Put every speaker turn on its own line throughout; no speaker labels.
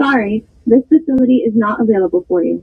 Sorry, this facility is not available for you.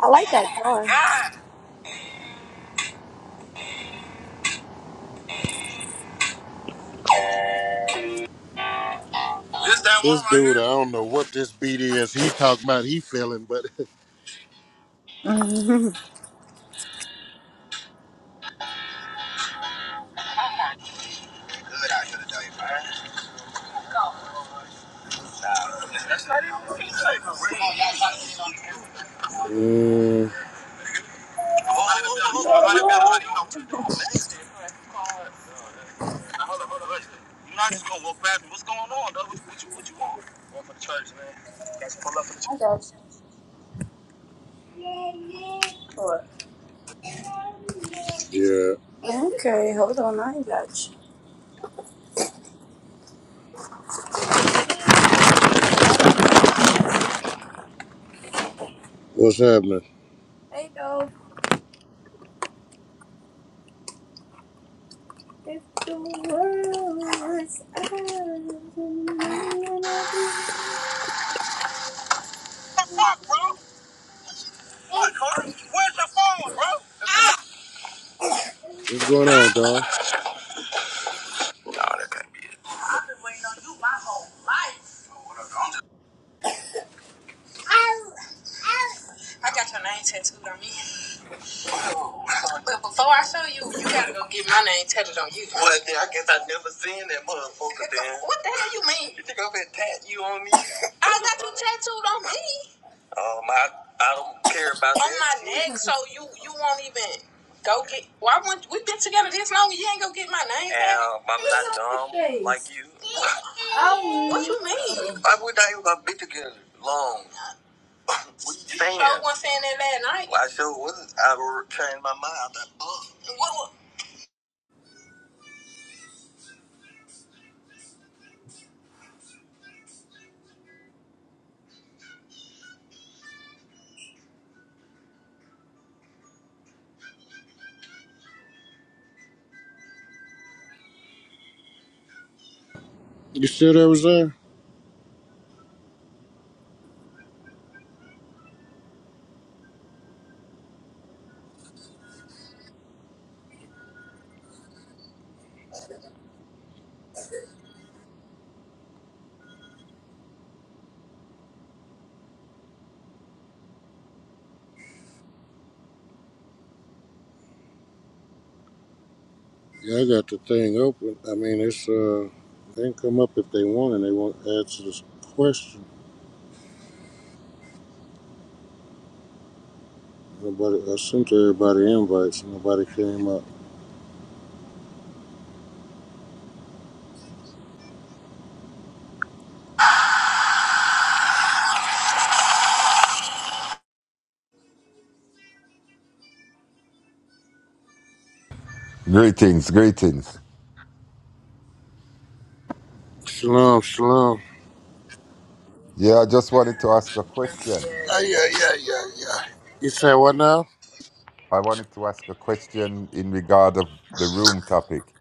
I like that car. I got you. What? Okay, hold on. I got you. Hey, though, if the world was ours, and I be- What's on your face? Oh, no.
Greetings, greetings. Yeah, I just wanted to ask a question. I wanted to ask a question in regard of the room topic.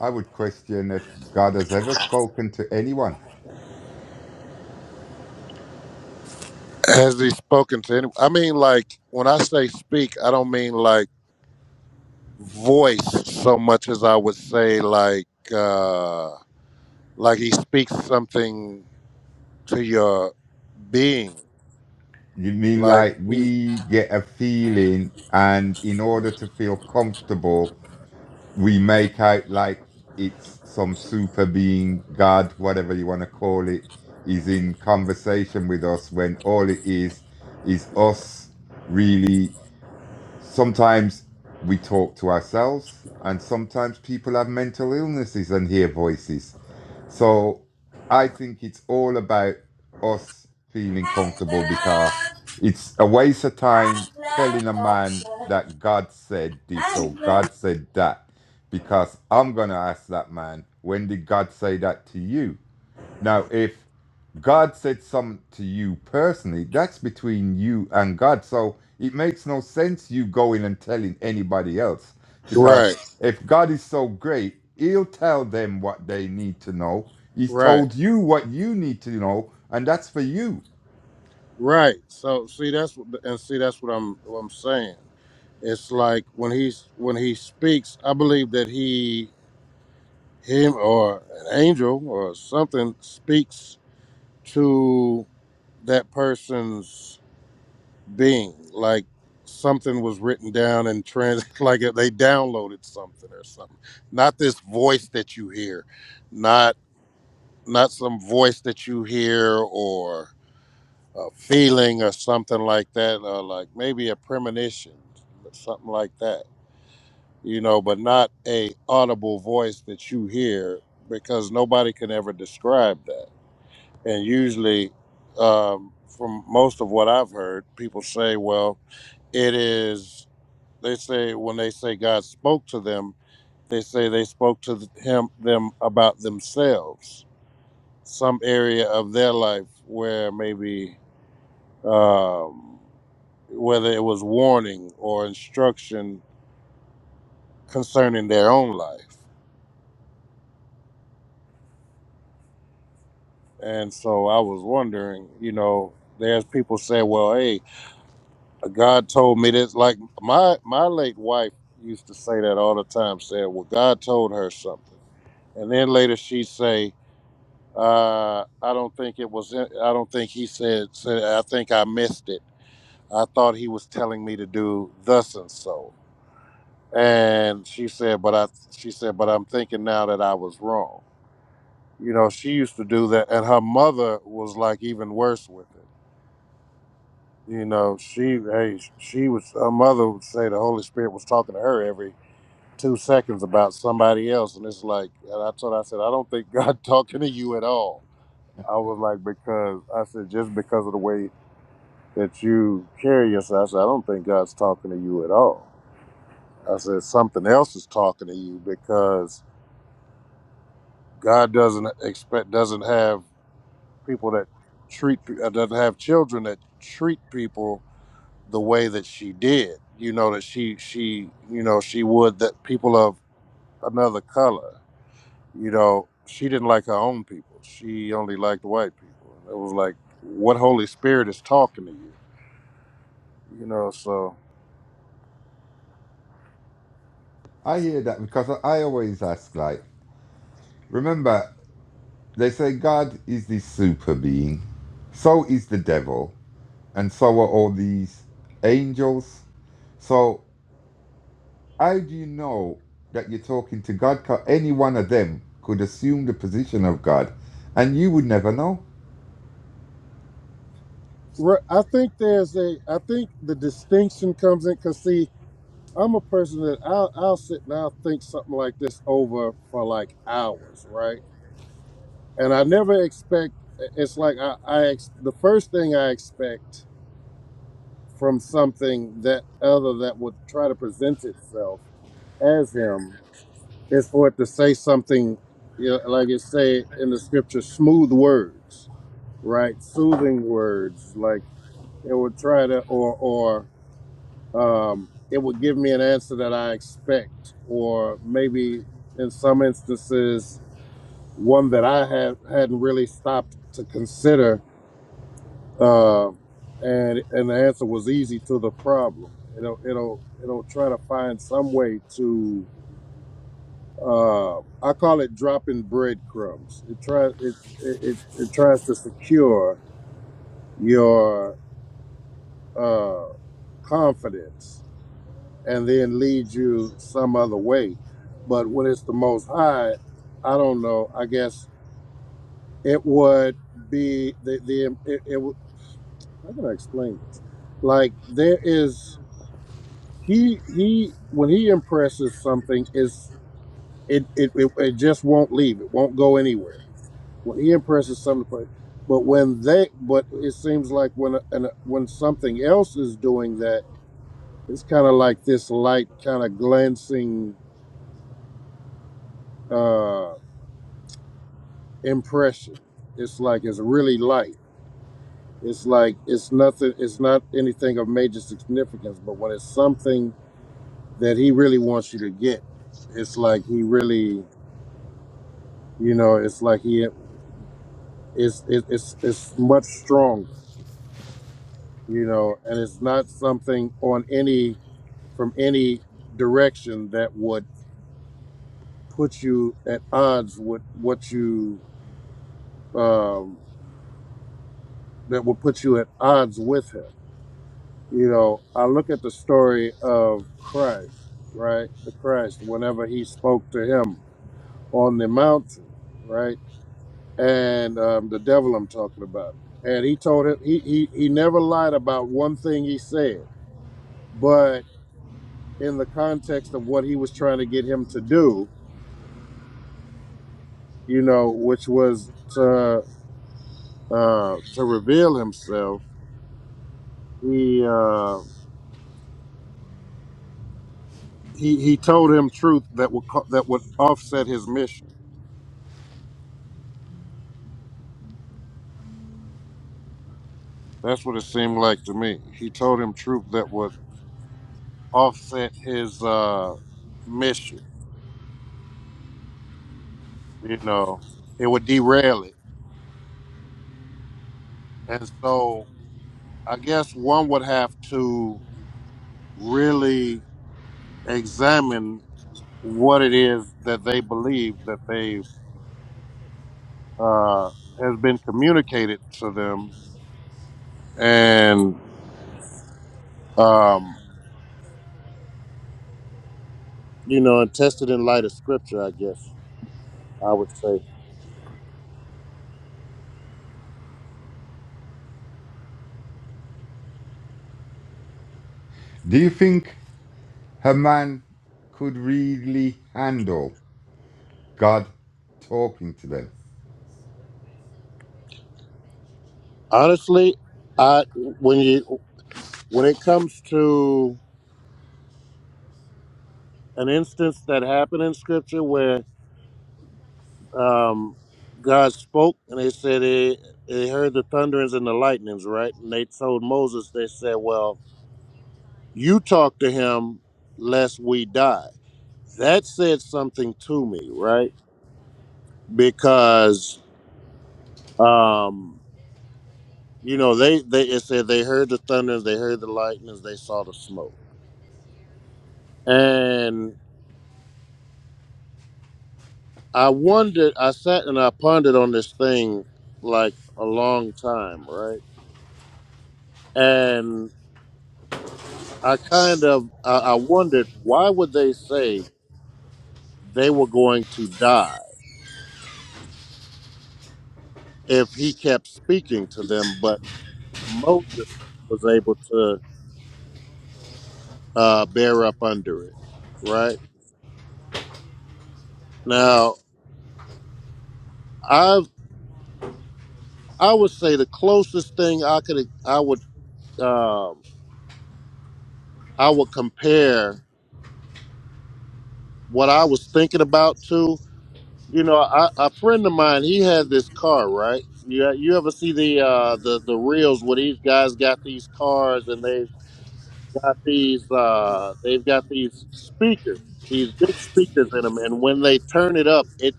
I would question if God has ever spoken to anyone. You mean like we get a feeling and in order to feel comfortable, we make out like it's some super being, God, whatever you want to call it, is in conversation with us when all it is is us really sometimes we talk to ourselves and sometimes people have mental illnesses and hear voices so i think it's all about us feeling comfortable
I
because it's a waste of time telling a man that god said this or
love-
god said that because i'm going to ask that man when did god say that to you now, if God said something to you personally, that's between you and God. So it makes no sense you going and telling anybody else because if God is so great, He'll tell them what they need to know. He's told you what you need to know, and that's for you. I hear that because I I always ask, like, remember, they say God is the super being, so is the devil, and so are all these angels. So How do you know that you're talking to God? 'Cause any one of them could assume the position of God, and you would never know. Do you think a man could really handle God talking to them?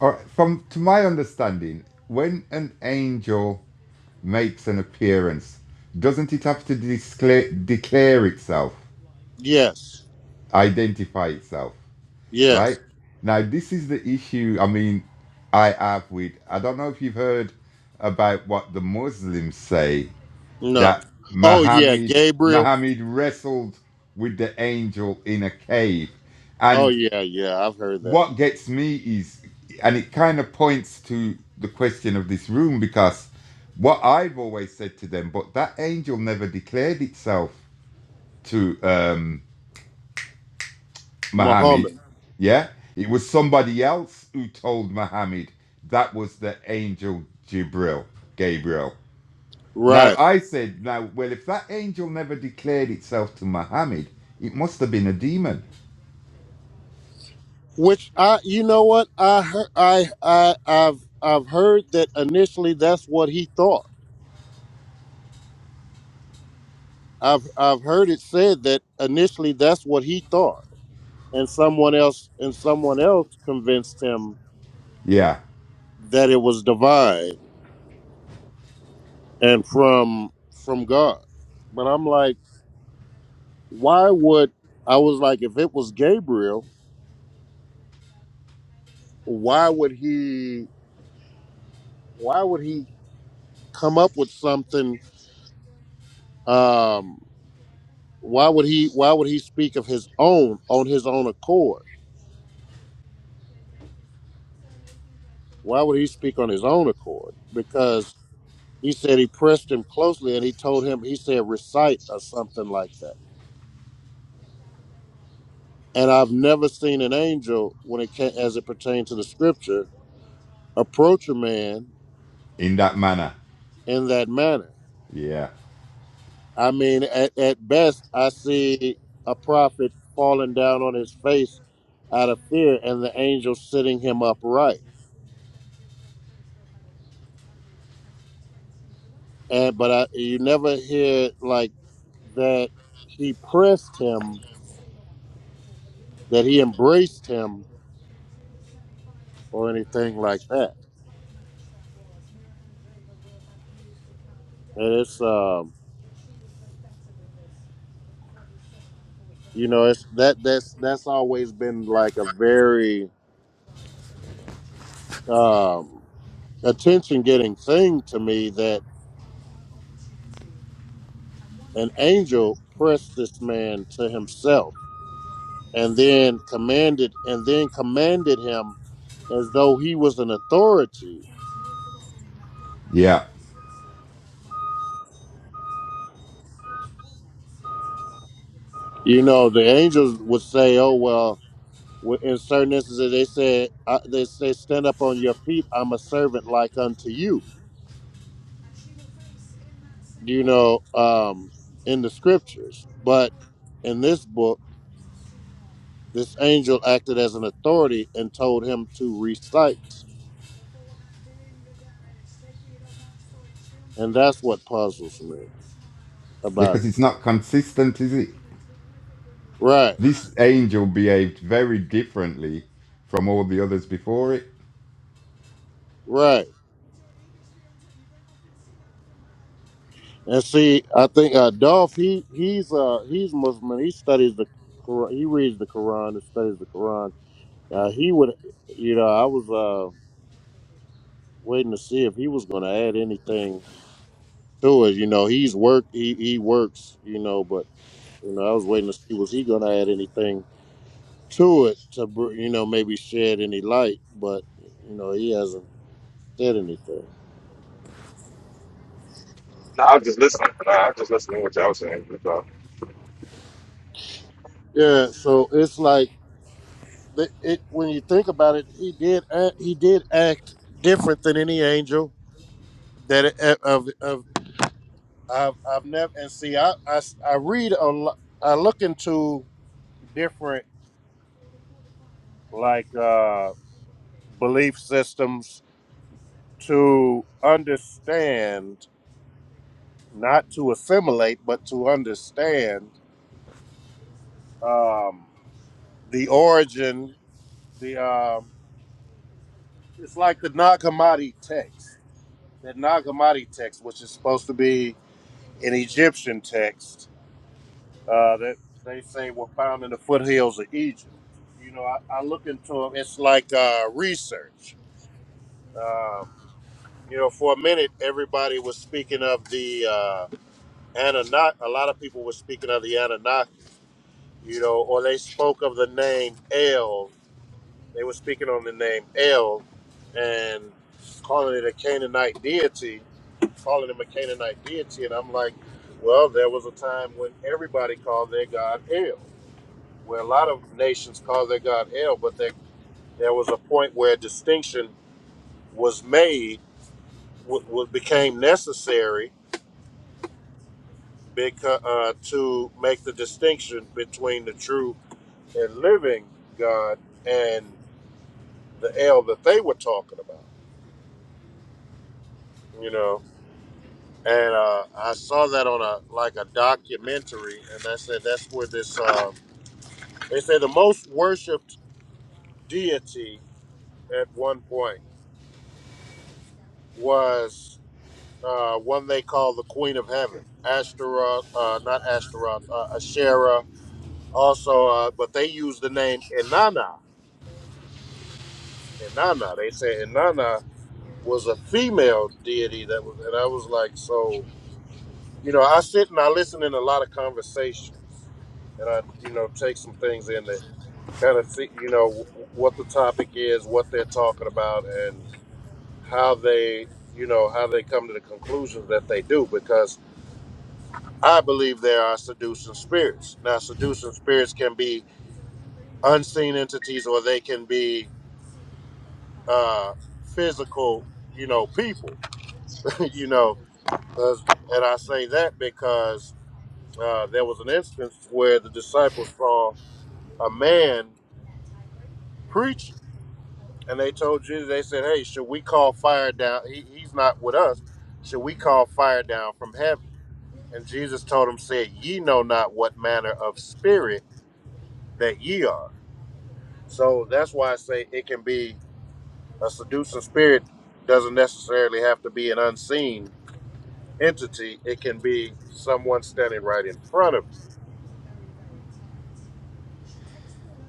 Or from to my understanding, when an angel makes an appearance, doesn't it have to discla- declare itself, identify itself? right? Now, this is the issue. I mean, I have with. I don't know if you've heard about what the Muslims say that Muhammad Muhammad wrestled with the angel in a cave, and what gets me is, and it kind of points to the question of this room because what I've always said to them, but that angel never declared itself to. Um, Muhammad. Yeah, it was somebody else who told Muhammad that was the angel Jibril, Gabriel. Now I said, now well, if that angel never declared itself to Muhammad, it must have been a demon. Yeah, in that manner. Yeah, yeah, because it's not consistent, is it? This angel behaved very differently from all the others before it.
No, I was just listening. No, I was just listening to what y'all was saying. That's all.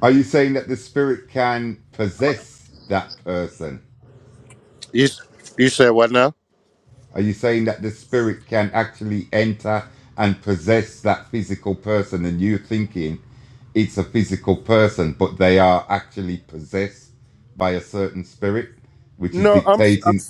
Are you saying that the spirit can possess that person? Are you saying that the spirit can actually enter and possess that physical person and you're thinking it's a physical person, but they are actually possessed by a certain spirit, which is dictating?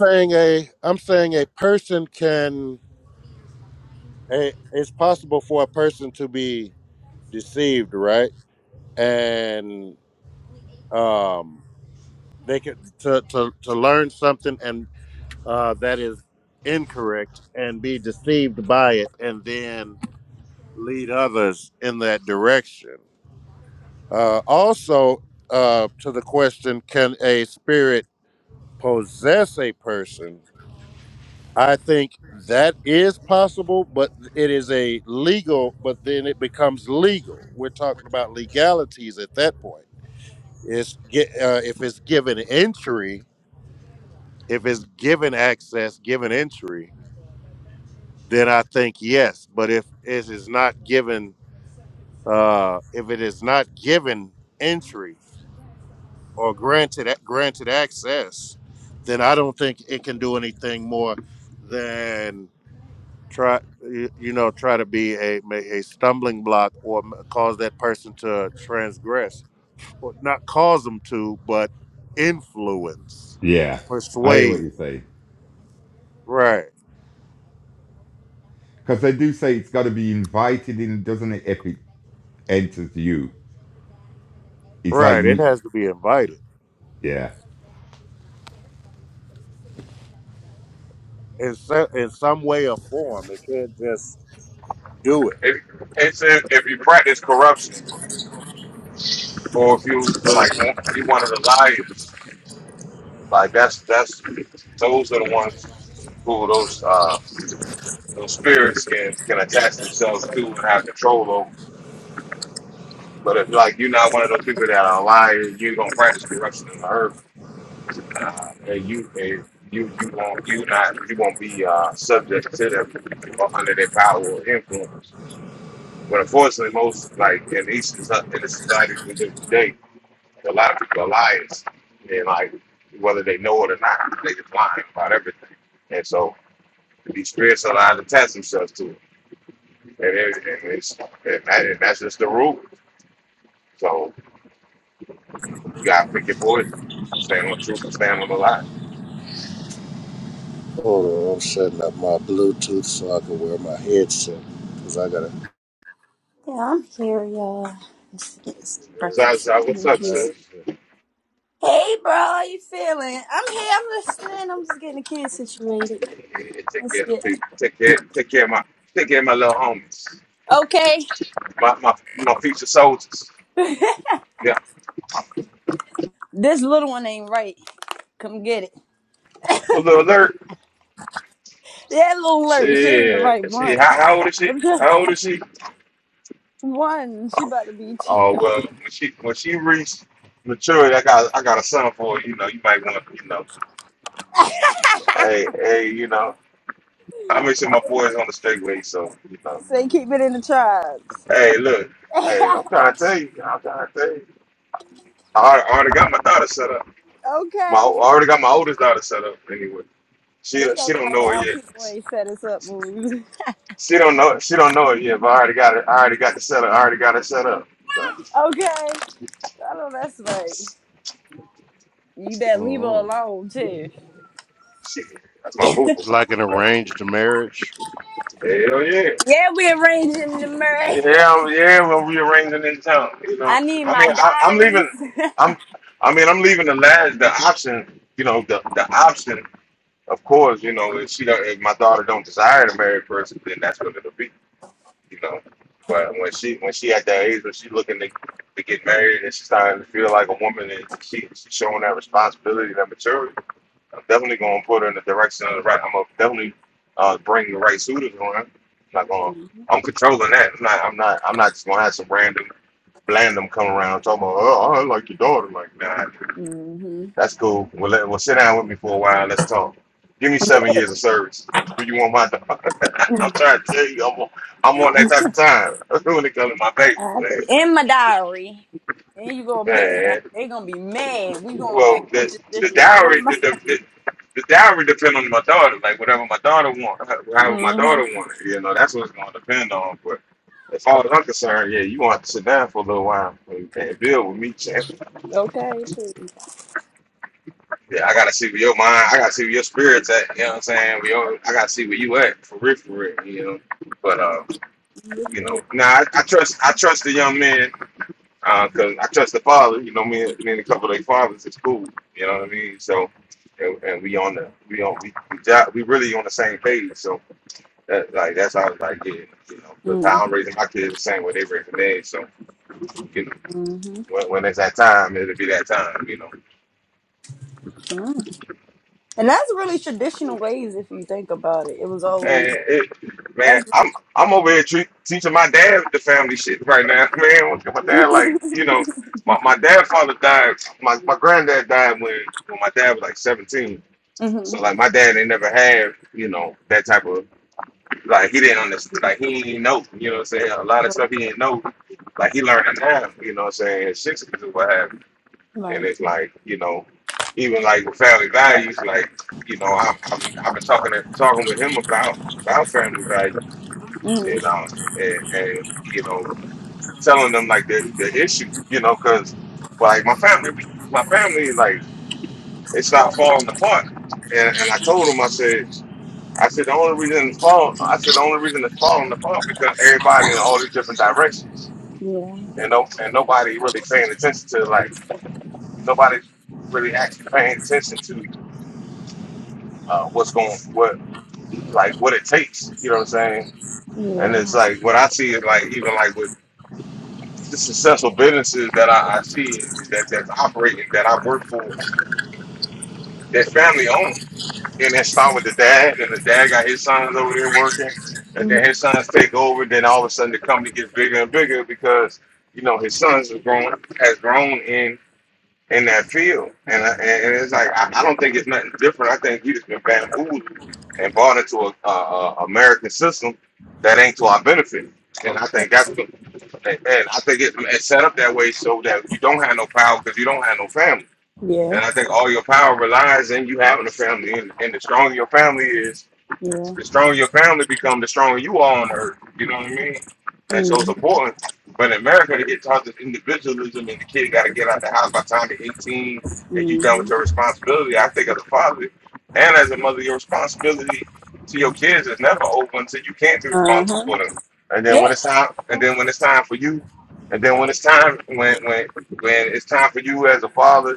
Yeah, I hear what you're saying. Because they do say it's got to be invited in, doesn't it, if it enters you? It's like, you, yeah.
If it's if, if you practice corruption, or if you like you one of the liars, like that's that's those are the ones who those uh those spirits can can attach themselves to and have control over. But if like you're not one of those people that are a liar, you don't practice corruption in the earth, uh, and you and you you won't you not you won't be uh, subject to them or under their power or influence. But unfortunately, most like in each in the societies we live today, a lot of people are liars, and like whether they know it or not, they just lying about everything. And so these spirits are allowed to attach themselves to it, and, it, and it's and, that, and that's just the rule. So you gotta pick your poison, stand on the truth and stand on the lie.
Yeah, I'm here, y'all. Just getting
So I
breakfast.
said, "What's up,
Okay,
sis?
Hey, bro, how you feeling? I'm here. I'm listening. I'm just getting the kids situated.
Take
That's
care of the
it.
people. Take care, take care of my, take care of my little homies,
Okay.
my my, my future soldiers. Yeah,
this little one ain't right. Come get it.
Well, little alert."
That little Larry, she ain't the
Shit,
right
yeah,
one.
shit. How, how old is she?
I'm
How
just
old is she?
one. She about to be. T-
Oh well, when she when she reaches maturity, I got I got a son for her. You know, you might want to you know. Hey, hey, you know. I make sure my boy's on the straightway, so you know.
say, keep it in the tribes.
Hey, look. Hey, I'm trying to tell you. I'm trying to tell you. I already already got my daughter set up. My I
okay.
already got my oldest daughter set up. Anyway,
They
she she
acting
don't
like the
know it yet.
LP ain't set us up moves.
She don't know she don't know it yet. But I already got it. I already got the setup. I already got it set up. So,
Okay. I know that's right. You better leave her alone, too.
shit, that's my
Yeah,
boo. Hell yeah.
we arranging the marriage.
Yeah, I'm- yeah, we're rearranging this town, you
I
know.
need
I
my
mean I, I'm
diaries.
leaving I'm I mean I'm leaving the last the option, you know, the the option, of course, you know, if she don't if my daughter don't desire to marry a person, then that's what it'll be, you know. But when she when she at that age when she looking to to get married and she's starting to feel like a woman and she she's showing that responsibility, that maturity I'm definitely gonna put her in the direction of the right. I'm gonna definitely uh, bring the right suitors on. her. I'm not gonna. I'm controlling that. I'm not. I'm not. I'm not just gonna have some random blandum come around talking about. Oh, I like your daughter. Like, nah,
hmm
that's cool. Well, let, well, sit down with me for a while. Let's talk. Give me seven years of service. Do you want my daughter? I'm trying to tell you, I'm on, I'm on that type of time when it comes to my baby.
In my diary. And you gonna pay a
Man,
diary. They gonna be mad. We going back
Well, the
pictures this
the
year. What
dowry,
my?
the the, the, the dowry depend on my daughter. Like whatever my daughter want, however my
Mm-hmm.
daughter want it. You know, that's what it's gonna depend on. But as far as I'm concerned, yeah, you want to have to sit down for a little while and, and build with me. Champ.
Okay, please.
Yeah, I gotta see where your mind, I gotta see where your spirits at. You know what I'm saying? We all, I gotta see where you at for real, for real. You know. But uh, you know, now I, I trust, I trust the young man because I trust the father. You know me and me and a couple of their fathers is cool. You know what I mean? So, and, and we on the we on we we, job, we really on the same page. So that like that's how it's like yeah, you know. Because
Mm-hmm.
how I'm raising my kids the same way they raising theirs. So you know,
Mm-hmm.
when, when it's that time, it'll be that time. You know,
And that's really traditional ways if you think about it. It was always
and it, man,
that's.
I'm I'm
really
over here tre- teaching my dad the family shit right now, man. What- My dad like you know. My, my dad father died. My, my granddad died when, when my dad was like 17
mm-hmm.
So like my dad ain't never had, you know, that type of like he didn't understand like he didn't know, you know what I'm saying? A lot of stuff he didn't know. Like he learned it now, you know what I'm saying, his sixties or what have you. And
Right.
it's like, you know, even like with family values, like, you know, I'm I'm I've been talking to, talking with him about about family values and
Mm-hmm.
um and, and you know, telling them like the the issue, you know, because like my family we, my family like it's not falling apart. And and I told him, I said I said the only reason it's falling, I said the only reason it's falling apart because everybody in all these different directions,
Yeah.
and no, and nobody really paying attention to like nobody really actually paying attention to uh, what's going, what like what it takes. You know what I'm saying? And
Yeah.
it's like what I see is like even like with the successful businesses that I, I see that that's operating that I work for, they're family owned Then it start with the dad, and the dad got his sons over there working, and
Mm-hmm.
then his sons take over. Then all of a sudden, the company gets bigger and bigger because you know his sons have grown has grown in in that field, and I, and it's like I, I don't think it's nothing different. I think we just been bamboozled and bought into a, a, a American system that ain't to our benefit. And I think that's the, and and I think it's it's set up that way so that you don't have no power because you don't have no family
Yeah.
and I think all your power relies in you having a family. And, and the stronger your family is,
Yeah.
the stronger your family become, the stronger you are on earth. You know what I mean? And so it's
Mm-hmm.
important. But in America, they get taught this individualism and the kid got to get out the house by the time they're 18 and you done
Mm-hmm.
with your responsibility. I think as a father and as a mother, your responsibility to your kids is never over until you can't be
Uh
responsible
huh.
for them. And then when
Yeah.
it's time, and then when it's time for you, and then when it's time, when when when it's time for you as a father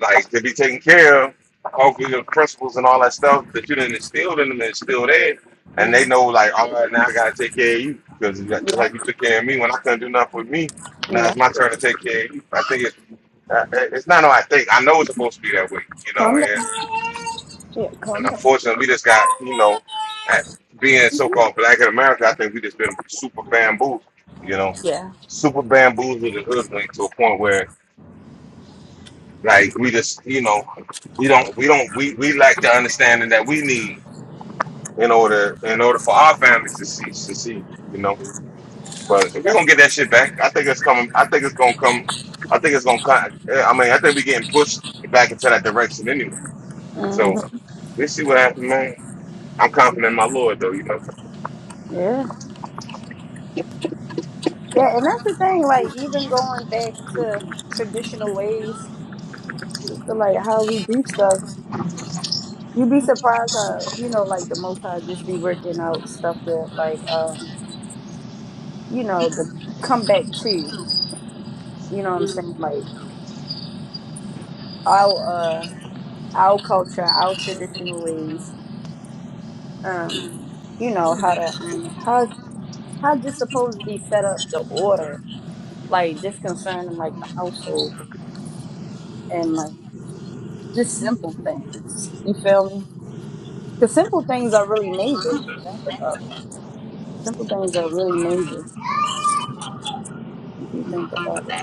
like to be taken care of. Hopefully the principles and all that stuff that you didn't instill in them is still there. And they know like, all right, now I gotta take care of you because just
Yeah.
like you took care of me when I couldn't do nothing with me, now
Yeah.
it's my turn to take care of you. I think it's uh, it's not no I think. I know it's supposed to be that way, you
Calm
know, and,
down. Yeah,
and
calm down.
unfortunately we just got, you know, at being so called black in America, I think we just been super bamboozled, you know.
Yeah.
Super bamboozled and hoodwinked to a point where Like we just, you know, we don't, we don't, we we lack the understanding that we need in order, in order for our families to see, succeed. You know, but if we gonna
That's
get that shit back, I think it's coming. I think it's gonna come. I think it's gonna come. I mean, I think we're getting pushed back into that direction anyway. So
hmm
let's see what happens, man. I'm confident in my Lord, though. You know,
yeah. Yeah, and that's the thing, like even going back to traditional ways to like how we do stuff, you'd be surprised how, you know, like the most high just be working out stuff that like um you know, the comeback to. You know what I'm saying? Like our uh our culture, our traditional ways. Um, you know, how to um how how this supposed to be set up the order like this concerning like the household and like just simple things you feel me because simple things are really major if you think about it simple things are really major if you think about it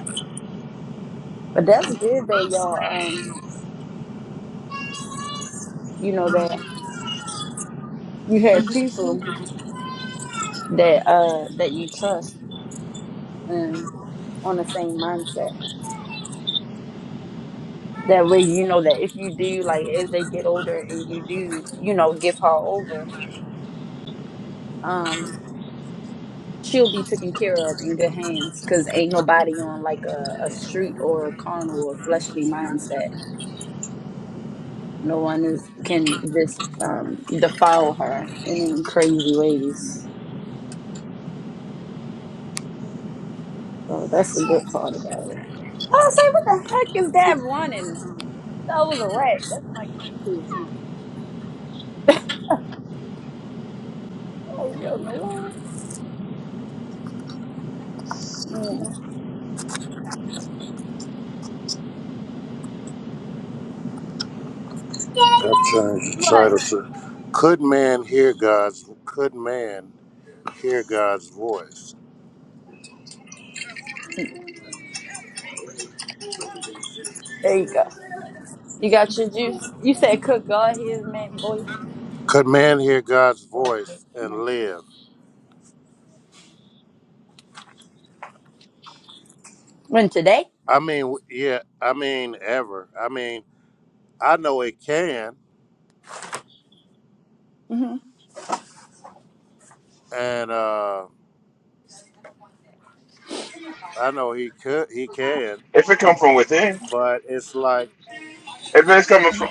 but that's good that y'all um you know that you have people that uh that you trust and on the same mindset that way you know that if you do like as they get older and you do you know give her over um. she'll be taken care of in good hands because ain't nobody on like a, a street or a carnal or fleshly mindset no one is can just um defile her in any crazy ways so that's the good part about it i was like what the heck is that running that was a rat that's my guinea pig like what in the world yeah. what there you go you got your juice you said cook god his man voice oh, no. when today Mm-hmm.
if it come from within, if it's coming from,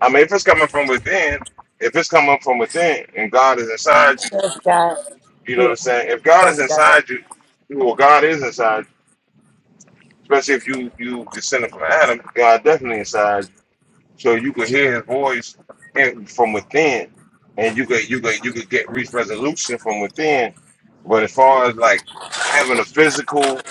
I mean, if it's coming from within, if it's coming from within, and God is inside you
That's God.
You know what
Yeah,
I'm saying? If God is
that's God.
inside you, well, God is inside you. Especially if you you descended from Adam, God definitely inside you. So you could hear his voice in- from within, and you could you could you could get reach resolution from within. But as far as like having a physical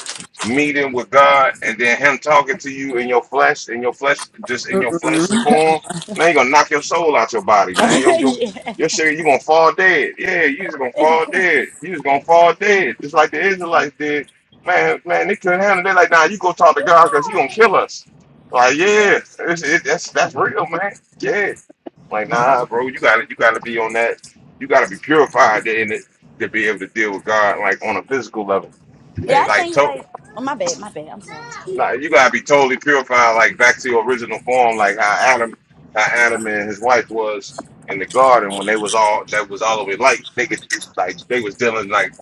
meeting with God and then him talking to you in your flesh, in your flesh, just in your fleshly
Mm-mm.
form, man, you're gonna knock your soul out your body, man. Your your
yeah.
your shit, you're gonna fall dead. Yeah, you just gonna fall dead. You just gonna fall dead. Just like the Israelites did. Man, man, they couldn't handle it. They're like, nah, you go talk to God because he gonna kill us. Like, yeah, it's, it, that's that's real, man. Yeah, like, nah, bro, you gotta you gotta be on that. You gotta be purified in it to be able to deal with God, like on a physical level.
Yeah,
And
I
like,
think
to,
like oh my bad, my bad. I'm sorry.
Nah, you gotta be totally purified, like back to your original form, like how Adam, how Adam and his wife was in the garden when they was all that was all over light. They could like they was dealing like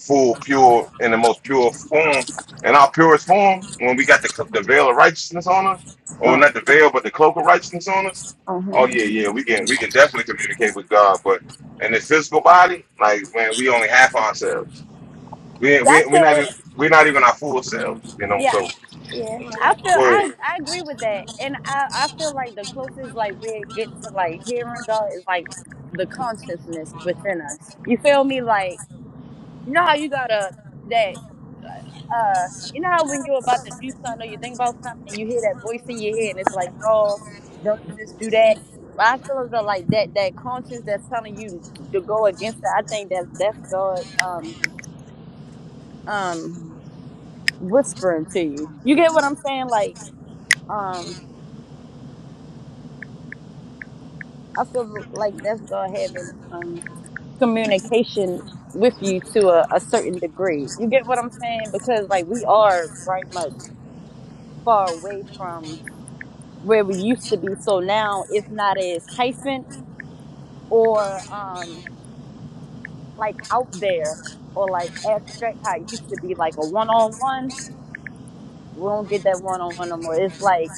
full pure in the most pure form, in our purest form when we got the cl- the veil of righteousness on us, or
Uh,
not the veil but the cloak of righteousness on us.
uh-huh.
Oh yeah, yeah, we can we can definitely communicate with God, but in this physical body, like man, we only half ourselves. We
I
we we're not
feel
even we're not even our full selves, you know.
yeah,
So
yeah. I feel
go ahead.
I I agree with that. And I I feel like the closest like we get to like hearing God is like the consciousness within us. You feel me? Like you know how you gotta that. uh, you know how when you're about to do something or you think about something and you hear that voice in your head and it's like, no, don't do this, do that. My feelings are like that. That conscience that's telling you to go against it. I think that's that's God um um whispering to you. You get what I'm saying? Like um, I feel like that's God having um communication with you to a, a certain degree. You get what I'm saying? Because like we are very much far away from where we used to be. So now it's not as hyphen or um like out there or like abstract how it used to be like a one on one. We don't get that one on one no more. It's like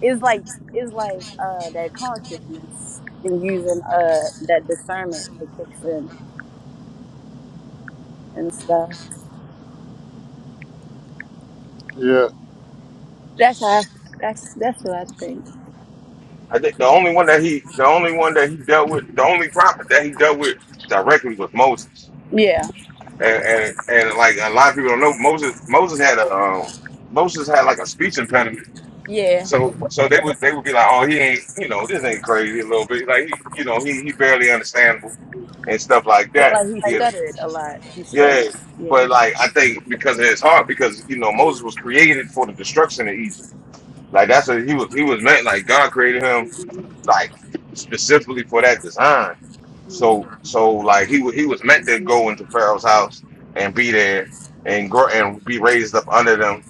it's like it's like uh that consciousness and using uh that discernment that kicks in and stuff. That's how I, that's that's what I think.
I think the only one that he, the only one that he dealt with, the only prophet that he dealt with directly was Moses.
Yeah.
And and, and like a lot of people don't know, Moses Moses had a um, Moses had like a speech impediment.
Yeah.
So so they would they would be like, oh, he ain't, you know, this ain't crazy a little bit. Like he, you know, he he barely understandable and stuff like
Yeah,
that.
like he
You know,
stuttered a lot. He stuttered.
yeah.
Yeah.
But like I think because of his heart, because you know Moses was created for the destruction of Egypt like that's a he was he was meant like God created him like specifically for that design. So so like he wa- he was meant to go into Pharaoh's house and be there and grow and be raised up under them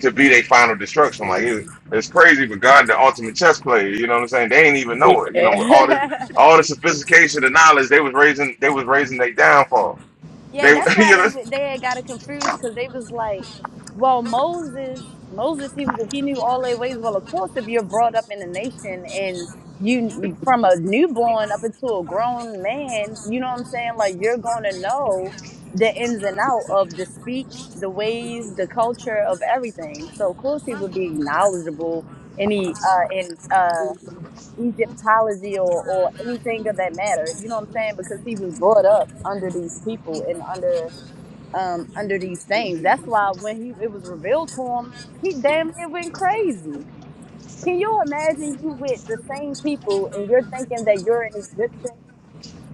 to be their final destruction. Like it, it's crazy, but God the ultimate chess player. You know what I'm saying? They ain't even know it. You know with all this
Yeah.
all the sophistication and knowledge they was raising they was raising their downfall.
Yeah,
They
that's why
you know
they they had got it confused because they was like, well, Moses, Moses, he was he knew all their ways. Well, of course, if you're brought up in a nation and you you- from a newborn up until a grown man, you know what I'm saying? Like you're gonna know the ins and out of the speech, the ways, the culture of everything. So of course, he would be knowledgeable any uh in uh Egyptology or, or anything of that matter. You know what I'm saying? Because he was brought up under these people and under um under these things. That's why when he it was revealed to him, he damn near went crazy. Can you imagine you with the same people and you're thinking that you're an Egyptian?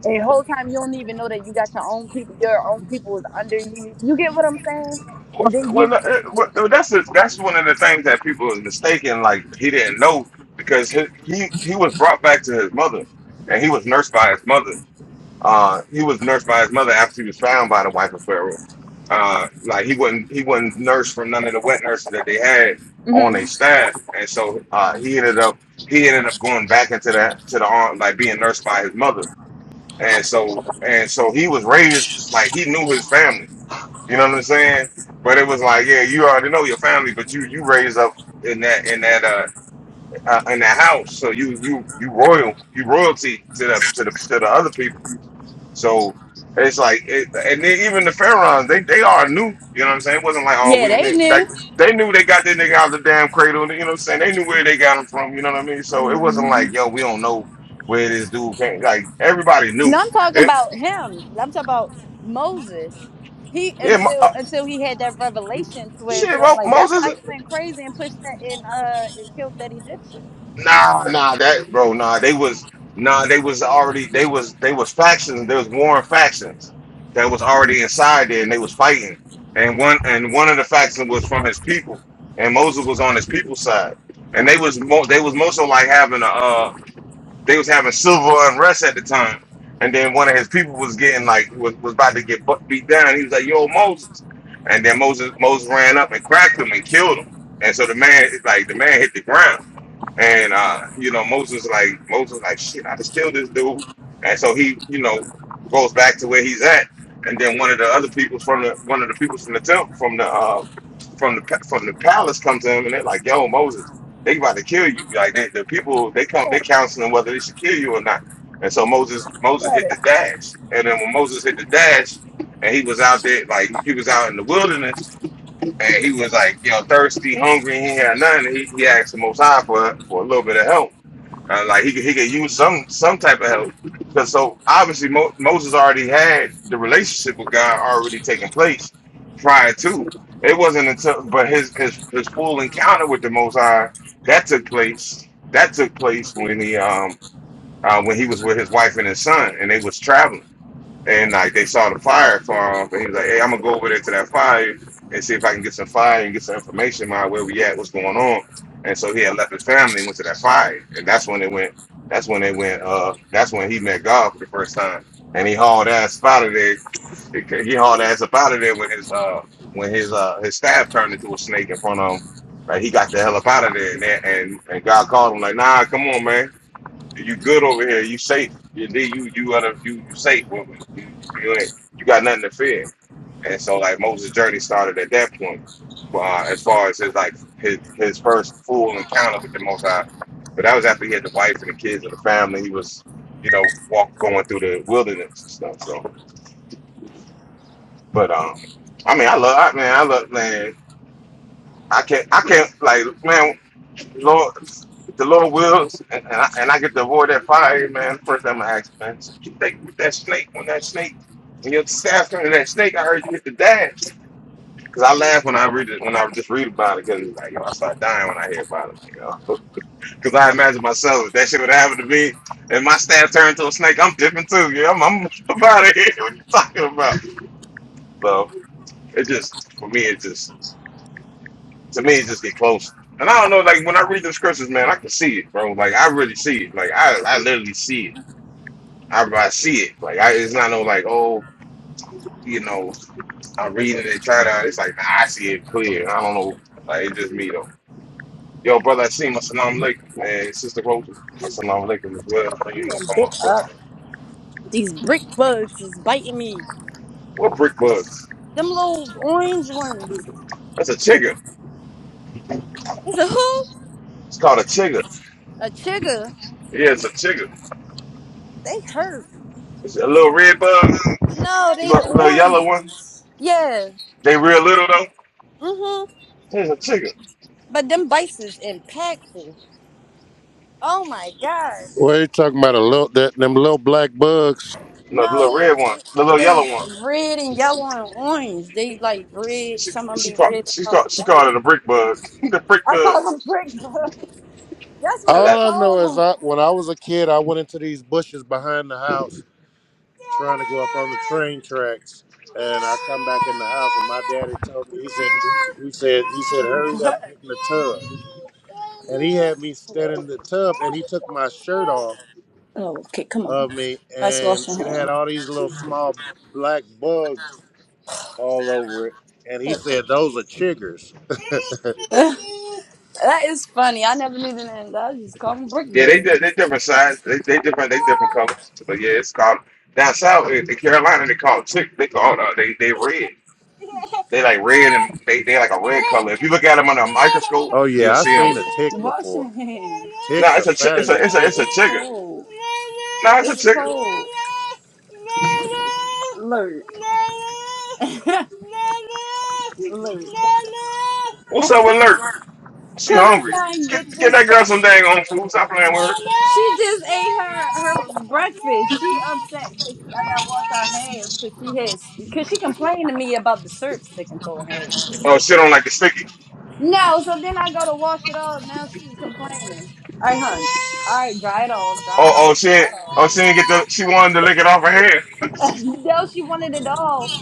And the whole time you don't even know that you got your own people, your own people is under you. You get what I'm saying?
Well,
And then you,
well, uh, well, well, that's the that's one of the things that people is mistaken. Like he didn't know because he, he he was brought back to his mother, and he was nursed by his mother. Uh, he was nursed by his mother after he was found by the wife of Pharaoh. Uh, like he wasn't he wasn't nursed from none of the wet nurses that they had on
Mhm.
their staff, and so uh, he ended up he ended up going back into that to the arm like being nursed by his mother, and so and so he was raised like he knew his family you know what I'm saying? But it was like, yeah, you already know your family, but you you raised up in that in that uh, uh in that house, so you you you royal, you royalty to the to the to the other people. So it's like, it, and then even the pharaohs, they they all knew. You know what I'm saying? It wasn't like oh
yeah,
we
they
like
knew.
they knew they got that nigga out of the damn cradle. You know what I'm saying? They knew where they got him from. You know what I mean? So it wasn't
Mm-hmm.
like yo, we don't know where this dude came. Like everybody knew.
No, I'm talking
It,
about him. I'm talking about Moses. He
yeah, Mo-
until
uh,
until he had that revelation to his
shit,
own
Mo-
like that's
Moses.
why he went crazy and pushed that in uh and killed that Egyptian.
Nah, nah, that bro, nah, they was nah, they was already they was they was factions. There was warring factions that was already inside there, and they was fighting. And one and one of the factions was from his people, and Moses was on his people's side. And they was mo- they was most of like having a uh, they was having civil unrest at the time. And then one of his people was getting like was, was about to get bu- beat down. He was like, "Yo, Moses!" And then Moses Moses ran up and cracked him and killed him. And so the man like the man hit the ground. And uh, you know, Moses like Moses like shit, I just killed this dude. And so he, you know, goes back to where he's at. And then one of the other people from the one of the people from the temple from the uh from the pa- from the palace come to him and they're like, Yo, Moses, they about to kill you. Like they, the people they come
Shut
they counseling whether they should kill you or not. And so Moses
it,
Moses
shut
hit the
it.
dash. And then when Moses hit the dash and he was out there like he was out in the wilderness and he was like, you know, thirsty, hungry, he had nothing. He, he asked the Most High for for a little bit of help. Uh, like he could, he could use some some type of help. Cause so obviously Mo- Moses already had the relationship with God already taking place prior to. It wasn't until but his his his full encounter with the Most High that took place. That took place when he um uh, when he was with his wife and his son and they was traveling and like they saw the fire farm, and he was like, "Hey, I'm gonna go over there to that fire and see if I can get some fire and get some information about where we at, what's going on." And so he had left his family and went to that fire, and that's when it went. That's when they went. Uh, that's when he met God for the first time, and he hauled ass up out of there. He hauled ass up out of there when his uh when his uh his staff turned into a snake in front of him. Like he got the hell up out of there, and and, and God called him like, "Nah, come on, man." You good over here? You safe? You you you other you you safe with me? You, you ain't you got nothing to fear. And so like Moses' journey started at that point. Uh, as far as his like his his first full encounter with the Most High, but that was after he had the wife and the kids and the family. He was you know walk going through the wilderness and stuff. So, but um, I mean, I love I man, I love man. I can't I can't like man. The Lord, the Lord wills, and, and, I, and I get to avoid that fire, man. First, I'm gonna ask, man, so you take with that snake on that snake, and your staff under that snake. I heard you hit the dash. Cause I laugh when I read it, when I just read about it, cause it's like, yo, I start dying when I hear about it, like, yo. Cause I imagine myself if that shit would happen to me, and my staff turned to a snake, I'm different too. Yeah, I'm, I'm out of here. What you talking about? So it just, for me, it just. To me, it's just get close. And I don't know, like when I read the scriptures, man, I can see it, bro. Like I really see it. Like I, I literally see it. I, I see it. Like I, it's not no like, oh, you know, I'm reading it and trying to. It's like nah, I see it clear. I don't know. Like it's just me though. Yo, brother, I see my salam alaikum, man. Sister Rosa, my salam alaikum as well. You
I'm
ain't gonna
getting
come up
bit
with
up. These brick bugs is biting me.
what brick bugs?
Them little orange ones.
That's a chigger.
It's a who?
It's called a chigger.
A chigger.
Yeah, it's a chigger.
They hurt.
It's a little red bug,
No, they
little,
the
little yellow
orange
one.
ones. Yeah.
They real little though.
Mm-hmm.
It's a chigger.
But them bites is impactful. Oh my god.
No, the little
No.
red one, the little
They
yellow one.
red and yellow and orange. They like red.
She
Some of them
she
be
called
red.
she
Some of
called she
them be yellow.
called it a brick bug. the brick
I call them
bugs.
brick bugs. That's what
Now
we
that-
call them. What? What? Oh, okay, come on. Let's wash your hands. Ugh, that is funny. I never knew the name. I just call them brick
yeah, they
bugs.
di- they different size. They they different they different colors. But yeah, it's called down south in in Carolina. They call it tick. They call uh, they they red. They like red and they they like a red color. If you look at them under a microscope, you'll see them.
Washing. hands.
No, nah, it's a chi- it's a
It's, it's
it's a it's a chigger.
cold.
No, nah, it's a
It's
chigger.
cold. Lurk. Lurk.
What's up with Lurk? She
Cause I'm
hungry.
trying to
Get
get
get
this
that girl
stuff.
some dang on food. Stop playing with her.
She just ate her her breakfast. She upset cause I gotta wash her hands cause she has cause she complained to me about the syrup sticking to her
Oh, shit on like the sticky.
No, so then I go to wash it off. Now she's complaining. All right, hon. All right, dry it all, dry
Oh,
it
oh,
all,
she ain't, oh,
dry
she didn't get the. She wanted to lick it off her
it all. no, she wanted it all,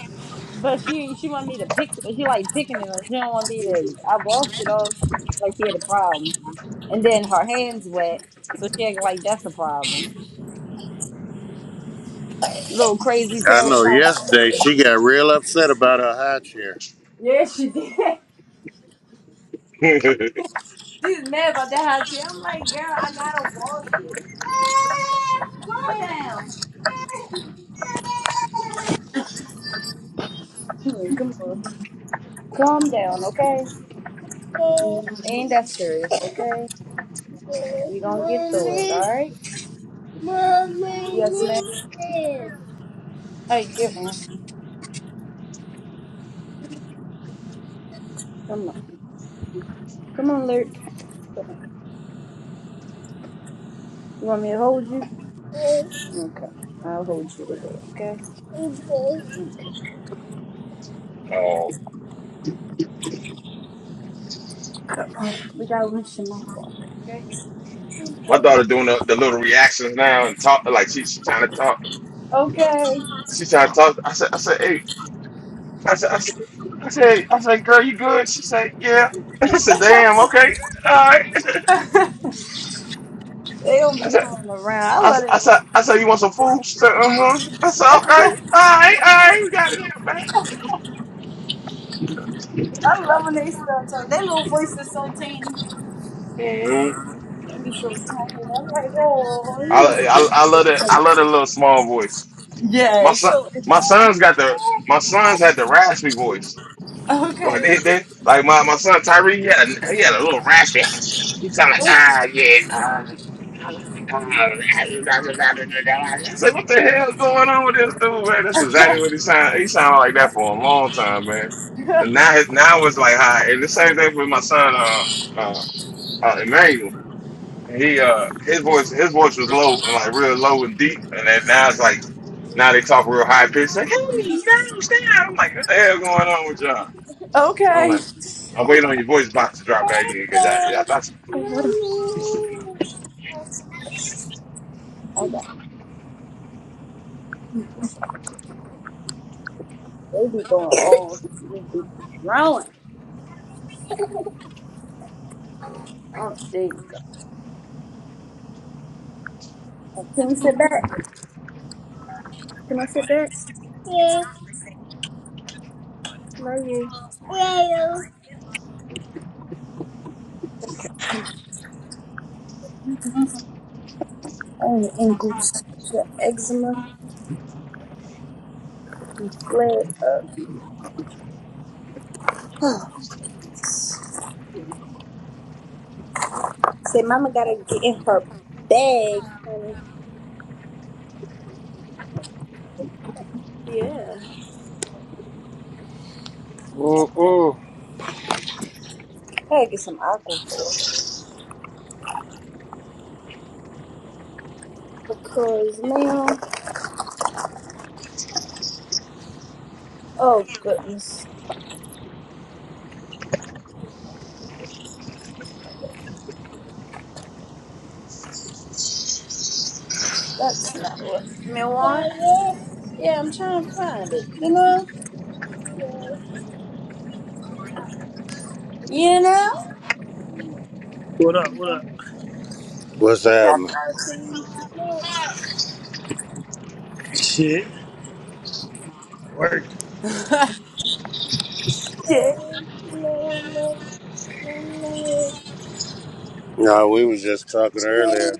but she she wanted me to pick. She like picking it up. She don't want me to. I washed it all. She act like she had a problem, and then her hands wet, so she act like that's a problem. Little crazy tail self. Yeah, she did.
hair.
She's mad about that hot tea. I'm like, girl, I gotta wash it. Calm down. Hmm, Come on. Calm down, okay? Ain't that serious, okay? We gonna get through it, alright? Yes, ma'am. Hey, get one. Come on. Come on, Lurk. You want me to hold you? Okay. I'll hold you today, okay? Okay.
oh,
We gotta rinse your mouth off, okay?
my daughter doing the, the little reactions now and talk like she, she trying to talk.
Okay.
She trying to talk. I said, I said, hey, I said, I said, I said, hey. I said, girl, you good? She said, yeah. I said, damn, okay, all right.
They don't
I
be
said,
playing around. I
I
love
said,
their
I said,
little
I
voices.
said you want some food? She said, uh huh. I said, okay, all right, all right, we got it, in, back.
I love when they start talking. Their little voices so tiny.
hmm
They be so tiny. I'm like, oh, yeah.
I, I, I love that. I love that little small voice.
Yeah,
My
it's
son,
so.
my son's got the my son's had the raspy voice. Like
Okay.
they, they like my, my son Tyree, he had a, he had a little raspy. He sounded like ah yeah. Ah. I said, what the hell going on with this dude, man? That's exactly what he sounded. He sounded like that for a long time, man. And now, his, now it's like high. And the same thing with my son, uh, uh, uh, Emmanuel. And he uh his voice his voice was low and like real low and deep and then now it's like now they talk real high pitched like hey down down I'm like what the hell going on with y'all so I'm
Okay.
like
I
I'm waiting on your voice box to drop back in because I, I thought
got baby going on. She just be growing. Oh, there you go. And ankles, the eczema flare. Say, Mama gotta get in her bag, honey. Yeah. Gotta get some aqua for her. because, ma'am. Oh goodness, that's not what. Me want? Yeah, I'm trying to find it. You know. You know.
What up? What up?
Stuff I've seen. No.
Shit, working.
No,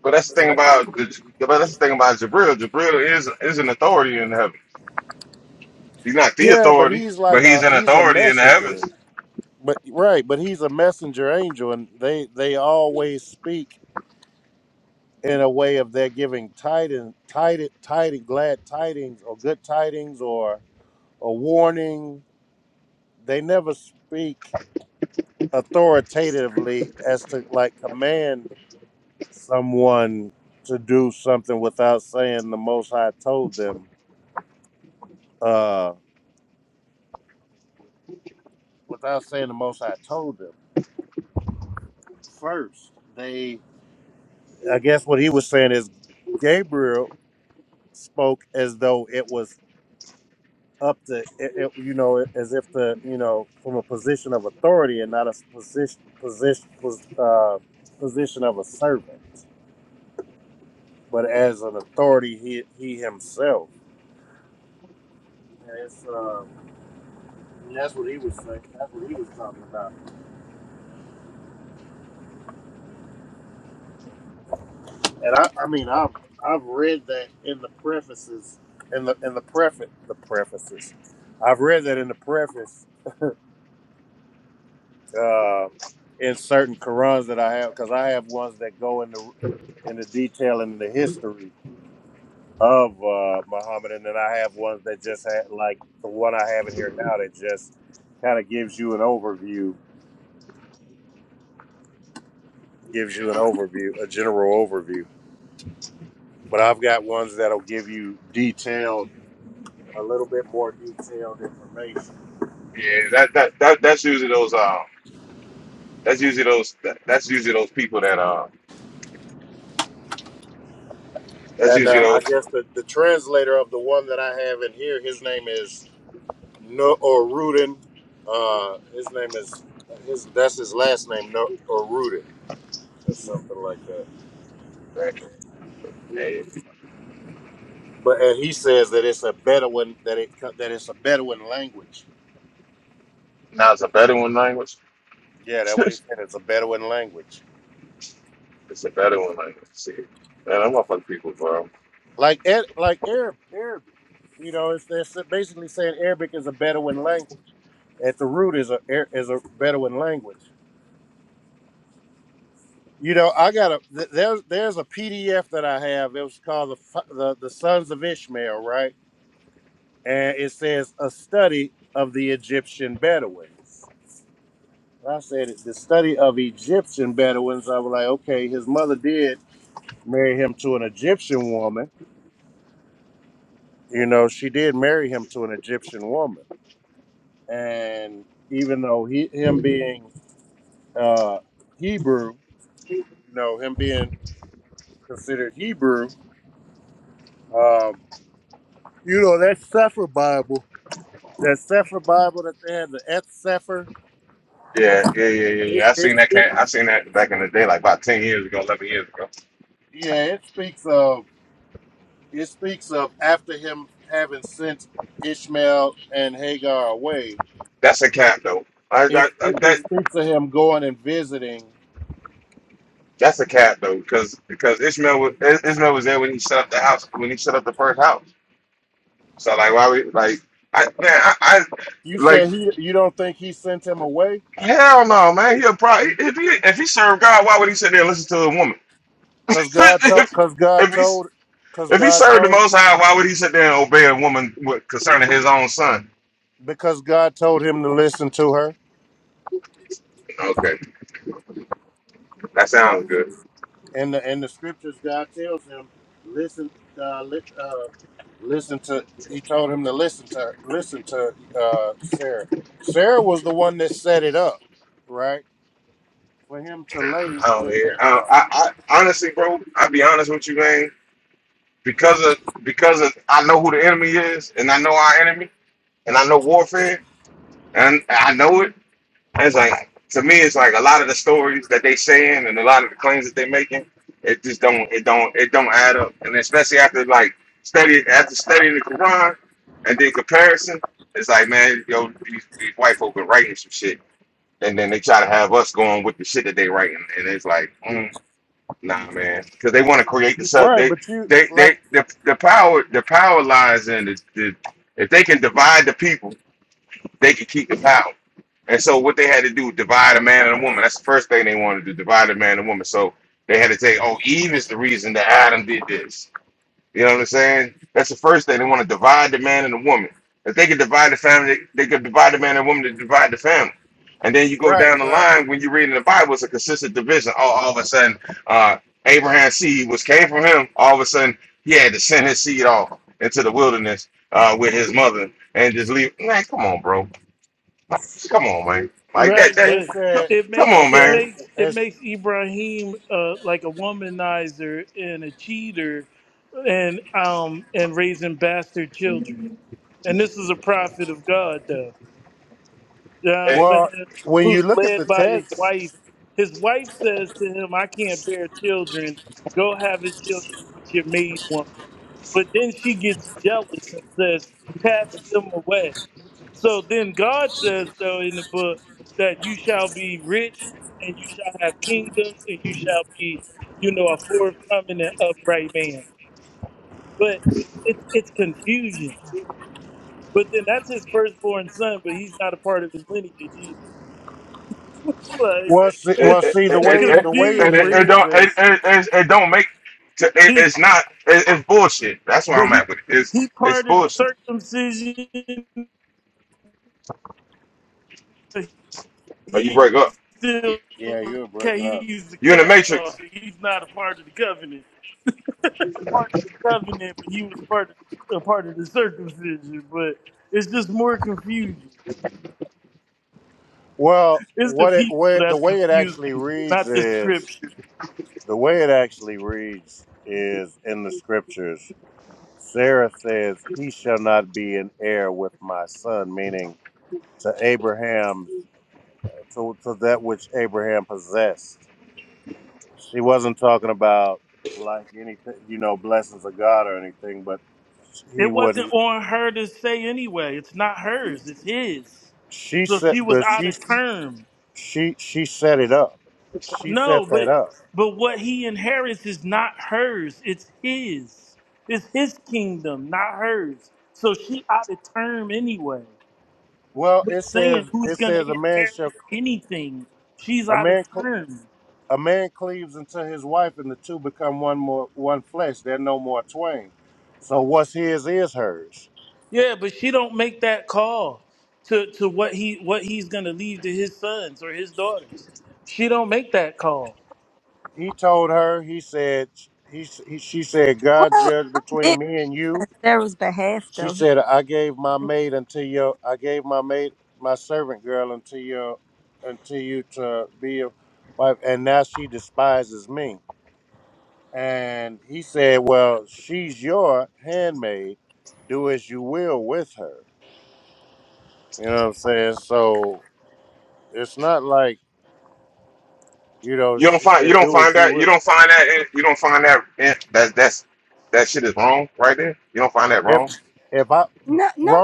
but that's the thing about the, but that's the thing about Jabril Jabril is is an authority in heaven he's not the authority but he's an authority in the heavens yeah that that, that that's usually those um that's usually those that, that's usually those people that uh that's usually those that, yeah, now it's a better one language it's a better one. Like, see, man, I'm up on people, bro. Yeah, yeah, yeah, yeah, yeah. I seen that. Camp, I seen that back in the day, like about ten years ago, eleven years ago. That's a cap, though. I, I, I that that's a cap though, because because Ishmael was Is- Ishmael was there when he set up the house when he set up the first house. So like, why we like? I man, I, I like hell no, man. He'll probably if he if he served God, why would he sit there and listen to a woman? if if he's If he served the Most High, why would he sit there and obey a woman with, concerning his own son? Okay, that sounds good. Oh yeah, I, I, I honestly, bro, I'll be honest with you, man. Because of because of I know who the enemy is, and I know our enemy, and I know warfare, and I know it. And It's like to me, it's like a lot of the stories that they saying and a lot of the claims that they making, it just don't, it don't, it don't add up. And especially after like study after studying the Quran and then comparison, it's like man, yo, these, these white folk been writing some shit, and then they try to have us going with the shit that they writing, and it's like, mm, nah, man, because they want to create the sub. They, they, they, the, the power, the power lies in the, the if they can divide the people they could keep the power. And so what they had to do, divide a man and a woman. That's the first thing they wanted to do, divide a man and a woman. So they had to say, oh, Eve is the reason that Adam did this. You know what I'm saying? That's the first thing. They want to divide the man and the woman. If they could divide the family, they could divide the man and woman to divide the family. And then you go down the line when you're reading the Bible, it's a consistent division. All, all of a sudden, uh, Abraham's seed, which came from him, all of a sudden he had to send his seed off into the wilderness uh, with his mother and just leave. Man, come on, bro Come on, man. Like that,
Right,
that.
but
Come
it
come
makes
on,
it
man.
makes it makes Ibrahim uh, like a womanizer and a cheater, and um and raising bastard children. And this is a prophet of God, You know what I'm
It,
saying? Who's led by his wife. His wife says to him, I can't bear children. Go have the children with your maid woman. But then she gets jealous and says, Cast them away. So then God says, though, in the book, that you shall be rich and you shall have kingdoms and you shall be, you know, a forthcoming and upright man. But it's it's confusion. But then that's his firstborn son, but he's not a part of his lineage either like
it,
it's
it,
it's
it, it, it, it
confusion.
don't, it, it, it, it don't make. It,
He
it's not. It, it's bullshit. That's where
but
I'm
he
at with it. It's,
he
it's
part of the
bullshit.
circumcision, but
But you
he
break up.
still okay. He's the
You in the
cast
matrix.
off. He's not a part of the covenant. Part of the covenant, but he was part of the, a part of the circumcision. But it's just more confusion. It's the people that's confusing, not the scripture. It wasn't on her to say anyway. It's not hers. It's his. So she was out of term. No, but but what he inherits is not hers. It's his. It's his kingdom, not hers. So she out of term anyway. With saying who's gonna inherit anything, she's out of term. Yeah, but she don't make that call to to what he what he's gonna leave to his sons or his daughters. She don't make that call.
You don't find. You don't find that. You don't find that. You don't find that. That's that's that shit is wrong right there. You don't find that wrong.
no,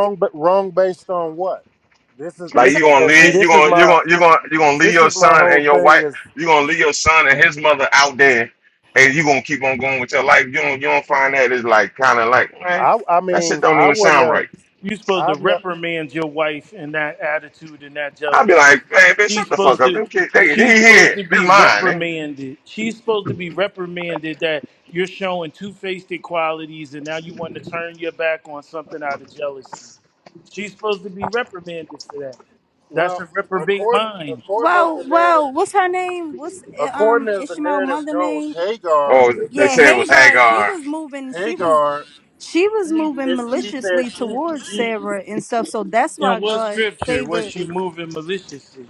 because
Like you
Sarah
gonna
was,
leave you gonna you gonna you gonna you gonna leave your son and your wife you gonna leave your son and his mother out there, and you gonna keep on going with your life. You don't you don't find that is like kind of like man, that shit don't even sound right.
You're supposed to reprimand your wife in that attitude and that
I'd be
jealousy.
like man, bitch,
She's
shut the fuck
supposed
up.
to
Them kids, they they
she's supposed
here.
to
This
be
mine. Eh?
reprimanded. She's supposed to be reprimanded that you're showing two-faced qualities and now you want to turn your back on something out of jealousy. She's supposed to be reprimanded for that. That's a reprobate mind.
um,
Oh,
yeah,
they said it was Hagar.
'cause she was moving maliciously towards Sarah and stuff, so that's why
In what
God
scripture was
favored.
she moving maliciously?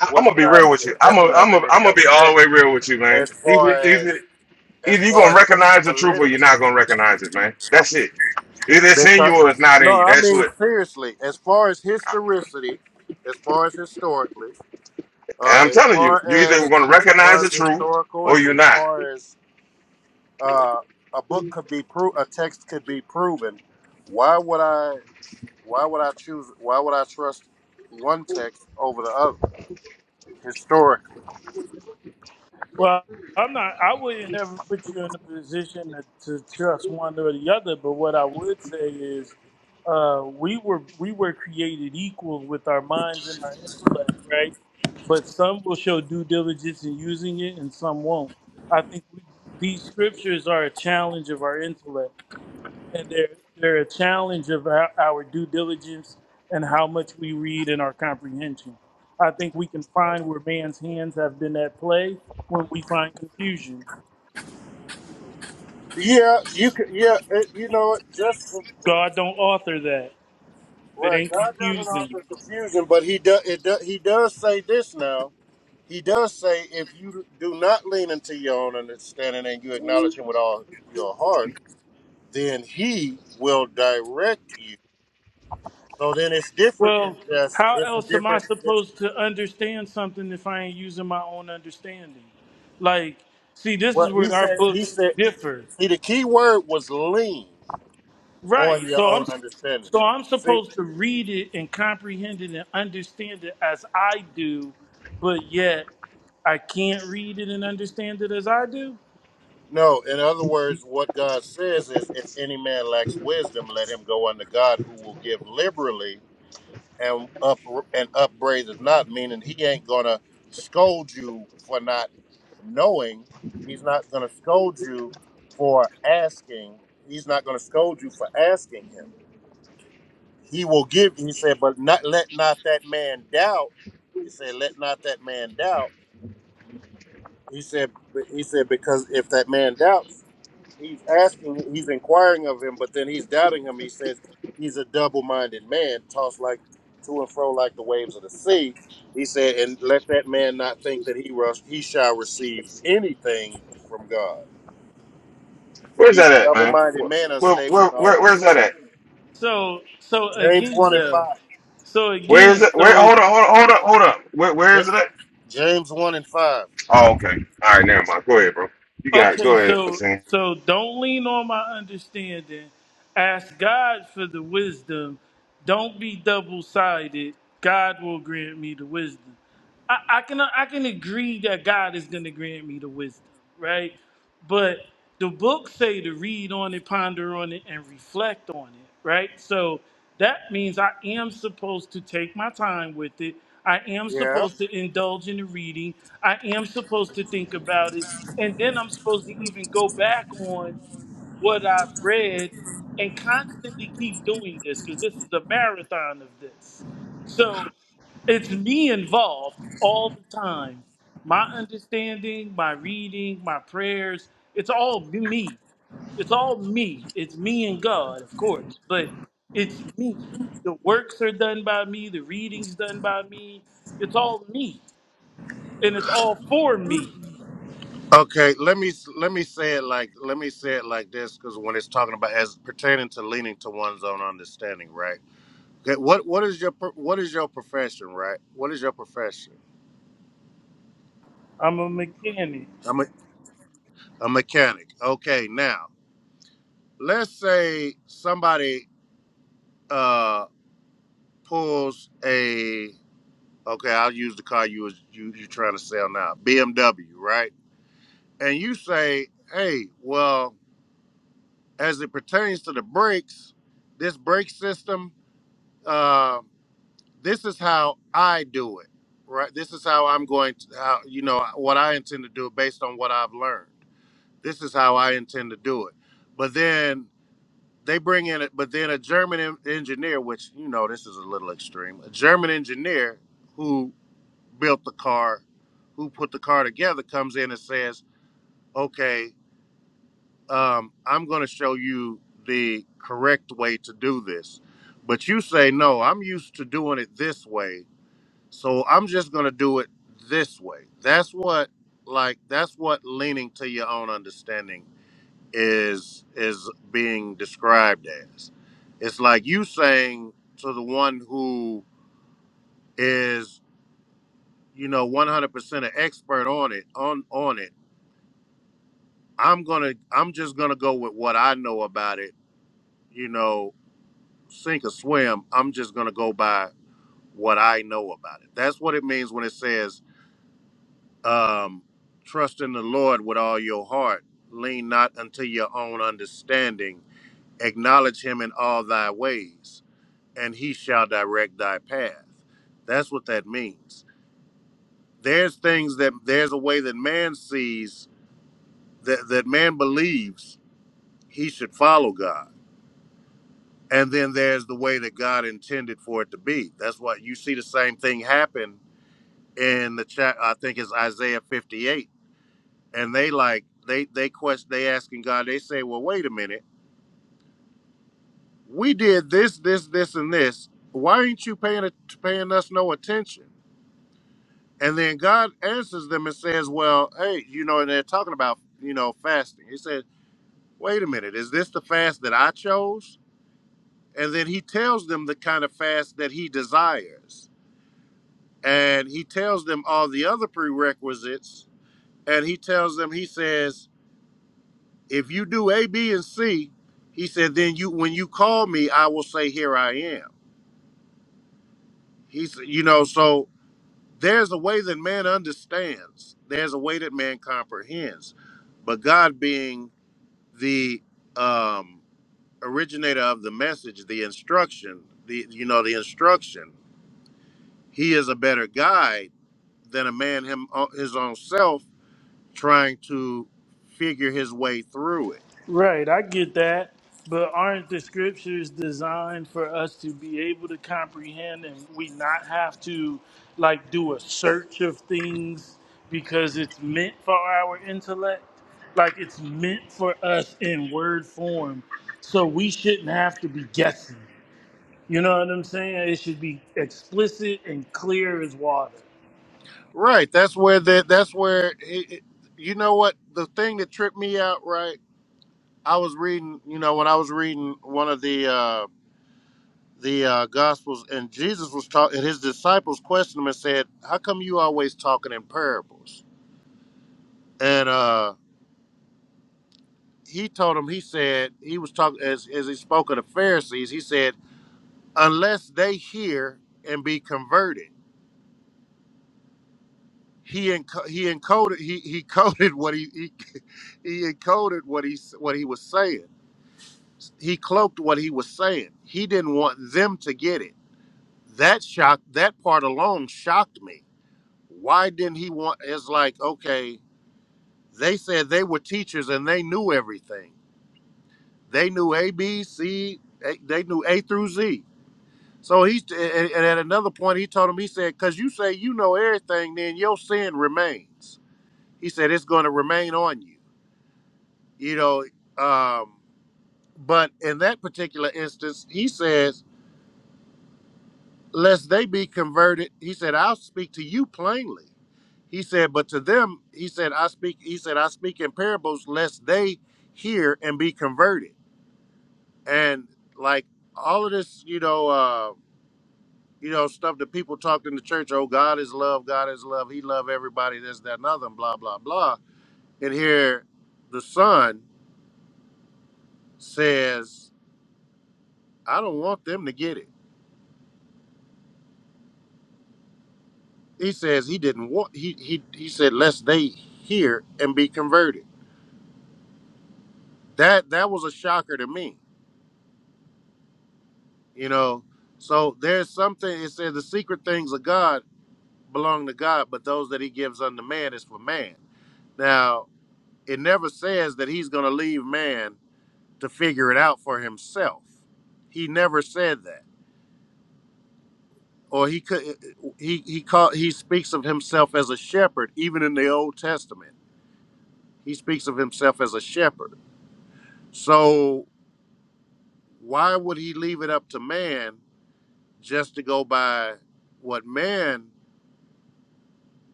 I, I'm gonna be real with you. I'm gonna I'm gonna I'm gonna be all the way real with you, man. Either either either you gonna recognize the truth or you're not gonna recognize it, man. That's it. Either it's in you or it's not in you. That's what. And I'm telling you, you either going to recognize the truth or you're not.
Well, I'm not. I wouldn't ever put you in a position to, to trust one or the other. But what I would say is, uh, we were we were created equal with our minds and our intellect, right? But some will show due diligence in using it, and some won't. I think we, these scriptures are a challenge of our intellect and they're they're a challenge of our, our due diligence and how much we read and our comprehension. I think we can find where man's hands have been at play when we find confusion. God don't author that. It ain't confusing. Well, how else am I supposed to understand something if I ain't using my own understanding? Like, see, this is where our books differ. Right. So I'm so I'm supposed to read it and comprehend it and understand it as I do, but yet I can't read it and understand it as I do.
Where's that at, man? Where, where, where, where's that at?
So so again though. So
Where is
again,
it? Where?
so it's
Hold on, hold on, hold up, hold up. Where, where is it at? Oh, okay. All right, never mind. Go ahead, bro. You got it.
Okay,
Go ahead. I'm
so so don't lean on my understanding. Ask God for the wisdom. Don't be double sided. God will grant me the wisdom. I, I can I can agree that God is going to grant me the wisdom, right? but the books say to read on it, ponder on it, and reflect on it, right? So that means I am supposed to take my time with it. I am supposed to indulge in the reading. I am supposed to think about it. And then I'm supposed to even go back on what I've read and constantly keep doing this because this is a marathon of this. So it's me involved all the time. My understanding, my reading, my prayers, it's all me. It's all me. It's me and God, of course, but it's me. The works are done by me, the readings done by me. It's all me, and it's all for me. I'm a mechanic. Right, I get that. But aren't the scriptures designed for us to be able to comprehend and we not have to like do a search of things because it's meant for our intellect? Like it's meant for us in word form. So we shouldn't have to be guessing. You know what I'm saying? It should be explicit and clear as water.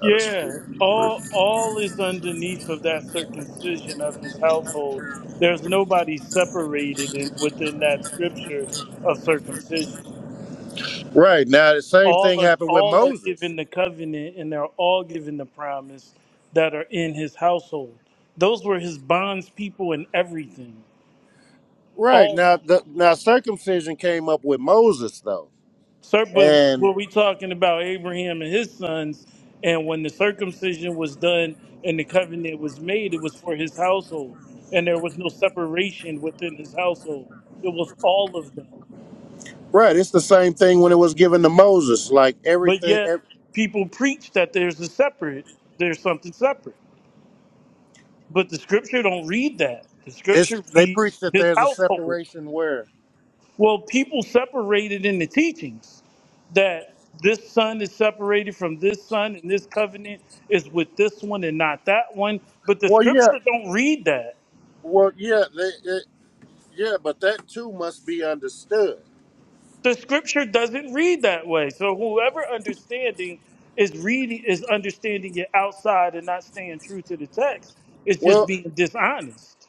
Yeah, all all is underneath of that circumcision of his household. There's nobody separated in, within that scripture of circumcision. All are all are given the covenant, and they're all given the promise that are in his household. Those were his bonds people and everything. All. Sir, but were we talking about Abraham and his sons? And when the circumcision was done and the covenant was made, it was for his household, and there was no separation within his household. It was all of them. But yet, people preach that there's a separate, there's something separate. But the scripture don't read that. The scripture reads his household. Well, people separated in the teachings that this son is separated from this son and this covenant is with this one and not that one. But the scripture don't read that. The scripture doesn't read that way. So whoever understanding is reading is understanding it outside and not staying true to the text is just being dishonest.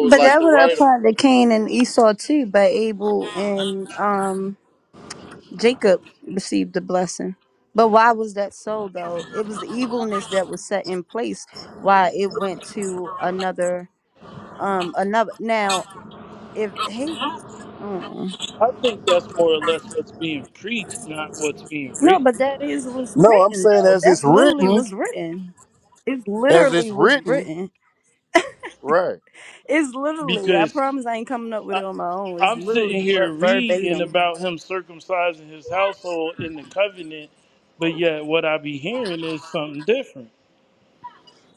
But that would apply to Cain and Esau too, but Abel and um Jacob received the blessing. But why was that so though? It was the evilness that was set in place. Why it went to another, um, another. now. if he mm.
I think that's more or less what's being preached, not what's being
no
written.
but that is what's written though that's literally what's written it's literally what's written it's literally i
Because
promise i ain't coming up with it on my own it's
I'm
literally
sitting here
ver-
reading
verbatim
about him circumcising his household in the covenant, but yet what I be hearing is something different.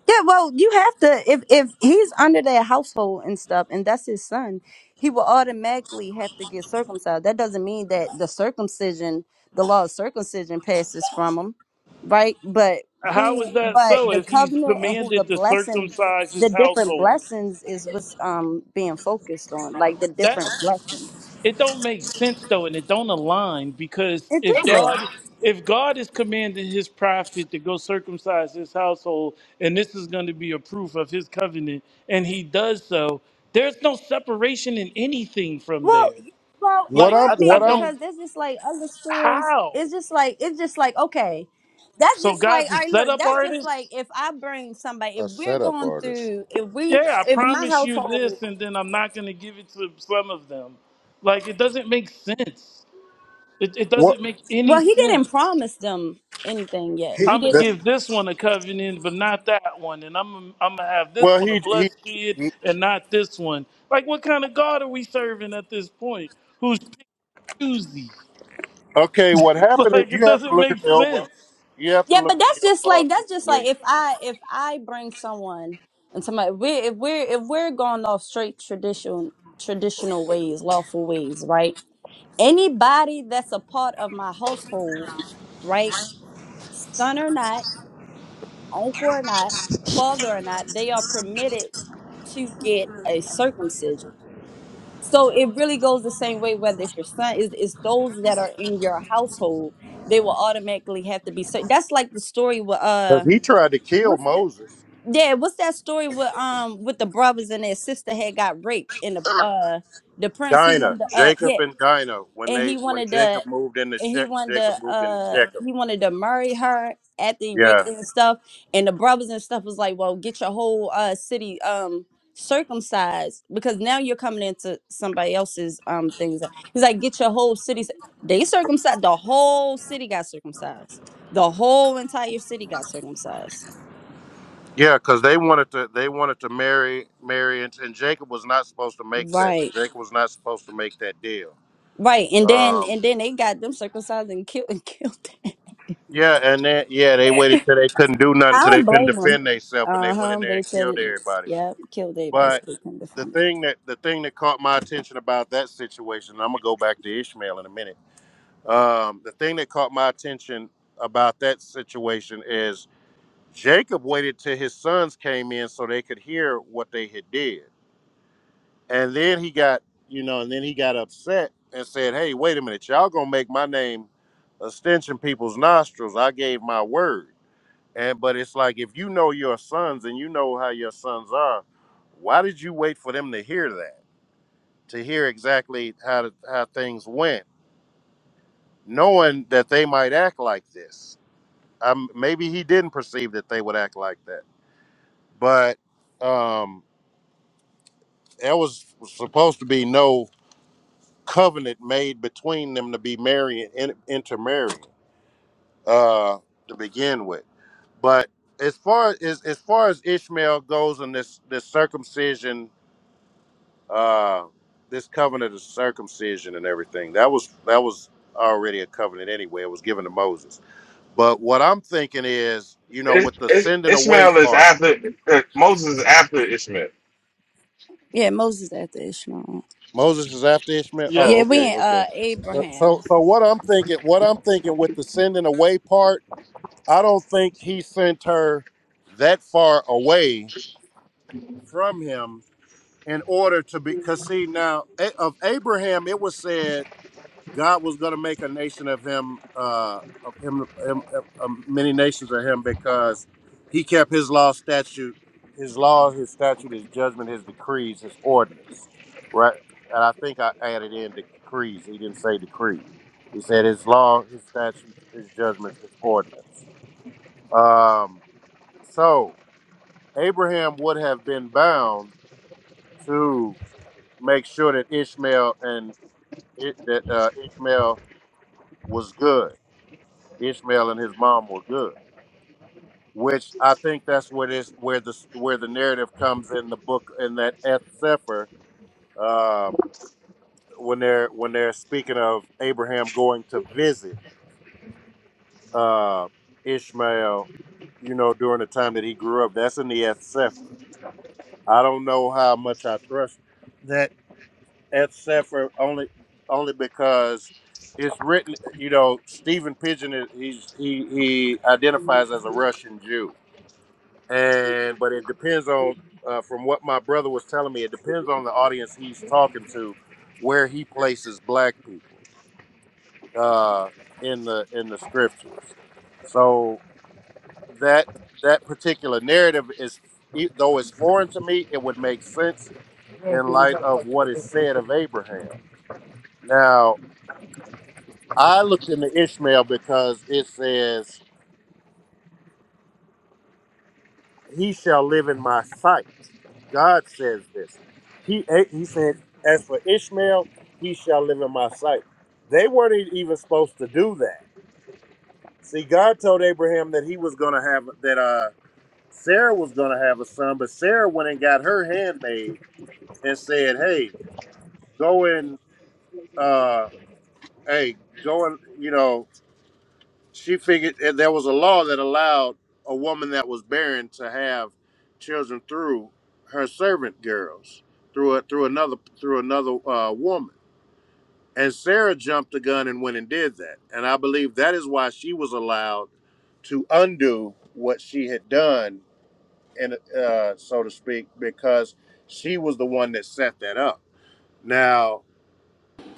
Yeah, well, you have to if if he's under their household and stuff, and that's his son, he will automatically have to get circumcised. That doesn't mean that the circumcision, the law of circumcision, passes from him, right? But
How
who,
is that
but
so
the
if he's
covenant and who the
commanded to
blessing,
circumcise
the
his
different
household?
blessings is what's um being focused on, like the
That
different blessings.
it don't make sense though and it don't align because
It
if
is.
God if God is commanding his prophet to go circumcise his household and this is going to be a proof of his covenant and he does so, there's no separation in anything from
Well,
there.
y- well, it
Like
would
I,
be
I don't.
because there's just like other stories.
How?
It's just like it's just like okay, that's
So
just like
God's a
all right. Look,
setup
that's just
artist?
like if I bring somebody, if we're going through, if we,
Yeah, I
if my
promise you
household.
this, and then I'm not going to give it to some of them. Like it doesn't make sense. It, it doesn't make any
Well, he didn't
sense.
promise them anything yet. He
I'm gonna
didn't.
give this one a covenant, but not that one, and I'm I'm gonna have this one a blood skid and not this one. Like what kind of God are we serving at this point? Who's pick choosy? Like it doesn't make sense.
Yeah, but that's just like that's just like if I if I bring someone and somebody we if we're if we're going off straight traditional traditional ways, lawful ways, right? Anybody that's a part of my household right? son or not, uncle or not, father or not, they are permitted to get a circumcision. So it really goes the same way whether it's your son is it's those that are in your household, they will automatically have to be so that's like the story with uh what's the yeah, what's that story with um with the brothers and their sister had got raped and the uh the prince he wanted to uh yeah and he wanted to and he wanted to uh he wanted to marry her after he raped her and stuff and the brothers and stuff was like well get your whole uh city um circumcised because now you're coming into somebody else's um things he's like get your whole city cir- they circumcised the whole city got circumcised the whole entire city got circumcised right right and then and then they got them circumcised and killed and killed I don't blame him. Uh huh. They said it. Yep. Killed everybody so they couldn't defend it.
Is- Is- Ishmael is after uh, Moses is after Ishmael.
Yeah, Moses after Ishmael.
Yeah.
Yeah, we ain't uh Abraham.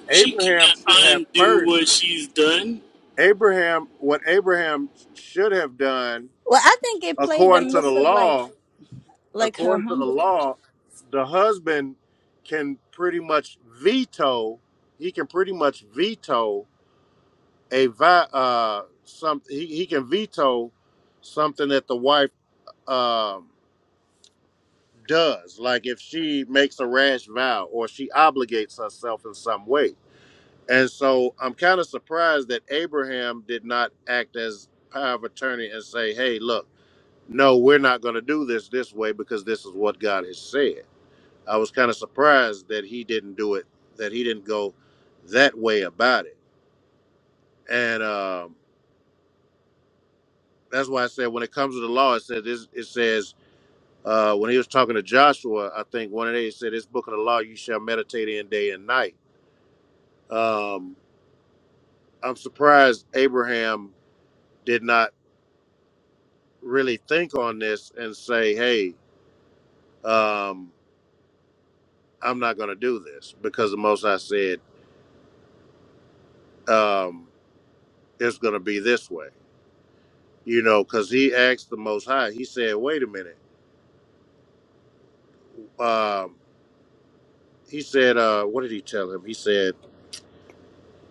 She can't undo what she's done.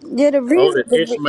Yeah, the reason the re-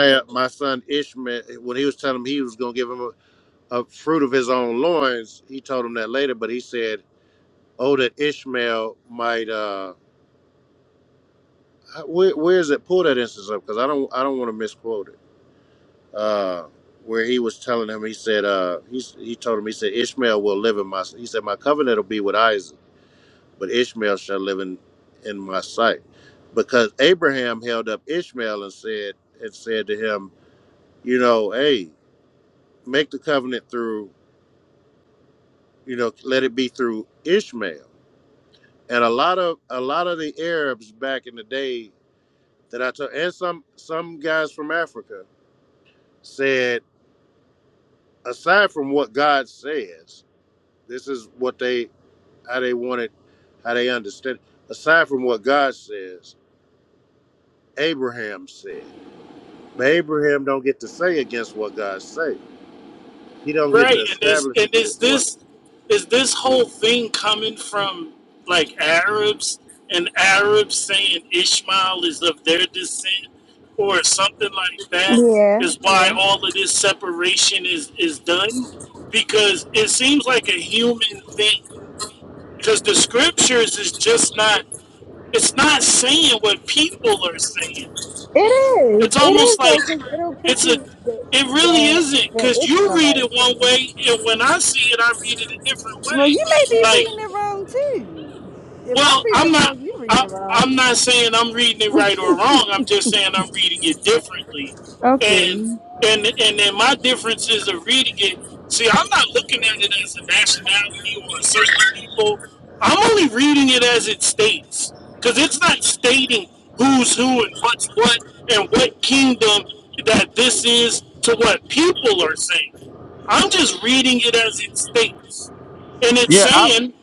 Right, and is and is this is this whole thing coming from like Arabs and Arabs saying Ishmael is of their descent or something like that is why
yeah.
all of this separation is is done because it seems like a human thing because the scriptures is just not it's not saying what people are saying.
It is.
It's
It
almost
is
like
though, because it'll put
it's a.
you the
It really
the
isn't
the
because you read it
Ishmaelites.
one way, and when I see it, I read it a different
Well,
way.
you may be
Like
reading it wrong too. If I'm
well,
reading
I'm
it
not.
wrong, you're reading
I,
it wrong.
I'm not saying I'm reading it right or wrong. I'm just saying I'm reading it differently, and and and then my differences of reading it. See, I'm not looking at it as a nationality or a certain people. I'm only reading it as it states, because it's not stating who's who and what's what and what kingdom that this is to what people are saying. I'm just reading it as it states, and it's saying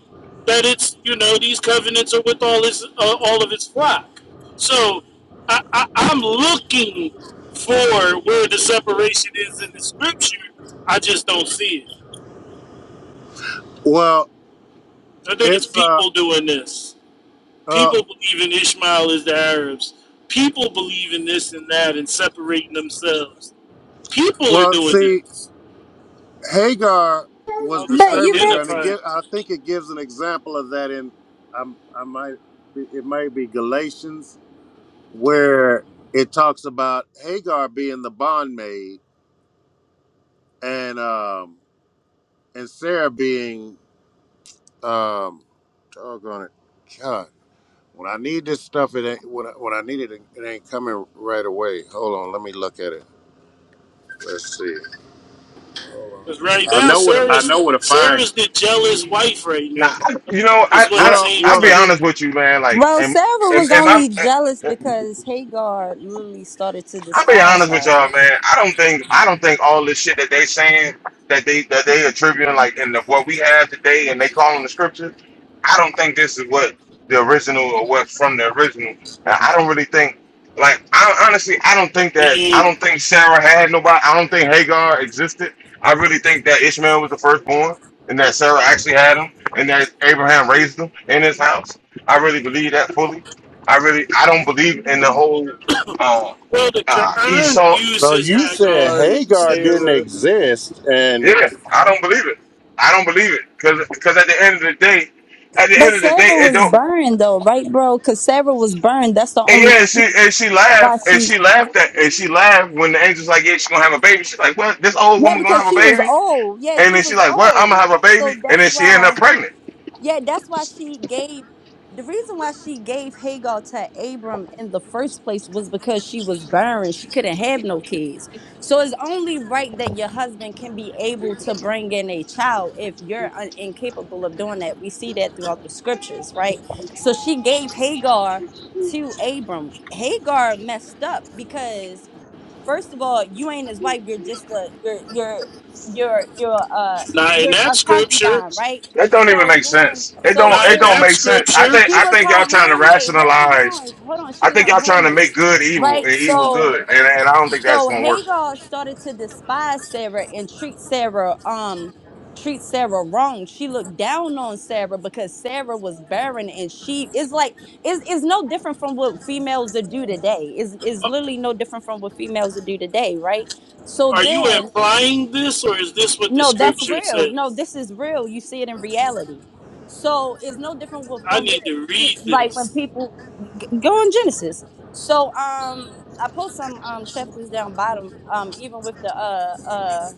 that it's you know these covenants are with all his uh, all of his flock. So I, I, I'm looking for where the separation is in the scripture. I just don't see it. I think it's people doing this. People believe in Ishmael as the Arabs. People believe in this and that and separating themselves. People are doing this. All this
But you really
identifying. Because right now, Sarah's Sarah's the jealous wife right
Now,
now.
I, you know, I,
Is what it
I,
seems
I'll be
like
honest with you, man. Like,
well,
and
Sarah
and,
was
and I.
only jealous because Hagar literally started to
I'll be
despise
honest with
her.
y'all, man. I don't think I don't think all this shit that they saying that they that they attributing like in the, what we have today and they calling the scripture. I don't think this is what the original or what from the original. I I don't really think like I honestly I don't think that I
And
don't think Sarah had nobody. I don't think Hagar existed. I really think that Ishmael was the firstborn and that Sarah actually had him and that Abraham raised him in his house. I really believe that fully. I really I don't believe in the whole. um,
Well, the
Nah,
Quran
Esau.
uses Hagar and Sarah.
Yeah, I don't believe it. I don't believe it because at the end of the day, at the
But
end of the day,
Sarah
it
was
don't.
burned though, right, bro? Because Sarah was burned. That's the
And
only
yeah, and she and she
why
laughed and
she.
she laughed at and she laughed when the angel's like, yeah, she's gonna have a baby. She's like, what? This old
Yeah,
woman gonna
because
have a
she was
baby?
old. Yeah,
And
she
then she's
was
like, what? I'm gonna have
old.
a baby?
So
And
that's
then she ended
why.
up pregnant.
Yeah, that's why she gave the reason why she gave Hagar to Abram in the first place was because she was barren. She couldn't have no kids. So it's only right that your husband can be able to bring in a child if you're un- incapable of doing that. We see that throughout the scriptures, right? So she gave Hagar to Abram. Hagar messed up because First of all, you ain't his wife. You're just a you're you're you're you're uh
Not in
you're
that
a
scripture.
concubine, right?
That don't even
So
make
then,
sense. It
so
don't.
Not
It
in
then
don't
that
make sense. I
scripture.
think.
she
I
was
think
her
y'all trying to
handmaid. Hold on, hold
rationalize.
on, hold on. She
I
was
think
her
y'all trying to
handmaid,
make good evil and
right?
evil
So
good, and, and I don't think that's
so
gonna work.
Hagar started to despise Sarah and treat Sarah um treat Sarah wrong. She looked down on Sarah because Sarah was barren and she is like is is no different from what females that do today. Is is
Uh,
literally no different from what females that do today, right? So
Are you
then
implying this, or is this what the
no, that's
scripture
real. No,
says?
this is real. You see it in reality. So it's no different with,
I
from what,
need to read
like when
this.
people g- go in Genesis. So um, I post some um chapters down bottom um even with the uh uh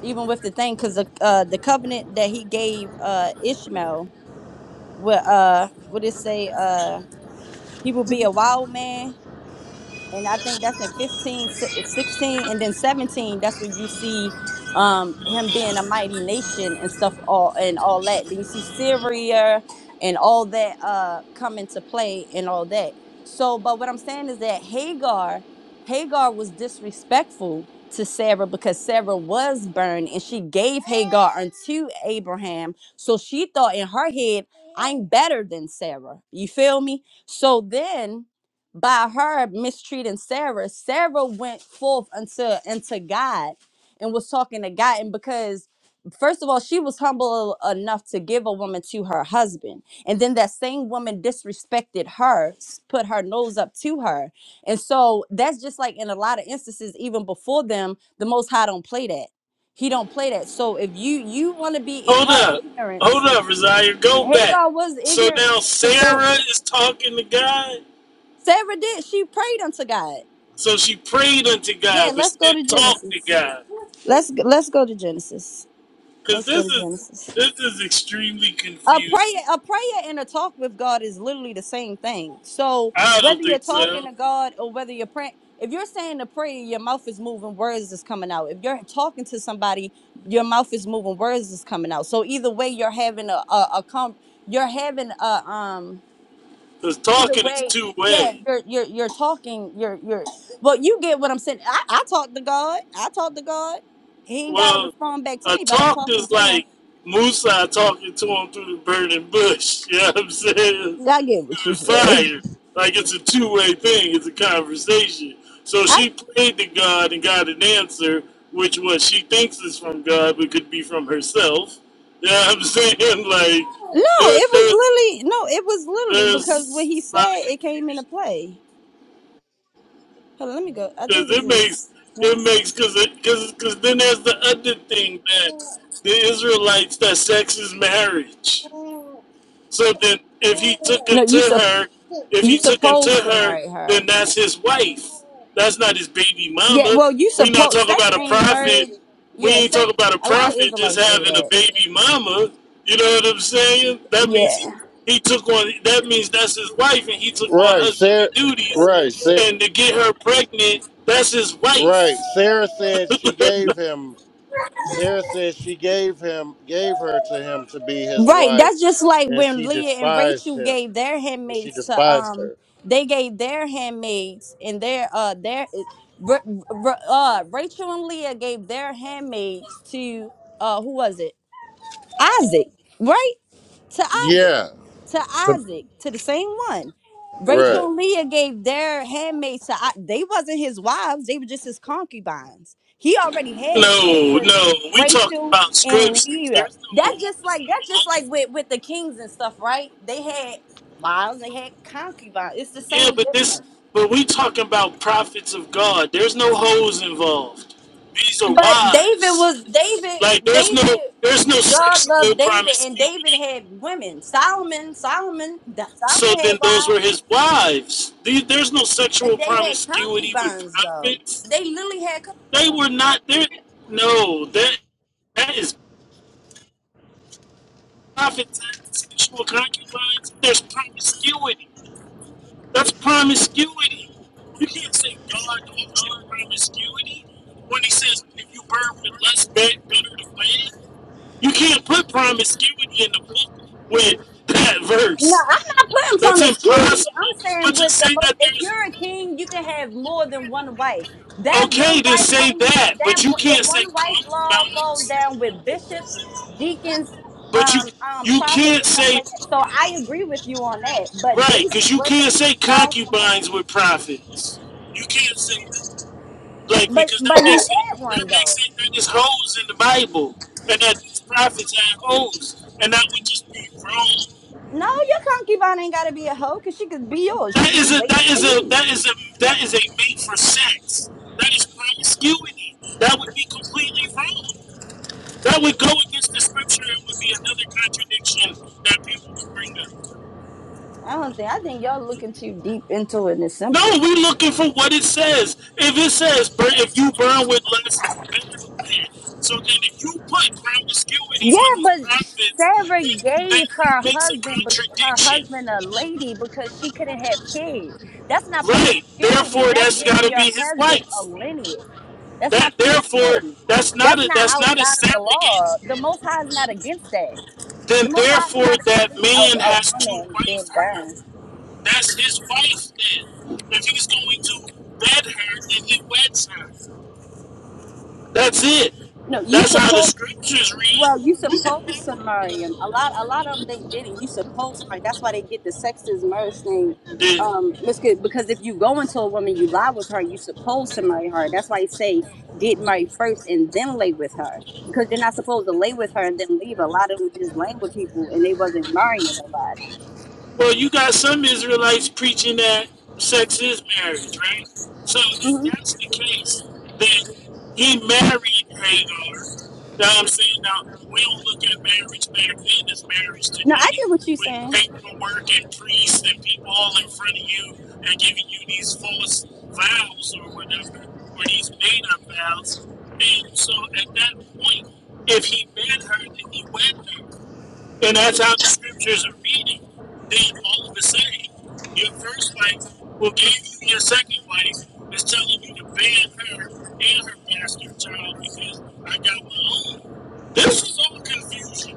even with the thing because the uh the covenant that he gave uh Ishmael what uh what it say uh he will be a wild man and I think that's in 15, si- 16, and then 17. That's when you see um, him being a mighty nation and stuff, all and all that. Then you see Syria and all that uh, come into play and all that. So, but what I'm saying is that Hagar, Hagar was disrespectful to Sarah because Sarah was burned and she gave Hagar unto Abraham. So she thought in her head, I'm better than Sarah. You feel me? So then by her mistreating Sarah, Sarah went forth unto unto God and was talking to God. And because first of all, she was humble enough to give a woman to her husband. And then that same woman disrespected her, s- put her nose up to her. And so that's just like in a lot of instances, even before them, the most high don't play that. He don't play that. So if you you want to be i-
Hold
her
up.
ignorance,
Hold up, Rosiah. Go back.
Hagar was
So
ignorant
now
to Sarah.
Sarah is talking to God.
Sarah did. She prayed unto God.
So she prayed unto
Yeah,
God, but she
let's go to
didn't talk to
Genesis.
God.
Let's let's go to Genesis.
Cause
Let's go
this
to
is
Genesis.
this is extremely
A prayer,
confusing.
a prayer, and a talk with God is literally the same thing. So
I
whether
don't
you're
think
talking
so.
to God or whether you're praying, if you're saying a prayer, your mouth is moving, words is coming out. If you're talking to somebody, your mouth is moving, words is coming out. So either way, you're having a a, a com- you're having a um
Cause
either
talking is
way
two
yeah
way.
you're you're you're talking you're you're well you get what i'm saying i, I talk to god i talk to god he ain't got to
Well,
respond back to
a
me but i'm
talk
talking
is
to him
like Musa talking to him through the burning bush. You know what I'm saying?
Yeah, i get what
Through
you
the
said
fire. Like it's a two way thing, it's a conversation. So
i
she prayed to God and got an answer, which what she thinks is from God, but could be from herself. You know what I'm saying? Like,
no
there,
it was
there's,
literally no it was literally because what he
there's a lot of
said it came
confusion.
into play hold on let me go i
Cause
think it's
it
in
makes it makes cause it cause cause then there's the other thing that the Israelites that sex is marriage. So then, if he took
no
unto
you sup
her, if he
you
took unto
supposed to
her,
marry her
then that's his wife. That's not his baby
yeah
mama.
well you
We not
supposed
talking
sex
about a
ain't
prophet.
marriage
We
yeah
ain't
sex
talking about a
a lot of
prophet just
israelites say
having a
that
baby mama. You know what I'm saying? That means
yeah
he, he took on. That means that's his wife, and he took on husbandly duties. And to get her pregnant, that's his wife.
Right. That's just like when Leah and Rachel gave their handmaids to um they gave their handmaids and their uh their r- r- uh Rachel and Leah gave their handmaids to uh who was it? Isaac, right? To Isaac to Isaac, to the same one. Rachel and Leah gave their handmaids to I- they wasn't his wives, they were just his concubines. He already had his which
No,
was
no, we talking
Rachel
about
and
scriptures.
Leah.
There's no
That's just
whores
like that's just like
involved.
with, with the kings and stuff, right? They had wives, they had concubines. It's the
Yeah,
same
but this,
difference.
but we talking about prophets of God. There's no hoes involved. These are
But David
wives.
was David,
Like there's no,
David,
there's no
God
sexual
loved David, and David
promiscuity.
had women. Solomon, Solomon,
So
Solomon had
then those were
wives.
his wives. The- There's no
But
sexual
they had
promiscuity with
concubines though.
prophets.
They literally had. Con-
They were not there. No, that that is prophets and sexual concubines. There's promiscuity. That's promiscuity. You can't say God walks in promiscuity when he says if you burn with less bed, better to wed. You can't put promiscuity in the book with that
no,
verse.
I'm not putting
That's
promiscuity. I'm
impossible.
saying
But to
with the
say
most.
that
If
there's
you're a king, you can have more than one wife. That
okay
one
to
wife
say
only.
that,
That
but you
one- the
can't say
one wife law falls
concubines.
down with bishops, deacons,
But you
um, um,
you
prophets,
can't
and stuff
say
like that. So I agree with you on that. But
right
David
because you
was
can't
a
say
king. Solomon was.
concubines with prophets. You can't say that. Like
But
because that
but he
makes it
had
that
one
makes
though.
it that there's holes in the Bible and that these prophets had holes and that would just be wrong.
No, your concubine ain't got to be a hoe because she could be yours. She
That
could be
is a
waiting
that
for
is a
you.
that is a that is a mate for sex. That is promiscuity. That would be completely wrong. That would go against the scripture. It would be another contradiction that people would bring up.
I don't think. I think y'all looking too deep into it. And it's
No,
simple.
we looking for what it says. If it says, if you burn with less, better the land. So then, if you put ground obscurity on
Yeah,
these
but
prophets,
Sarah
then, then
gave
that
her
makes a
husband, but her
contradiction,
husband a lady because she couldn't have kids. That's not
right?
promiscuity.
Therefore,
That's
that's got
giving
to be
your
his
husband a
wife.
lineage. That's
That
not
therefore,
promiscuity.
that's not
That's
a
not
that's not a
outside of the
surrogate.
law. The Most High is not against that.
Then
The Most High is
therefore,
not
that
against
man
a, a
has to
woman being
wife her.
barren.
That's his wife. Then, if he's going to wed her, then he weds her. That's it.
No, you
That's how the
supposed.
scriptures read.
Well, you supposed to marry him. A lot, a lot of them they didn't. You supposed to marry. That's why they get the sex is marriage thing,
Then,
um, misca- Because if you go into a woman, you lie with her. You supposed to marry her. That's why they say get married first and then lay with her. Because you're not supposed to lay with her and then leave. A lot of them were just laying with people and they wasn't marrying nobody.
well, you got some Israelites preaching that sex is marriage, right? So if
hmm
that's the case, then he married Hagar. Now I'm saying now we don't look at marriage back then as marriage
No, I
today,
get what you're
with
saying.
paperwork and priests and people all in front of you and giving you these false vows or whatever, or these made up vows. And so at that point, if he met her, then he wed her. And that's how the scriptures are reading. Then all of a sudden, your first wife, who gave you your second wife, is telling you to ban her and her bastard child because I got my own. This is all confusion.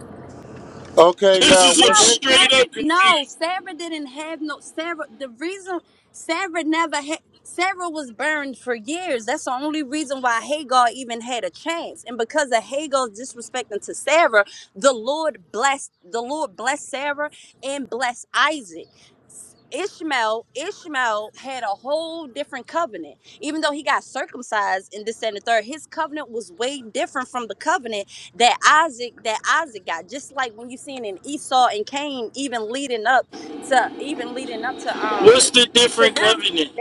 This is
No,
some
Sarah.
straight up
No,
confusion.
Sarah didn't have no Sarah. The reason Sarah never had Sarah was burned for years. That's the only reason why Hagar even had a chance. And because of Hagar's disrespecting to Sarah, the Lord blessed the Lord blessed Sarah and blessed Isaac. Ishmael, Ishmael had a whole different covenant. Even though he got circumcised in this and the third, his covenant was way different.
What's the different covenant?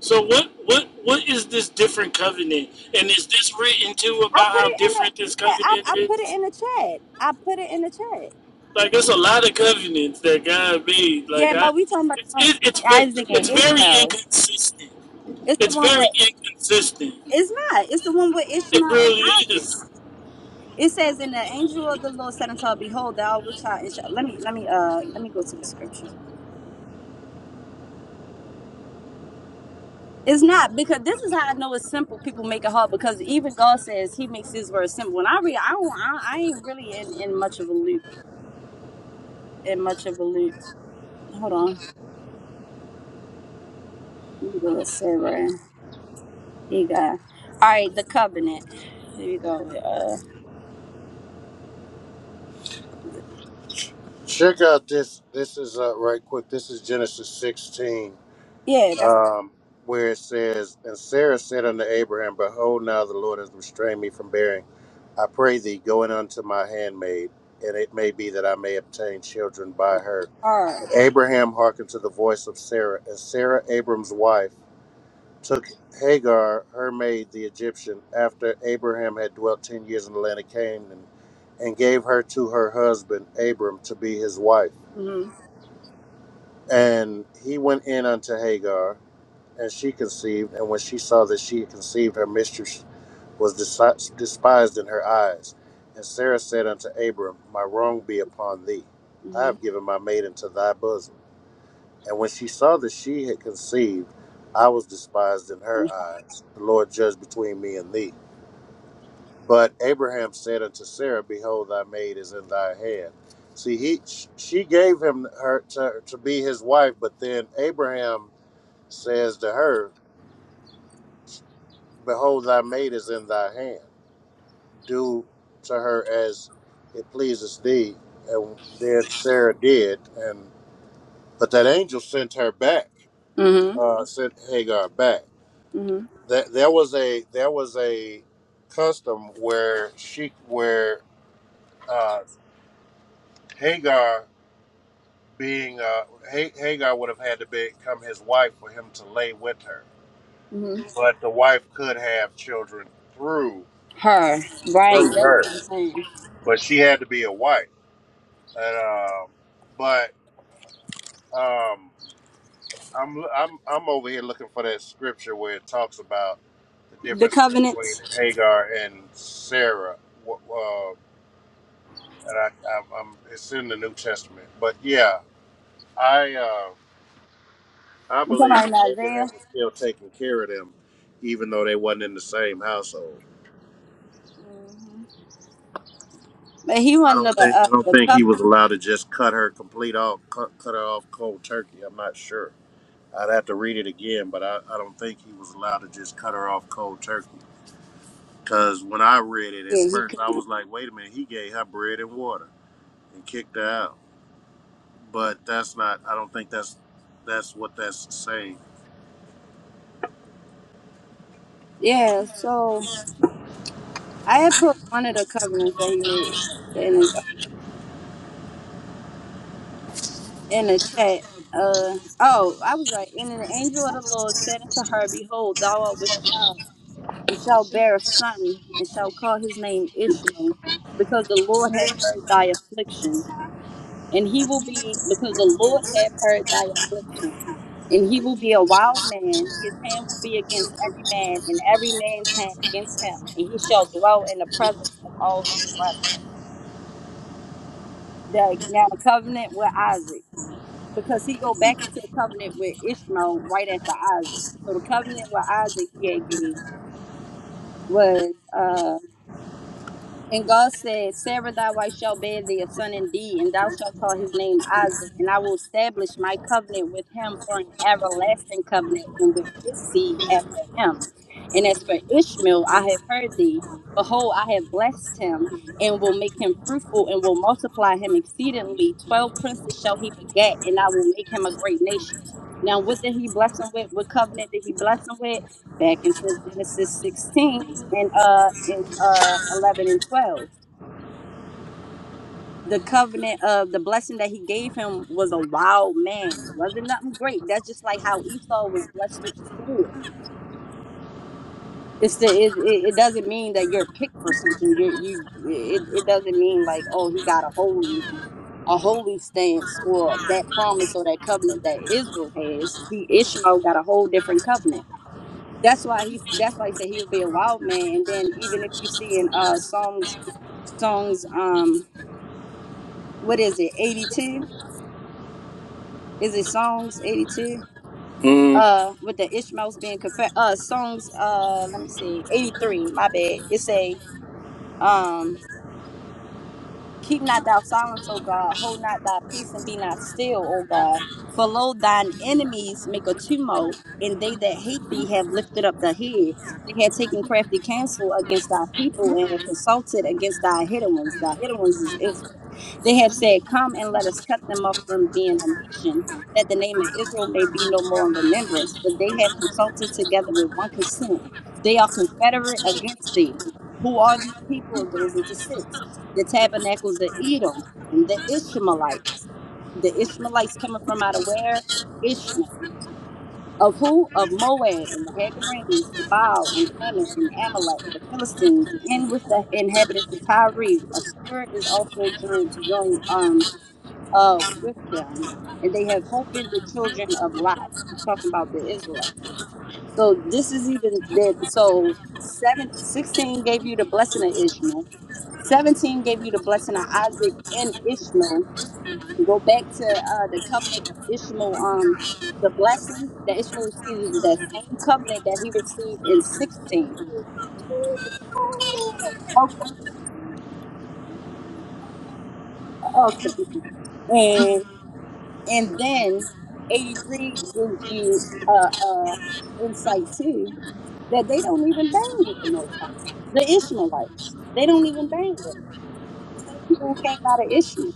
So what what what is this different covenant? And is this written too about how different this covenant is? Like it's a lot of covenants that God made. Like
Yeah,
I,
but we talking about
it's
the one
it,
with
it's ve-
Isaac
it's
and
very
Ishmael.
inconsistent.
It's the
It's
one
very
with
inconsistent.
It's not. It's the one with Ishmael
It really
and Isaac.
is.
It says, "In the angel of the Lord said unto her, Behold, thou with child." And shall-" let me, let me, uh, let me go to the scripture. It's not because this is how I know it's simple. People make it hard because even God says He makes His word simple. And I read, I don't, I, I ain't really in in much of a loop. In much of a loop. Hold on. Let me go to Sarah. Here you got. All right, the covenant. Here you go. Uh, yeah, that's her. Mm-hmm. Mm-hmm. Mm-hmm. Her. Right. That's what I'm saying. The covenant. I'm talking about in Isaiah. But he wasn't of the uh, the covenant and shall bear a son and shall call his name Ishmael, because the Lord hath heard thy affliction, and he will be because the Lord hath heard thy affliction, and he will be a wild man. His hand will be against every man, and every man's hand against him, and he shall dwell in the presence of all his brothers. The, now the covenant with Isaac because he go back into the covenant with Ishmael right after Isaac. So the covenant with Isaac he had gave. was uh and God said, Sarah thy wife shall bear thee a son indeed, and thou shalt call his name Isaac, and I will establish my covenant with him for an everlasting covenant, and with his seed after him. And as for Ishmael, I have heard thee. Behold, I have blessed him, and will make him fruitful, and will multiply him exceedingly. Twelve princes shall he beget, and I will make him a great nation. Now, what did he bless him with? What covenant did he bless him with? back into Genesis 16 and uh and uh 11 and 12. The covenant of the blessing that he gave him was a wild man. It wasn't nothing great. That's just like how Esau was blessed with the sword. It's the it, it, it doesn't mean that you're picked for something. You you it, it doesn't mean like oh he got a holy a holy stance or that promise or that covenant that Israel has. He Ishmael got a whole different covenant That's why he. That's why he said he would be a wild man. And then even if you see in uh songs, songs um what is it eighty two? Is it songs eighty two? Uh, with the Ishmaels being confessed. Uh, songs. Uh, let me see. Eighty three. My bad. It's a um. Keep not thou silence, O God. Hold not thy peace and be not still, O God. For lo, thine enemies make a tumult, and they that hate thee have lifted up the head. They had taken crafty counsel against thy people and have consulted thy hidden ones, thy hidden ones is Israel. They have said, Come and let us come, that they have consulted together with him. They are confederate against thee. Who are these people? It goes into six. The tabernacles, the Edom, and the Ishmaelites. The Ishmaelites coming from out of where? Ishmael. Of who? Of Moab and the Hagarines, the Baal and Ammon and Amalek, the Philistines, and with the inhabitants of Tyre. Assyria is also joined, joined um, uh, with them, and they have opened the children of Lot, talking about the Israelites. So this is even that. So seven sixteen gave you the blessing of Ishmael. 17 gave you the blessing of Isaac and Ishmael. Go back to uh, the covenant that Ishmael, um, the blessing that Ishmael received is that same covenant that he received in 16. Okay. And and then 83 gives you uh, uh, insight too that they don't even bang with the Most High. The Ishmaelites, they don't even bang with them. The same people who came out of Ishmael.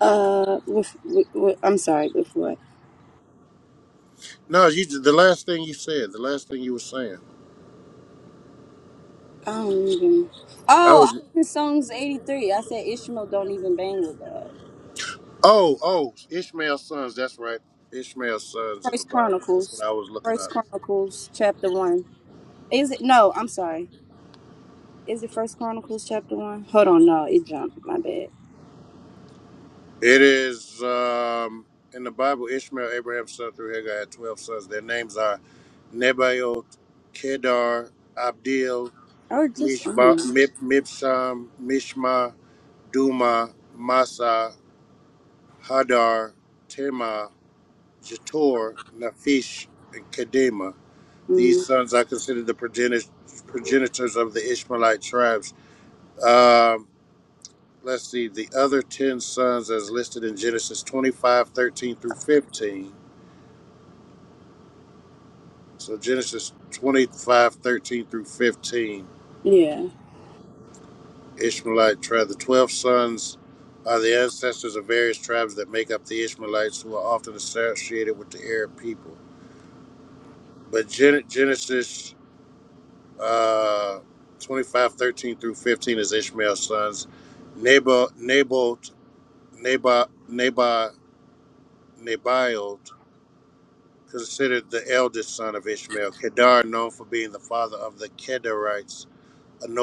Uh, what? I don't even. Oh, I did Psalms eighty three. I said Ishmael don't even bang with God. First Chronicles, First Chronicles chapter one. Is it? No, I'm sorry. Is it First Chronicles chapter one? Hold on, no, it jumped. My bad.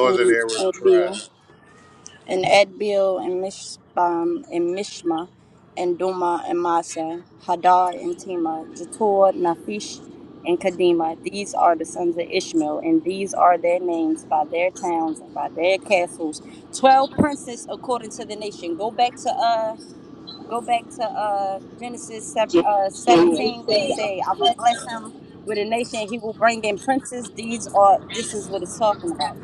And uh, Bill. and Edbil and Mishbam and Mishma and Duma and Masa, Hadar and Tema, Jator, Nafish, and Kadima. These are the sons of Ishmael, and these are their names by their towns and by their castles. Twelve princes according to the nation. Go back to uh go back to uh Genesis seven,
So,
uh seventeen where he said, I will bless him with a nation, he will bring in princes. These are this is what it's talking about.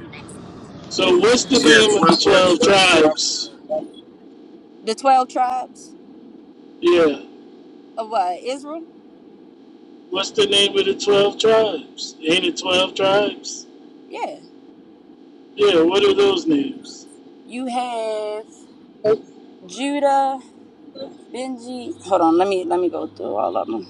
so what's the name of the twelve tribes?
The twelve tribes
Yeah.
of what? Israel?
What's the name of the twelve tribes? Ain't it twelve tribes?
Yeah.
Yeah. What are those names?
You have Judah, Benji. Hold on, let me let me go through all of them.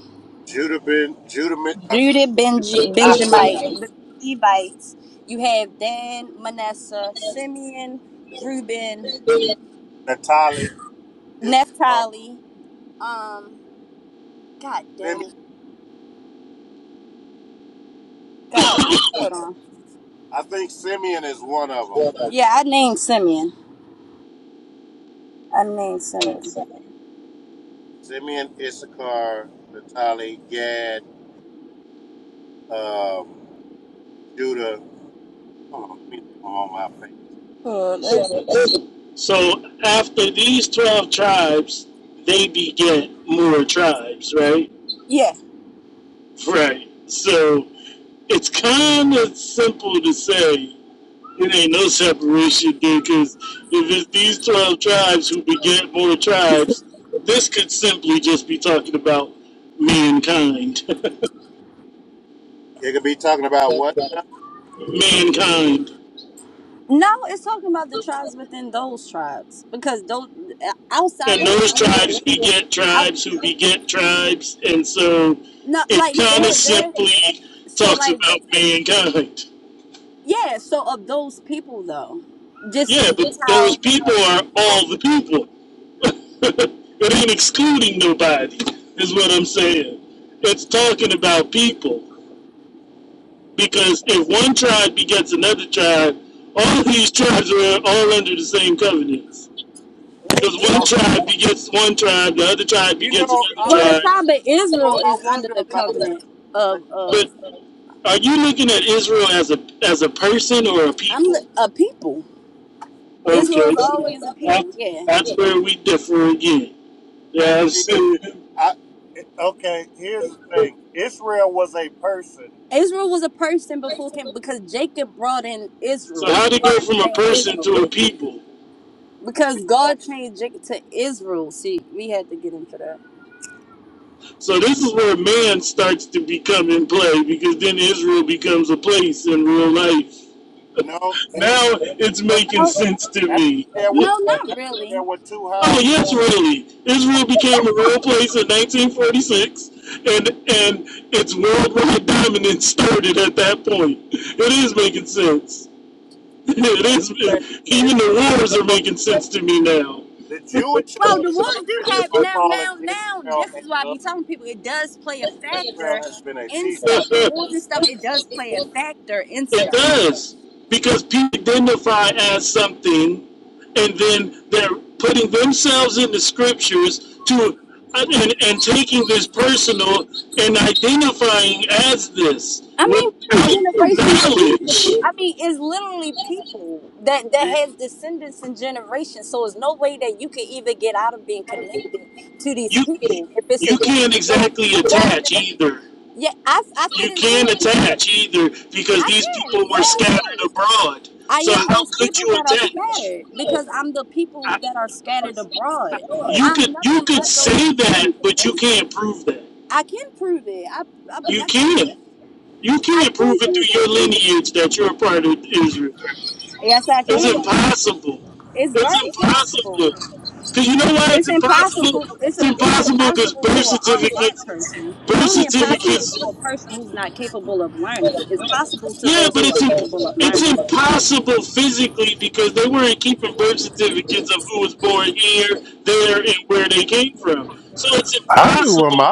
Judah, Benji, Benjamite, the Levites. You have Dan, Manasseh, Simeon, Reuben, Naphtali. Um, God damn it. God damn it. Hold on. Yeah, I named Simeon. I named Simeon. Oh, there's a-
So after these 12 tribes, they beget more tribes, right?
yeah.
Right. So it's kind of simple to say it ain't no separation there because if it's these 12 tribes who beget more tribes, this could simply just be talking about mankind. mankind.
No, it's talking about the tribes within those tribes because those uh, outside
and
of them
those
mingling
tribes beget
out.
tribes who beget tribes, and so
No,
it
like
kind of
that. That.
simply
So
talks
like
about mankind.
yeah, so of those people though, just
Yeah,
that's
but those
how
people are all the people. it ain't excluding nobody, is what I'm saying. It's talking about people. Because if one tribe begets another tribe, all these tribes are all under the same covenants. Because one tribe begets one tribe, the other tribe begets another
well the
tribe.
tribe of Israel is under the covenant of of
but. Are you looking at Israel as a as a person or a
I'm li-
people?
a people.
Okay,
Israel's always a people,
that's,
yeah.
that's where we differ again. Yes.
Israel was a person before came because Jacob brought in
So
Israel,
how to
brought
go
in the
from a
name
person
Israel.
to a people?
Because God changed Jacob to Israel. See, we had to get into that.
So this is where man starts to become in play because then Israel becomes a place in real life. Now it's making sense to me.
No, not really.
Oh yes, really. Israel became a real place in 1946, and and its worldwide dominance started at that point. It is making sense. It is It, even the wars are making sense to me now.
Well, the wars do have now, now, now. This is why I be telling people it does play a factor in stuff. wars and stuff, it does play a factor in
It
stuff.
does because people identify as something, and then they're putting themselves in the scriptures to and, and taking this personal and identifying as this
I mean, there's
without
generations of
knowledge.
people. I mean, it's literally people that that has descendants and generations. So it's no way that you can even get out of being connected to these
You
people if it's a
you can't
generation. So
exactly
whether
attach either.
yeah, I I fit
You
into
can't
it.
attach either because
I
these
can.
people
Yeah,
were
I can.
scattered abroad.
I
So
am
how
those
could
people
you
that are
attach?
scattered because I'm the people
I,
that are scattered abroad.
you
I'm
could you
nothing
could
but those
say that, but you
descendants.
can't prove that.
I can prove it. I, I,
You
I can.
can't. You
I
can't prove
can
it
prove
through
it.
your lineage that you're a part of Israel.
Yes, I
It's
can.
impossible.
It's
It's
very possible.
impossible. Cause you know why it's
It's
impossible?
impossible. It's
It's
a, it's
impossible because
impossible to
birth
an unlearned
certificates,
person. It's
birth
only impossible
certificates
to a person who's not capable of learning. It's possible to
Yeah,
those
but
who are
it's
capable of
it's
learning.
impossible physically because they weren't keeping birth certificates of who was born here, there, and where they came from. So it's impossible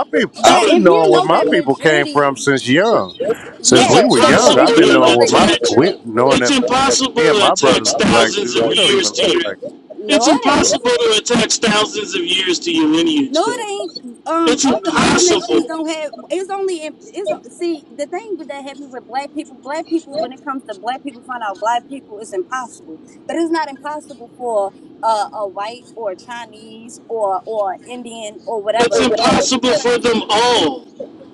But
to
if you know that majority,
it's
yeah. So, but
impossible
if you
to
know the
attach
history,
it's impossible to attach thousands of years to your it's
no, it ain't.
impossible to attach thousands of years to your
No,
lineage though.
it ain't. Um,
It's
other other nations
impossible.
don't have. It's only. in- It's see the thing with that happened with black people. Black people, when it comes to black people, find out black people it's impossible. But it's not impossible for uh, a white or Chinese or or Indian or
It's
whatever.
impossible
to-
for them all.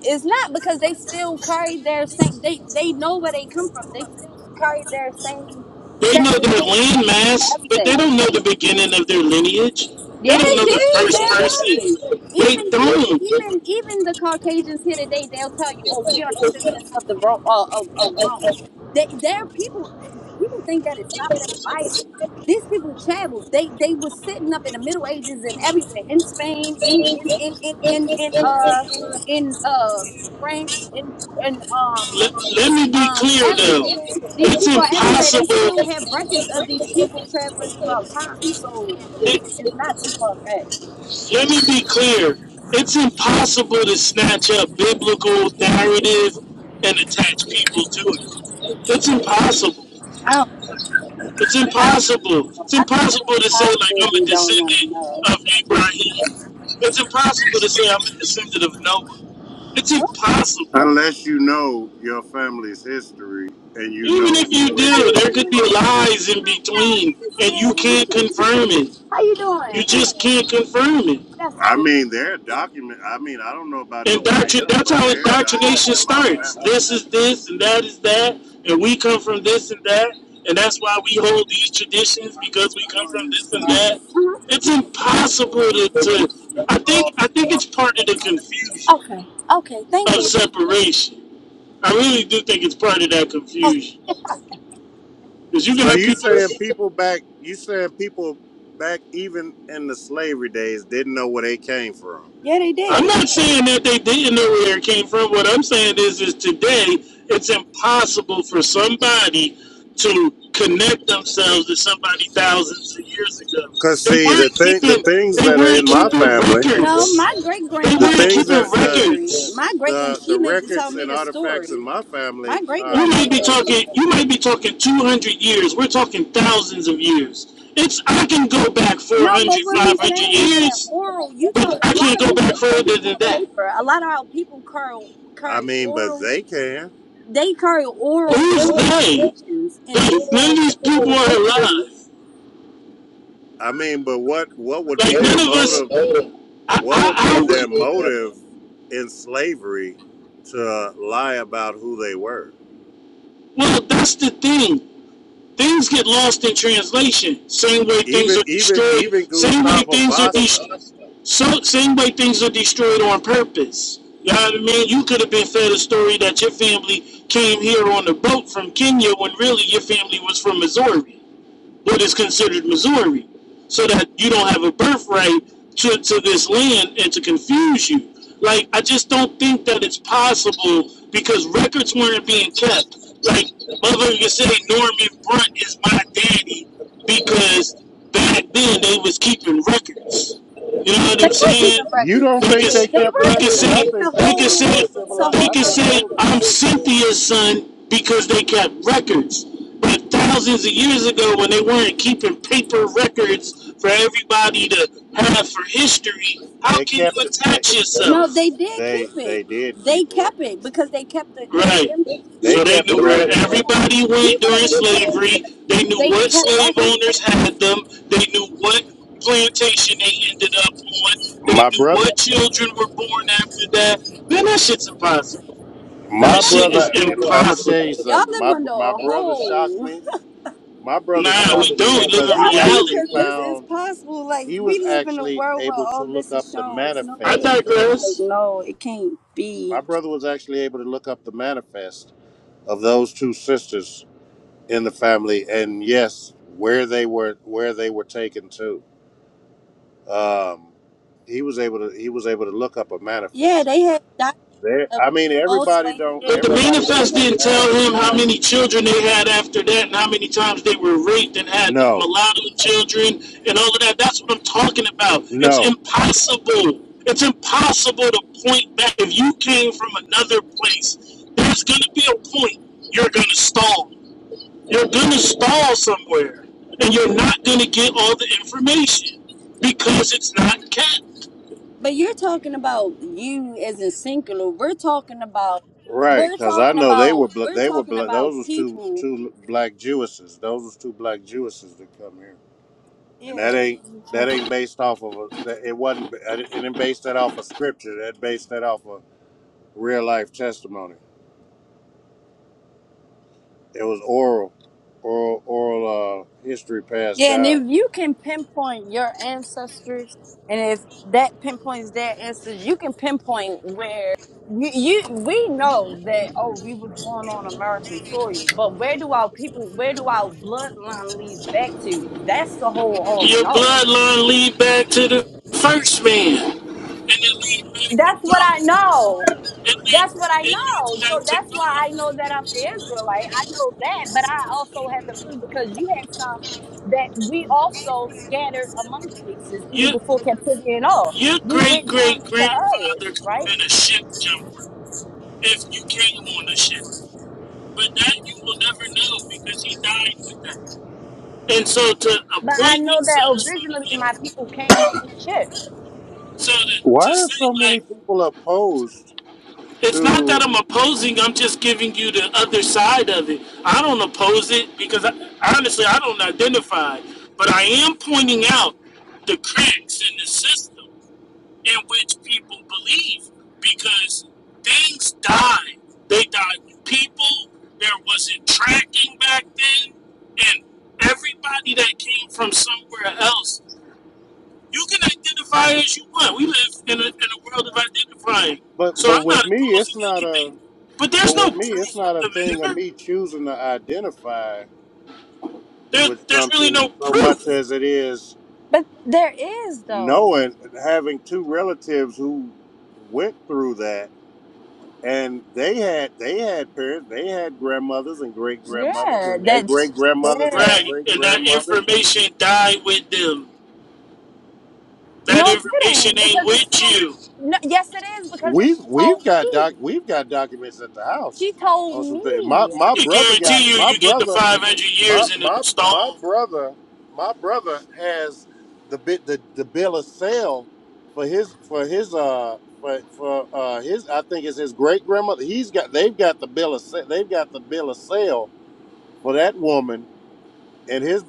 It's not because they still carry their same. They they know where they come from. They still carry their same
They
sex
know
and
their
their same
land
cultures and
mass, but
everything.
they don't know the beginning of their lineage.
Yeah,
They don't
they
know
do.
the first
They'll tell
person.
you.
They
Even even
don't.
even even the Caucasians here today, they'll tell you, "Oh, we are descendants of the Ro- uh, of, of Rome." They they're people. th- People think that it stopped in the Bible. These people traveled. They they were sitting up in the Middle Ages and everywhere in Spain, in in in in in, in uh in uh France, in in um
Let, let me be
um
clear though.
everywhere. These
It's
people are everywhere. They
impossible.
still have records of these people traveling throughout time. So it's, it's not
It,
too far fetched.
let me be clear. It's impossible to snatch up biblical narrative and attach people to it. It's impossible.
I don't
It's
I don't
impossible.
know.
It's
I think
impossible to say like
possible if
I'm a
you don't want to
descendant
know.
of Abraham. It's impossible to say I'm a descendant of Noah. It's impossible. Even if you do, there could be lies in between, and you can't confirm it. You just can't confirm it.
That's
Indoctrin- that's how indoctrination starts. This is this and that is that, and we come from this and that, and that's why we hold these traditions because we come from this and that. It's impossible to, to I think I think it's part of the confusion
okay. Okay, thank
of
you.
separation. I really do think it's part of that confusion. Because you can have people
Yeah, they
I'm
did.
not saying that they didn't know where it came from. What I'm saying is, is today it's impossible for somebody to connect themselves to somebody thousands of years ago. They weren't keeping. They weren't keeping
No,
records.
my great
They
grandmother
weren't
was in
keeping
slavery.
records.
My great and she lived to tell me the story. My great
You might
grandmother
be
was in
talking. You might be talking 200 years. We're talking thousands of years. It's. I can go back four
no, but
hundred,
what we
500
saying is that
years,
oral. You talk.
but I
A lot
can't
of
go
people
back further
focus
than
on
that.
paper. A lot of our people curl curry oral They carry oral
Who's
oral
they?
teachings and
None of
oral and
these people
oral
are
history.
alive. Like none of us. damn I, I, I Well, that's the thing. Things get lost in translation. Same way things are destroyed. Same way things are destroyed. So, same way things are destroyed on purpose. You know what I mean? You could have been fed a story that your family came here on a boat from Kenya when really your family was from Missouri. What is considered Missouri, so that you don't have a birthright to, to this land and to confuse you. Like, I just don't think that it's possible because records weren't being kept. Like, mother you say Norman Brunt is my daddy because back then they was keeping records. You know what
They
I'm
were
saying?
keeping records.
They can,
They were
they can
keeping.
say
It's a
they can
whole.
say
It's a
he
whole
could
lot of
say,
records.
I'm Cynthia's son because they kept records. But thousands of years ago, when they weren't keeping paper records for everybody to have for history, how can you attach
No,
yourself?
they did keep it. They kept it because they kept it. They
Right.
them, we
So
were
they knew where
insurance.
everybody
We
went
were
during
insurance
slavery.
today.
They knew
They
what
kept
slave
records.
owners had them. They knew what plantation they ended up on. They knew what children were born after that. Man, that shit's impossible. That shit is impossible.
Y'all live under a hole.
Nah, we don't live in
Y'all do because
reality.
this is possible. Like we live in a world where all this is shown. There's no
I
way that it's like
digress.
no, it can't be. Yeah, they had. of all slave ship.
But the manifest didn't tell him how many children they had after that and how many times they were raped and had mulatto children and all of that. That's what I'm talking about. It's impossible. It's impossible to point back. If you came from another place, there's going to be a point you're going to stall. You're going to stall somewhere and you're not going to get all the information because it's not kept.
But you're talking about you as in singular. We're talking about we're talking about we're talking about people. Yeah, and if you can pinpoint your ancestors, and if that pinpoints their ancestors, you can pinpoint where you, you we know that oh we was born on American soil, but where do our people where do our bloodline leads back to? That's the whole all in
Your
all.
bloodline lead back to the first man, and it leads back to
That's what I
God.
know.
It
That's
leads
what I
it leads
know. So
back to
that's why
God.
I know that I'm an Israelite. I know that, but I also have to prove because you had some that we also scattered among places, even
Your
before captivity and all.
your
We went
great
down
great
into areas,
grandfather could have
right?
been a ship jumper if you came on a ship, but that you will never know because he died with that. And so to
But I
appoint
know that
yourself
originally
something,
my people came on the ship.
so to to say like. It's not that I'm opposing, I'm just giving you the other side of it. I don't oppose it because I, honestly, I don't identify, but I am pointing out the cracks in the system in which people believe because things die. They died with people, there wasn't tracking back then, and everybody that came from somewhere else you can identify as you want. We live in a, in a world of identifying. So I'm not opposing anything. But there's no proof of the matter. There, there's really no proof.
But there is though. Yeah, that's yeah.
Right. And that information died with them. That
No, it
information
didn't
ain't
because it's
with
still.
you.
No, yes, it is because that she told me. She told me.
I can guarantee you, you get the 500 years in the stone,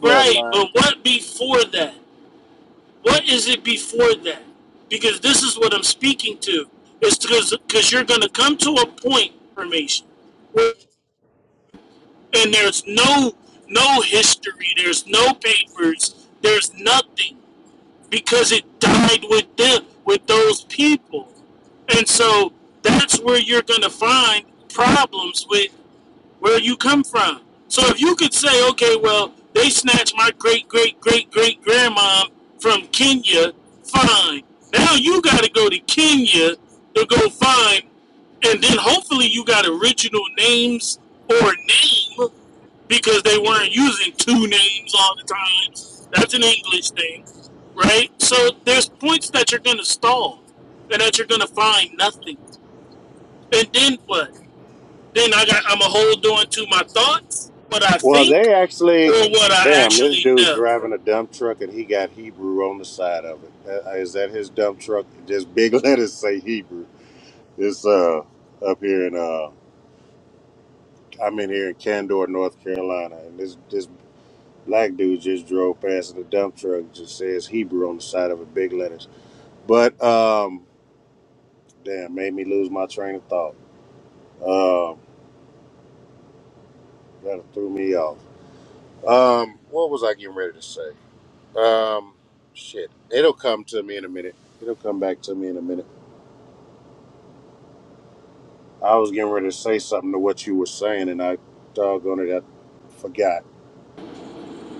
Right. But what before that? What is it before that? Because this is what I'm speaking to. It's because you're going to come to a point, information where and there's no no history there's no papers there's nothing because it died with them with those people and so that's where you're going to find problems with where you come from so if you could say okay well they snatched my great great great great grandmom from kenya fine now you got to go to kenya to go find and then hopefully you got original names or name because they weren't using two names all the times. That's an English thing, right? So there's points that you're gonna stall and that you're gonna find nothing. And then what? Then I got I'm a hold on to my thoughts, what I think, or what I actually know.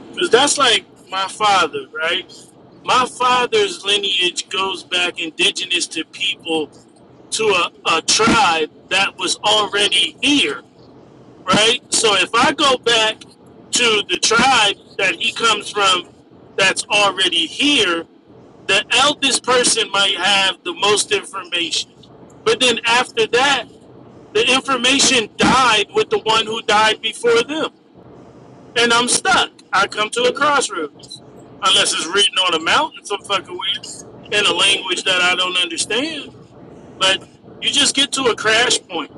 Because that's like my father, right? My father's lineage goes back indigenous to people to a, a tribe that was already here right? So if I go back to the tribe that he comes from that's already here, the eldest person might have the most information. But then after that, the information died with the one who died before them. And I'm stuck. I come to a crossroads. Unless it's written on a mountain some fucking weird in a language that I don't understand. But you just get to a crash point.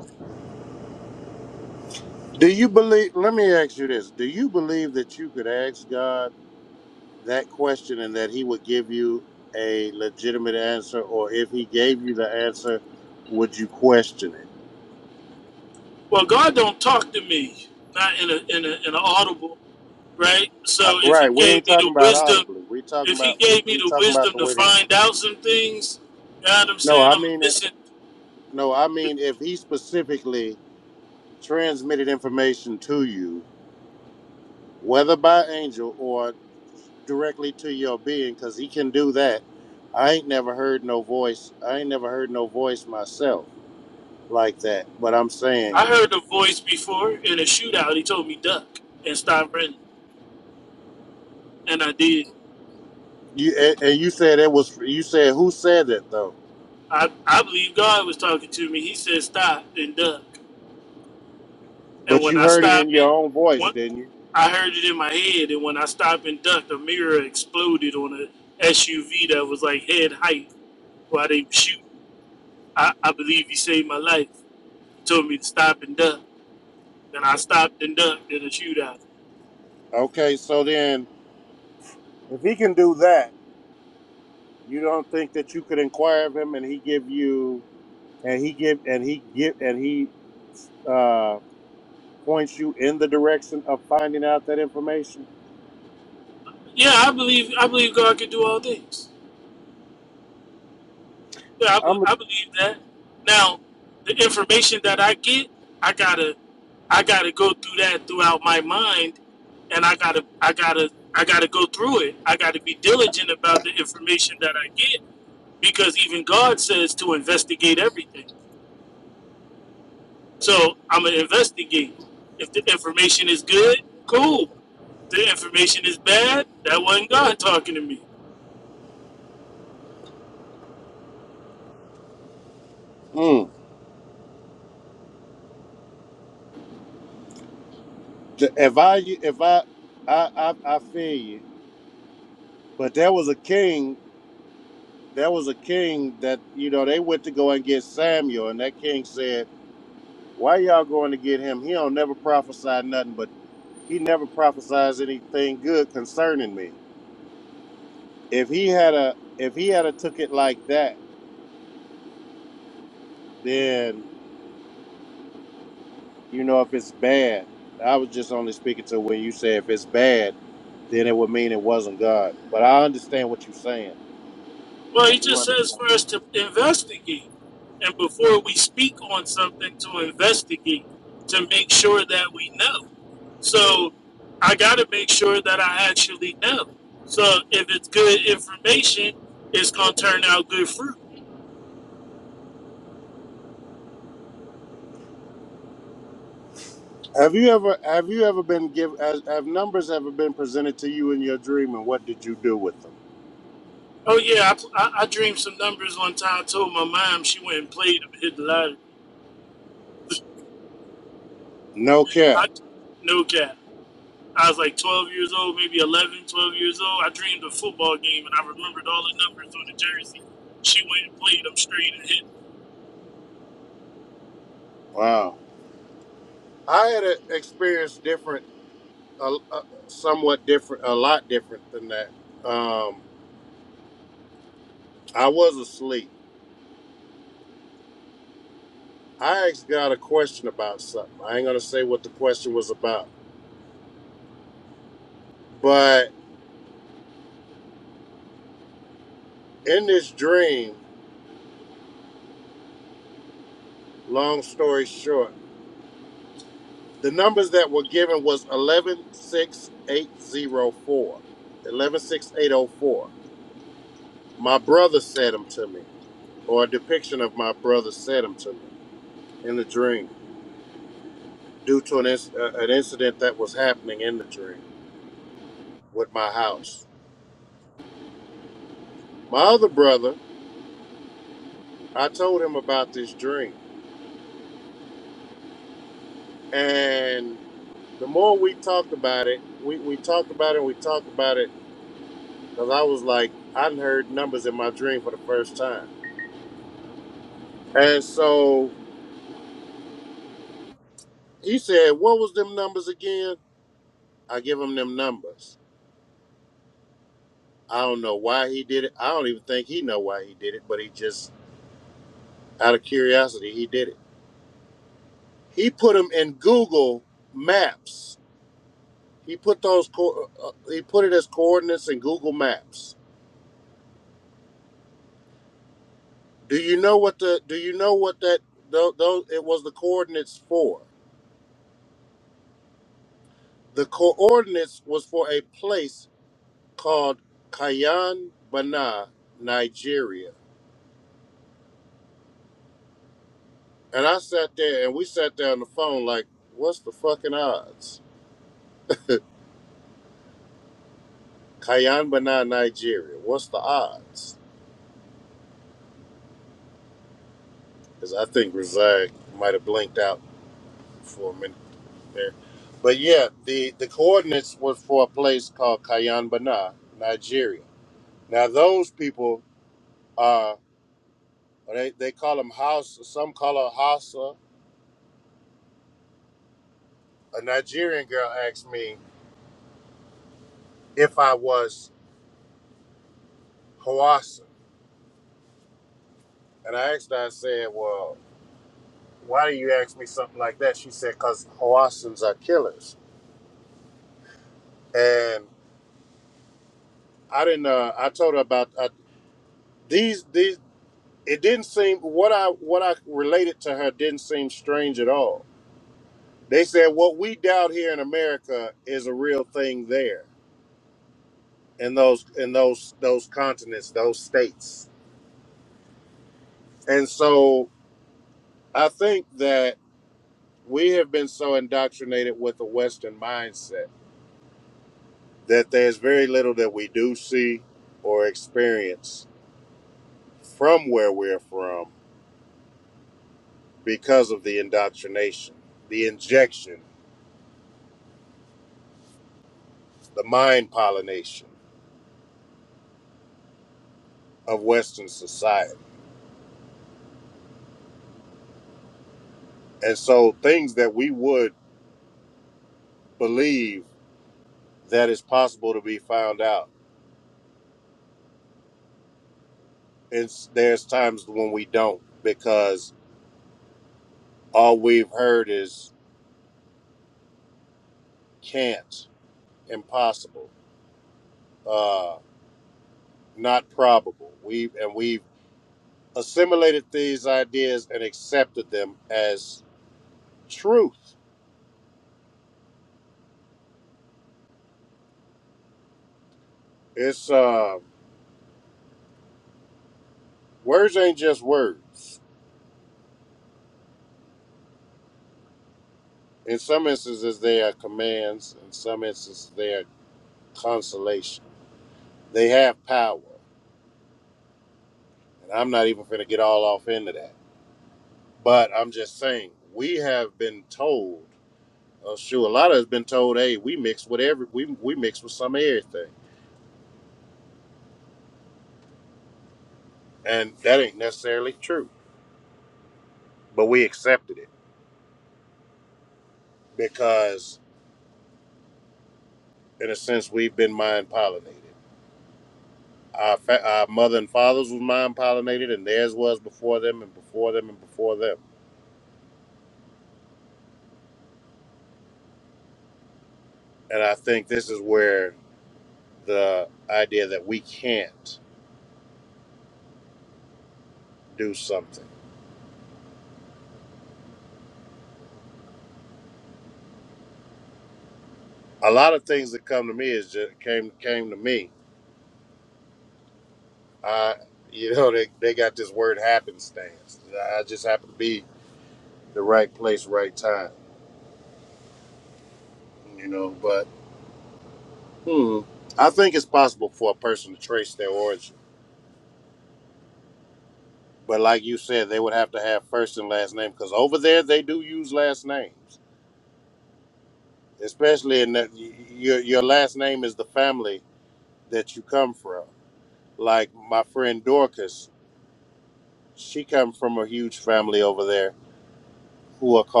Well, God don't talk to me, not in a in a in an audible right? So if he gave me the wisdom, if he gave me the wisdom to find out some things, you know what I'm saying? I'm listen. I heard the voice before in a shootout. He told me duck and stop running, and I did. I I believe God was talking to me. He said stop and duck, and when I stopped and when I heard it in my head, and when I stopped and ducked, a mirror exploded on a SUV that was like head height while they were shooting. I, I believe he saved my life. He told me to stop and duck and I stopped and dunked in a shootout. Yeah, I believe I believe God can do all things. Yeah, I, be- I believe that. Now, the information that I get, I gotta I gotta go through that throughout my mind, and I gotta I gotta I gotta go through it. I gotta be diligent about the information that I get because even God says to investigate everything. So I'm gonna investigate. If the information is good, cool. If the information is bad, that wasn't God talking to me. Well, he just says for us to investigate. And before we speak on something, to investigate, to make sure that we know. So I got to make sure that I actually know. So if it's good information, it's going to turn out good fruit. Oh, yeah, I, I, I dreamed some numbers one time. I told my mom she went and played them, hit the lottery. I, no cap. I was like 12 years old, maybe 11, 12 years old. I dreamed a football game and I remembered all the numbers on the jersey. She went and played them straight and hit.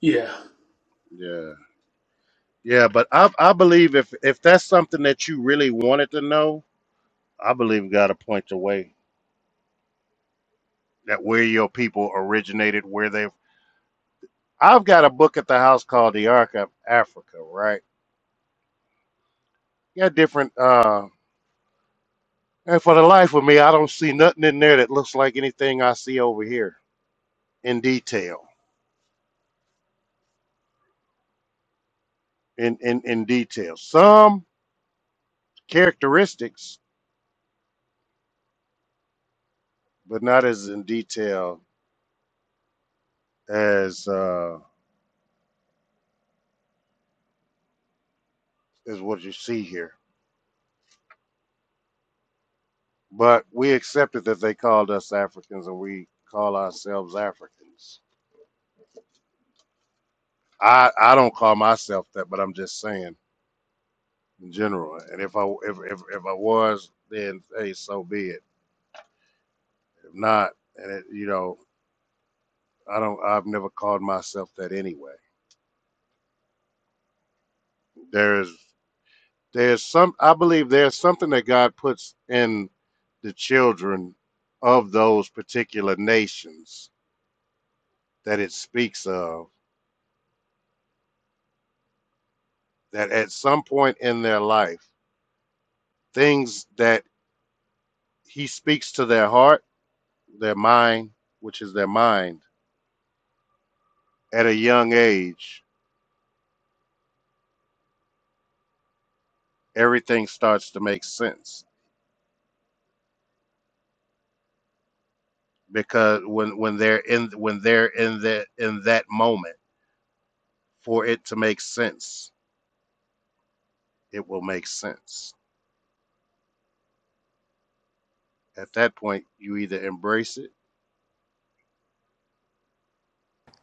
Yeah,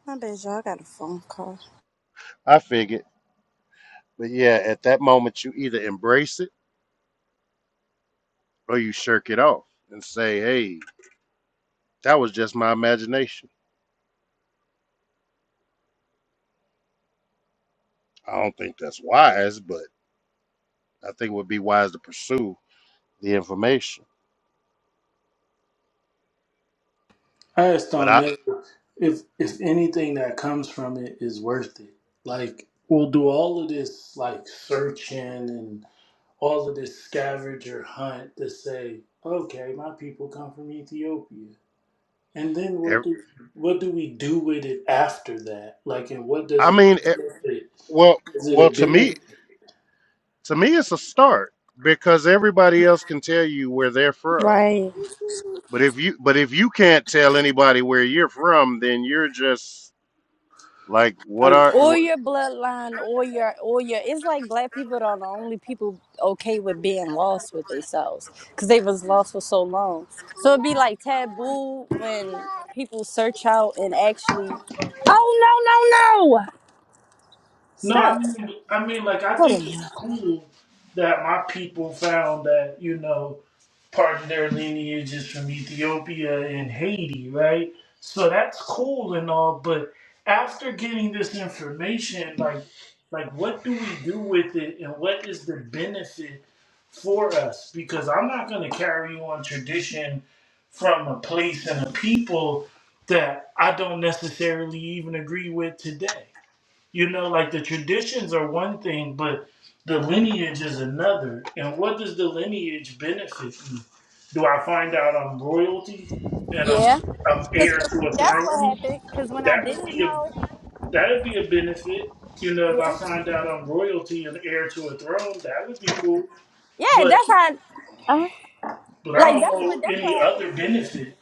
My bad, y'all. got a phone call.
I just don't know if if anything that comes from it is worth it. Like we'll do all of this like searching and all of this scavenger hunt to say, okay, my people come from Ethiopia, and then what do what do we do with it after that? Like, and what does it benefit? Is it a benefit?
Right.
I,
Or line. or your or your it's like black people are the only people okay with being lost with themselves because they was lost for so long. So it'd be like taboo when people search out and actually Oh no no no
No, I mean, I mean, like, I think it's cool that my people found that, you know, part of their lineage is from Ethiopia and Haiti, right? So that's cool and all, but after getting this information, like, like what do we do with it, and what is the benefit for us? Because I'm not going to carry on tradition from a place and a people that I don't necessarily even agree with today. You know, like the traditions are one thing, but the lineage is another. And what does the lineage benefit me? Do I find out I'm royalty and I'm
Yeah.
I'm
Cause
heir
for-
to a
that's what
throne?
happened. Cause when I
That would
didn't
be a
know
that would be a benefit. You know, if
Yeah.
I find out I'm royalty and heir to a throne, that would be cool.
Yeah,
But
that's how
but I
like
don't
that's what
know
that's what
any
happened
other
for me.
benefit.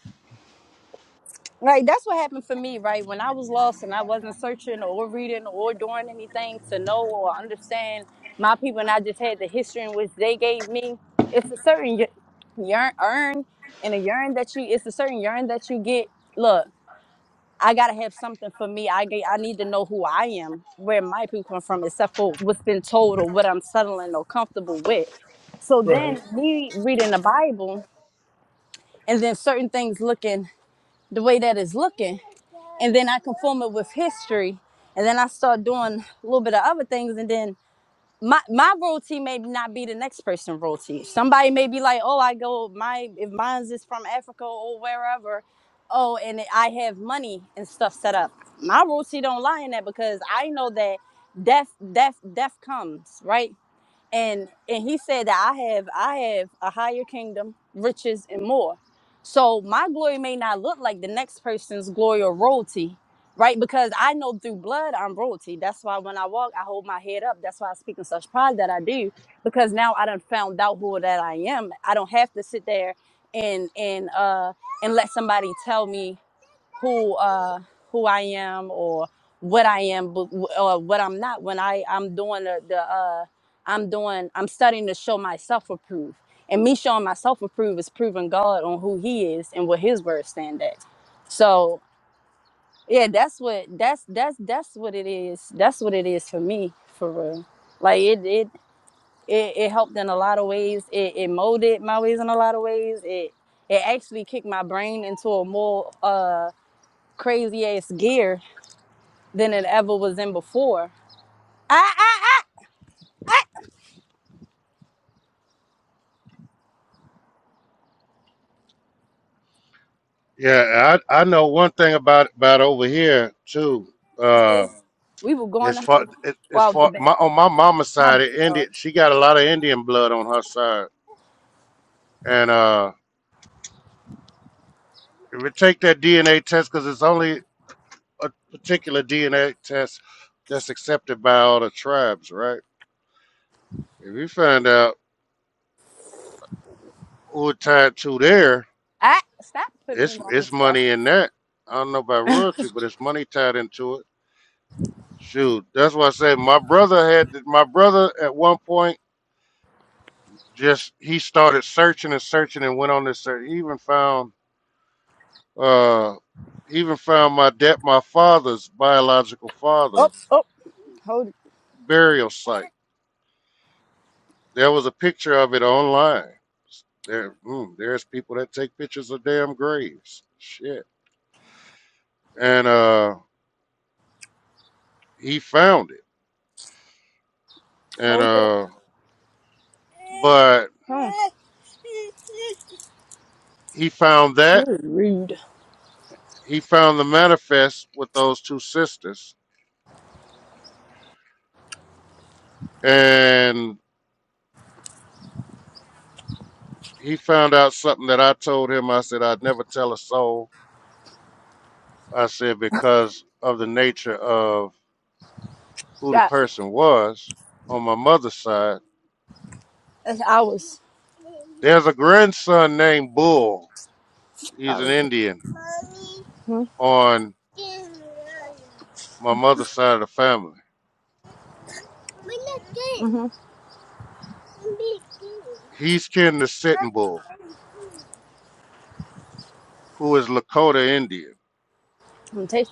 Right, that's what happened for me, right? When I was lost and I wasn't searching or reading or doing anything to know or understand my people, and I just had the history in which they gave me, it's a certain ye- yearn, earn, and a yearn that you, it's a certain yearn that you get. Look, I gotta have something for me. I get, I need to know who I am, where my people come from, except for what's been told or what I'm settling or comfortable with. So
Right.
then me reading the Bible and then certain things looking the way that it's looking and then I conform it with history, and then I start doing a little bit of other things, and then my my royalty may not be the next person's royalty. Somebody may be like, oh, I go my if mine's is from Africa or wherever, oh, and I have money and stuff set up. My royalty don't lie in that because I know that death, death, death comes right and and he said that i have i have a higher kingdom riches and more so my glory may not look like the next person's glory or royalty right because i know through blood i'm royalty that's why when i walk i hold my head up that's why i speak in such pride that i do because now i done found out who that i am i don't have to sit there and and uh and let somebody tell me who uh who I am or what I am or what I'm not when I I'm doing the, the uh I'm doing I'm studying to show myself approved. And me showing myself approved is proving God on who he is and what his words stand at. So yeah, that's what that's that's that's what it is. That's what it is for me for real. Like it it it, it helped in a lot of ways. It, it molded my ways in a lot of ways. It it actually kicked my brain into a more uh crazy ass gear than it ever was in before. We were going to house. Well, the bed. My bad, y'all. I stop putting me on stuff. Hold it up. Hmm. Really? Stop. That's ours. Ours. Mhm. I'm, taste-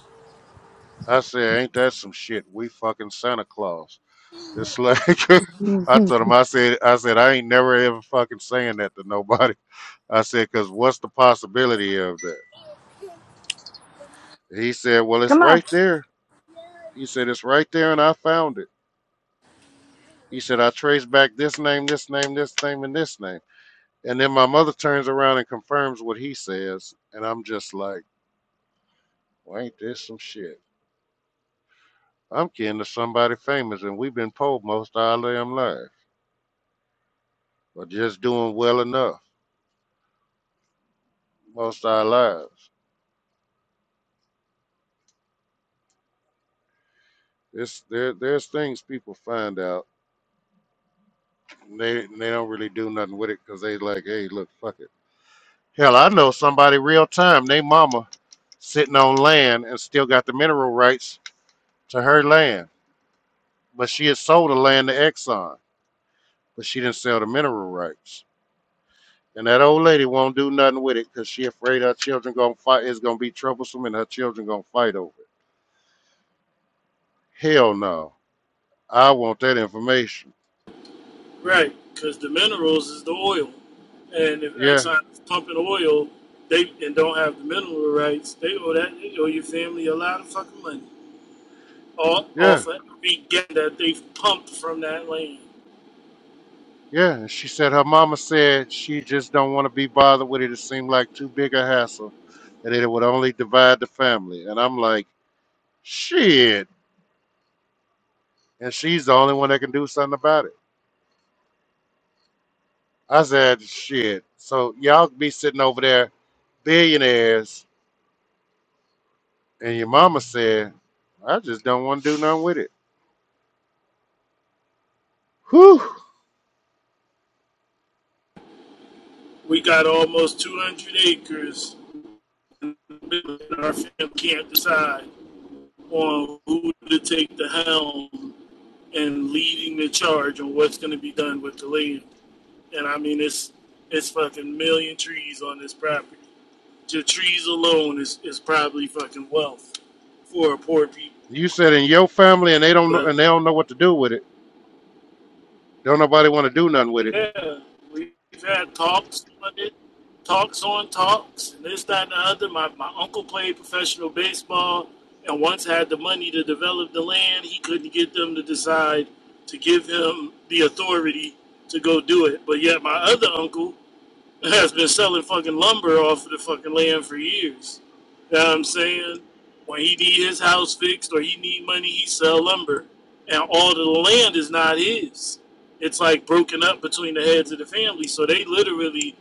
Right, because the minerals is the oil, and if Exxon is pumping oil, they and don't have the mineral rights, they owe that they owe your family a lot of fucking money all, off of every gas that they've pumped from that land. We got almost 200 acres, and our family can't decide on who to take the helm and leading the charge on what's going to be done with the land. And I mean, it's it's fucking million trees on this property The trees alone is, is probably fucking wealth for poor people. But yeah, we've had talks about it, talks on talks, and this, that, and the other. My, my uncle played professional baseball and once had the money to develop the land. He couldn't get them to decide to give him the authority to go do it. But yet, my other uncle has been selling fucking lumber off of the fucking land for years. You know what I'm saying? When he need his house fixed or he need money, he sell lumber. And all the land is not his. It's like broken up between the heads of the family. So they literally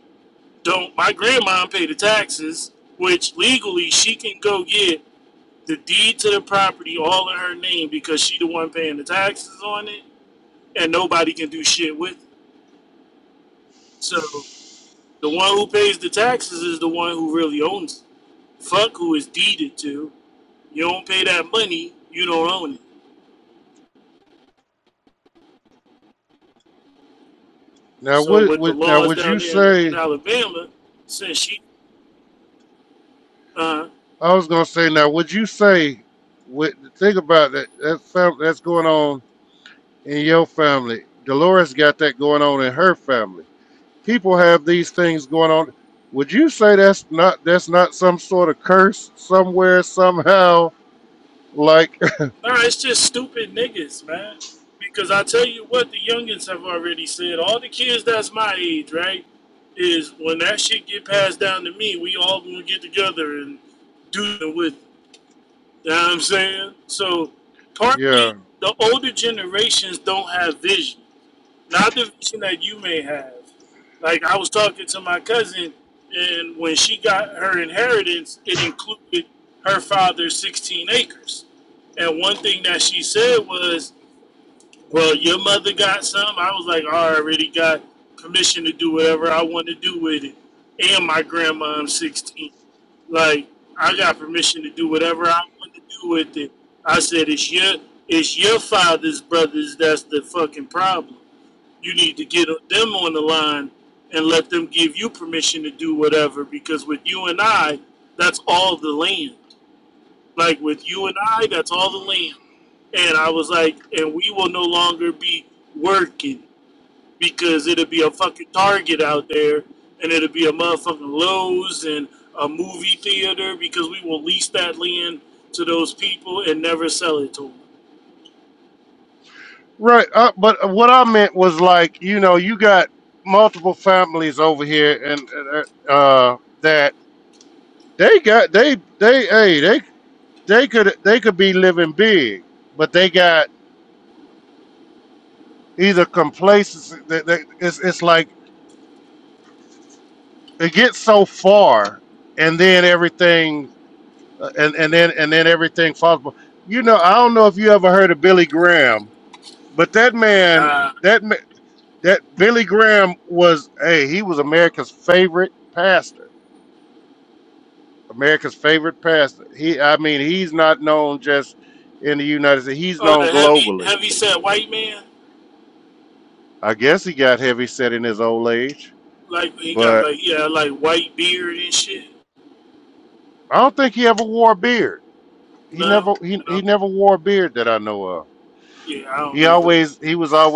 don't my grandma pay the taxes, which legally she can go get the deed to the property all in her name because she the one paying the taxes on it and nobody can do shit with it. So the one who pays the taxes is the one who really owns it. Fuck who is deeded to. You don't pay that money, you don't own it. So with the laws down there in, in Alabama, since she, uh, nah, it's just stupid niggas, man. Because I tell you what, the youngins have already said. All the kids that's my age, right, is when that shit get passed down to me, we all gonna get together and do it with. You know what I'm saying? So partly the older generations don't have vision not the vision that you may have. Like I was talking to my cousin, and when she got her inheritance, it included her father's 16 acres. And one thing that she said was, "Well, your mother got some." I was like, oh, "I already got permission to do whatever I want to do with it." And my grandma's 16. Like I got permission to do whatever I want to do with it. I said, "It's your, it's your father's brothers that's the fucking problem." you need to get them on the line and let them give you permission to do whatever because with you and I, that's all the land. Like with you and I, that's all the land. And I was like, and we will no longer be working because it'll be a fucking Target out there and it'll be a motherfucking Lowe's and a movie theater because we will lease that land to those people and never sell it to them. Nah. Oh, the heavy, heavy set white man. Like he got like yeah, like white beard and shit. No, and I'm yeah, I don't know who that is.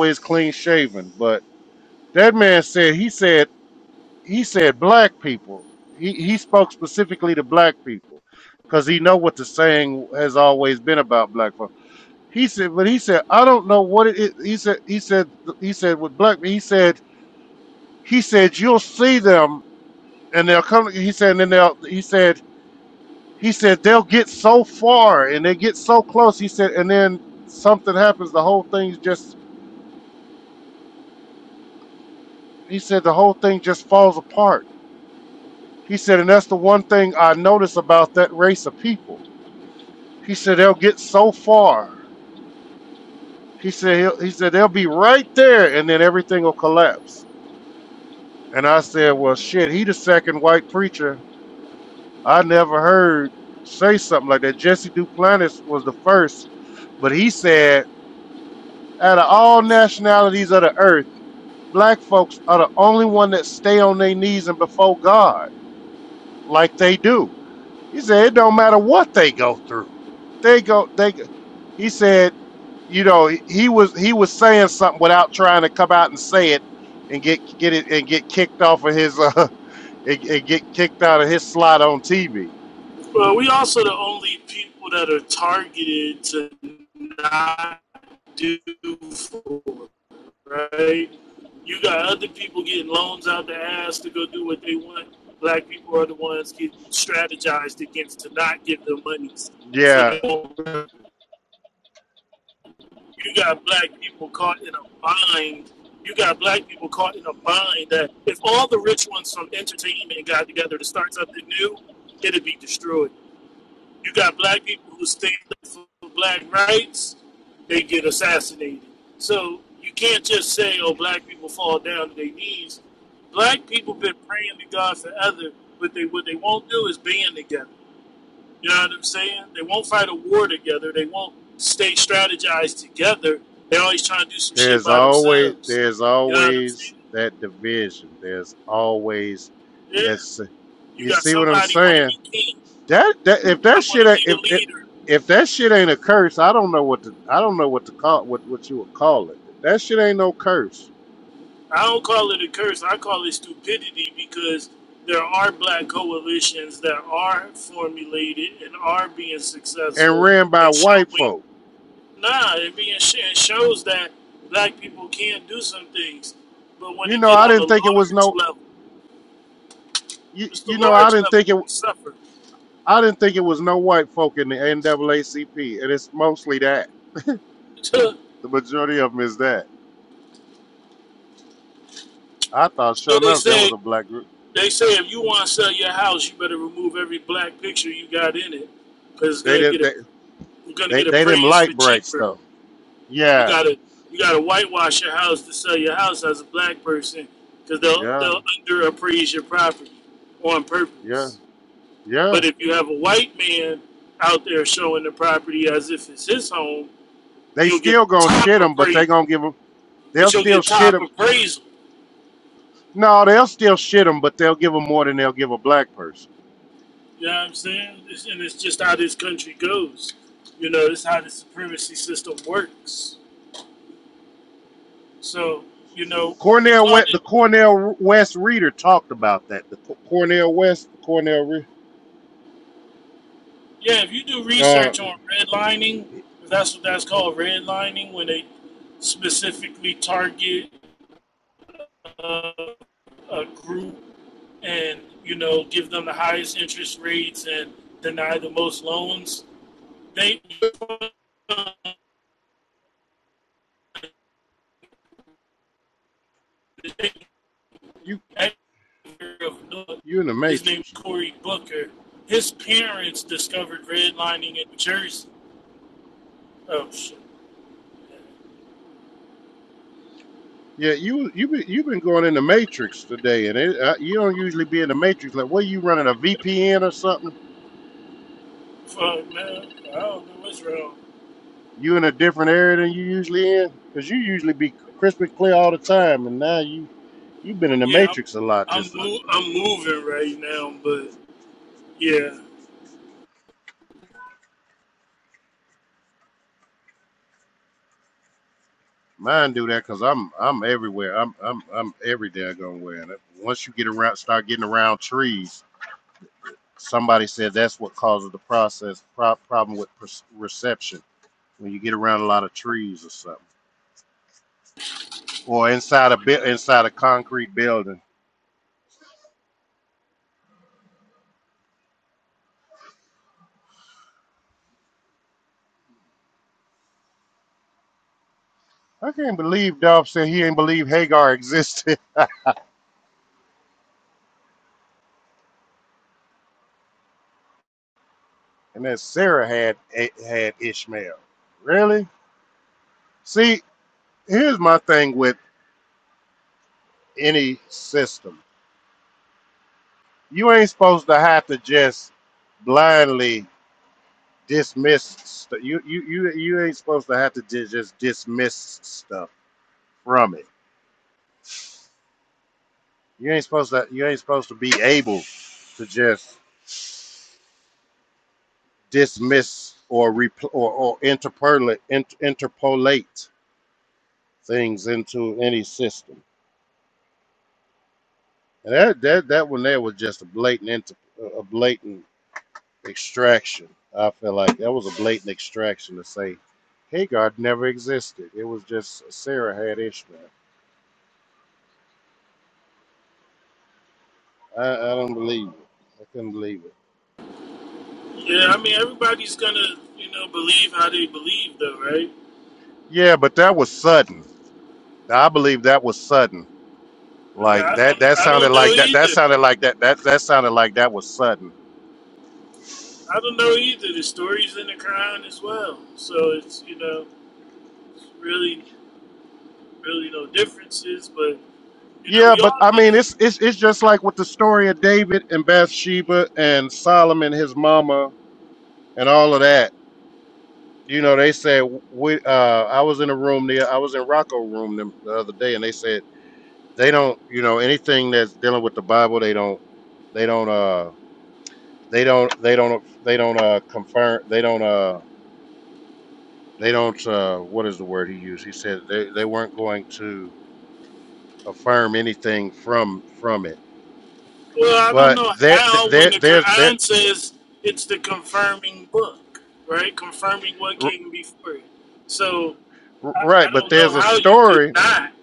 Well, we also the only people that are targeted to not do for right. You got other people getting loans out their ass to go do what they want. Black people are the ones getting strategized against to not get their monies, so they won't You got black people caught in a bind. You got black people caught in a bind that if all the rich ones from entertainment got together to start something new, it'd be destroyed. You got black people who stand up for black rights, they get assassinated. So you can't just say, oh, black people fall down to their knees. Black people been praying to God forever, but they what they won't do is band together. You know what I'm saying? They won't fight a war together. They won't stay strategized together. They're always trying to do some shit by themselves. You know what I'm saying? Yeah. You got somebody want to be king. I want to be the leader. I don't call it a curse. I call it stupidity because there are black coalitions that are formulated and are being successful and showing. Nah, it being sh- it shows that black people can do some things, but when they get on a large level. It's the large level we suffer. You know, they say they say if you want to sell your house, you better remove every black picture you got in it, because it's gonna get a you're gonna get appraised for cheaper. You gotta you gotta whitewash your house to sell your house as a black person, because they'll they'll underappraise your property on purpose. But if you have a white man out there showing the property as if it's his home, you'll get top appraisal, but you'll get top appraisal. You know what I'm saying? It's, and it's just how this country goes. You know, it's how the supremacy system works. So, you know, we called it, yeah, if you do research on redlining, if that's what that's called, redlining, when they specifically target uh, a group and, you know, give them the highest interest rates and deny the most loans, they, his name is Cory Booker. His parents discovered redlining in New Jersey Oh shit! Fuck man, I don't know what's wrong. Yeah, I'm I'm mo- I'm moving right now, but yeah, yeah. I mean, everybody's gonna you know believe how they believe, though, right? I mean, I don't I don't know either. I don't know either. The story's in the Quran as well, so it's you know it's really really no differences, but you know we all gonna Well, I don't know. Al, when the Quran says it's the confirming book, right? Confirming what came before it. So I, I don't know how you could not.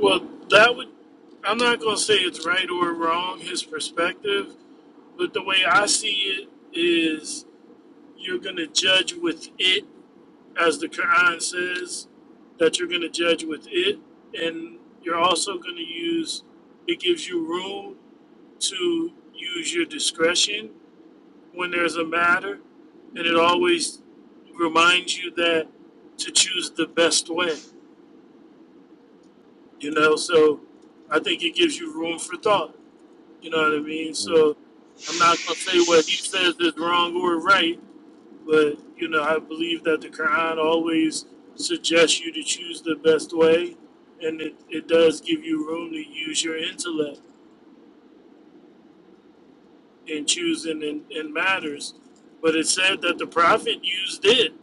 Well, that would. I'm not going to say it's right or wrong, his perspective, but the way I see it is you're going to judge with it, as the Quran says, that you're going to judge with it. And you're also going to use, it gives you room to use your discretion when there's a matter, and it always reminds you that to choose the best way, you know. So I think it gives you room for thought, you know what I mean? So I'm not gonna say what he says is wrong or right, but you know, I believe that the Quran always suggests you to choose the best way and it, it does give you room to use your intellect and choosing in, in matters. But it said that the prophet used it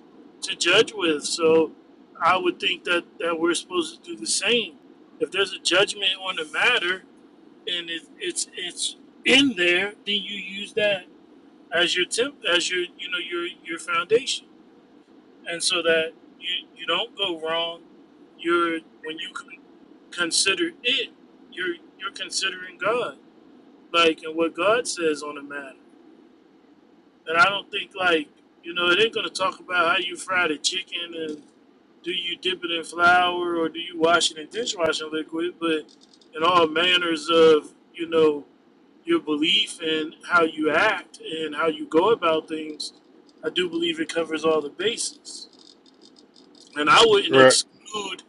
to judge with. So I would think that, that we're supposed to do the same. If there's a judgment on the matter and it, it's it's in there, then you use that as your temp as your you know your your foundation. And so that you, you don't go wrong. You're when you con- consider it, you're you're considering God. Like and what God says on the matter. And I don't think like you know it ain't gonna talk about how you fry the chicken and do you dip it in flour or do you wash it in dishwashing liquid, but in all manners of you know your belief and how you act and how you go about things, I do believe it covers all the bases. And I wouldn't exclude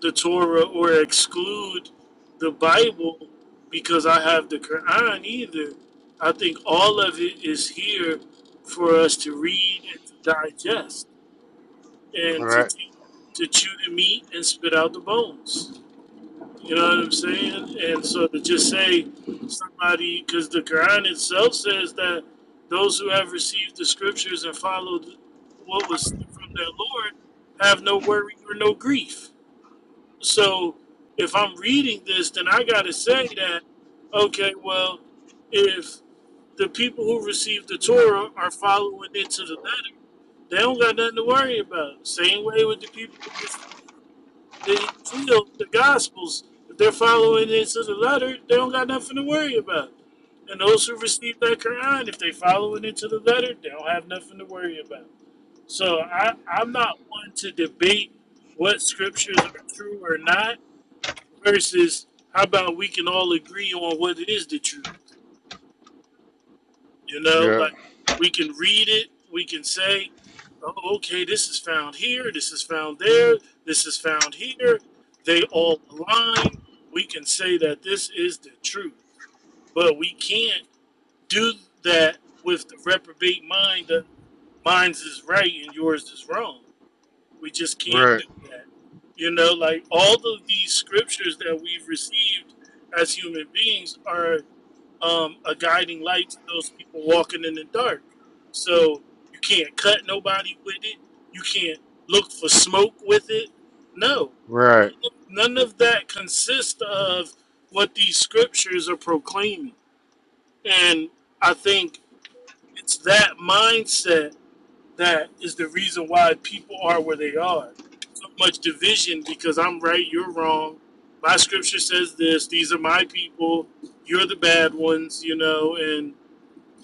the Torah or exclude the Bible because I have the Quran either. I think all of it is here for us to read and to digest and to take, to chew the meat and spit out the bones. You know what I'm saying? And so to just say somebody, because the Quran itself says that those who have received the scriptures and followed what was from their Lord have no worry or no grief. So if I'm reading this, then I got to say that, okay, well, if the people who received the Torah are following it to the letter, they don't got nothing to worry about. Same way with the people who received the Injil, the Gospels, if they're following it to the letter, they don't got nothing to worry about. And those who receive that Quran, if they following it to the letter, they don't have nothing to worry about. So I, I'm not one to debate what scriptures are true or not versus how about we can all agree on what it is the truth? You know, like we can read it, we can say, oh, okay, this is found here, this is found there, this is found here. They all align. We can say that this is the truth, but we can't do that with the reprobate mind that mine's is right and yours is wrong. We just can't do that. You know, like all of these scriptures that we've received as human beings are um, a guiding light to those people walking in the dark. So you can't cut nobody with it. You can't look for smoke with it. No, none of, none of that consists of what these scriptures are proclaiming. And I think it's that mindset that is the reason why people are where they are. So much division because I'm right, you're wrong. My scripture says this, these are my people, you're the bad ones, you know, and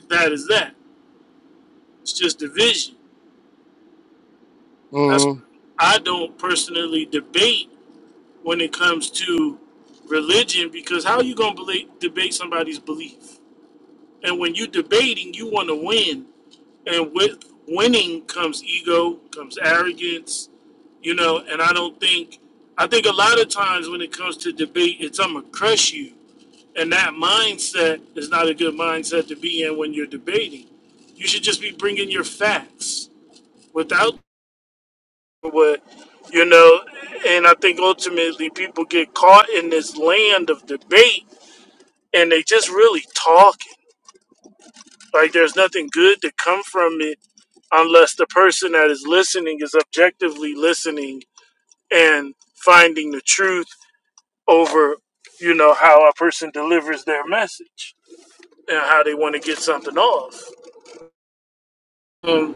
that is that. It's just division. That's I don't personally debate when it comes to religion because how are you going to debate somebody's belief? And when you're debating, you want to win And with winning comes ego, comes arrogance, you know, and I don't think, I think a lot of times when it comes to debate, it's I'm going to crush you. And that mindset is not a good mindset to be in when you're debating. You should just be bringing your facts without what, you know, and I think ultimately people get caught in this land of debate and they just really talking. Like there's nothing good to come from it unless the person that is listening is objectively listening and finding the truth over, you know, how a person delivers their message and how they want to get something off. Um,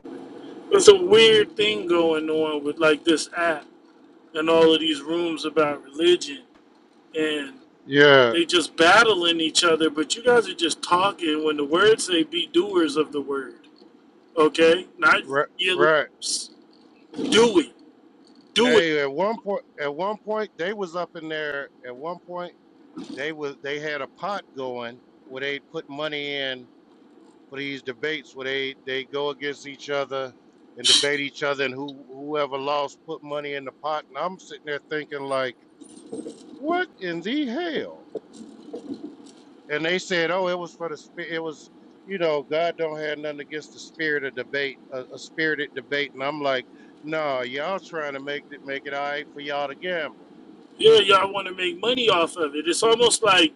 it's a weird thing going on with like this app and all of these rooms about religion and they just battling each other, but you guys are just talking when the words say be doers of the word. Okay? Not your lips. Do it. Do it Yeah, y'all want to make money off of it. It's almost like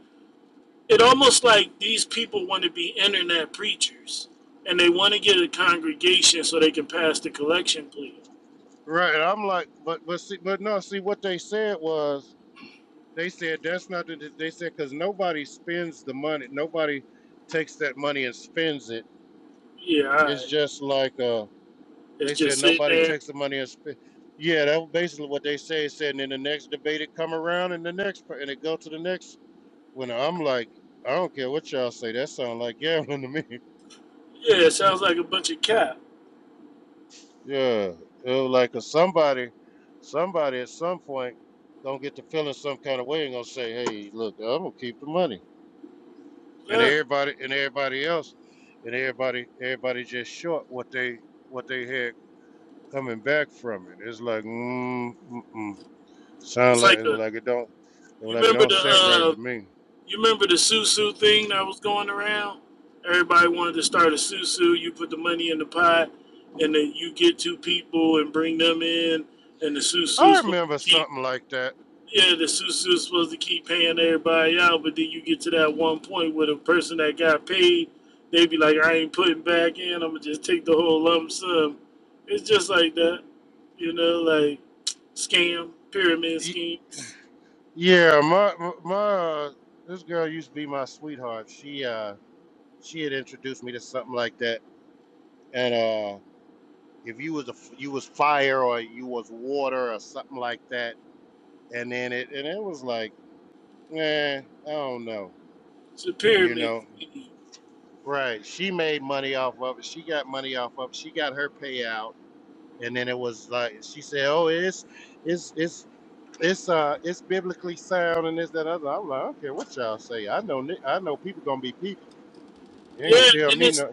it almost like these people want to be internet preachers, and they want to get a congregation so they can pass the collection plea. Yeah, all right. it's just sitting there. Yeah, it sounds like a bunch of cap. Exactly. It's like a you remember the uh you remember the susu thing that was going around. Everybody wanted to start a susu. You put the money in the pot, and then you get two people and bring them in, and the susu's supposed to keep Yeah, the suits is supposed to keep paying everybody out, but then you get to that one point where the person that got paid, they be like, I ain't putting back in, I'm gonna just take the whole lump sum. It's just like that, you know, like scam, pyramid schemes. It's a pyramid scheme. Yeah, and it's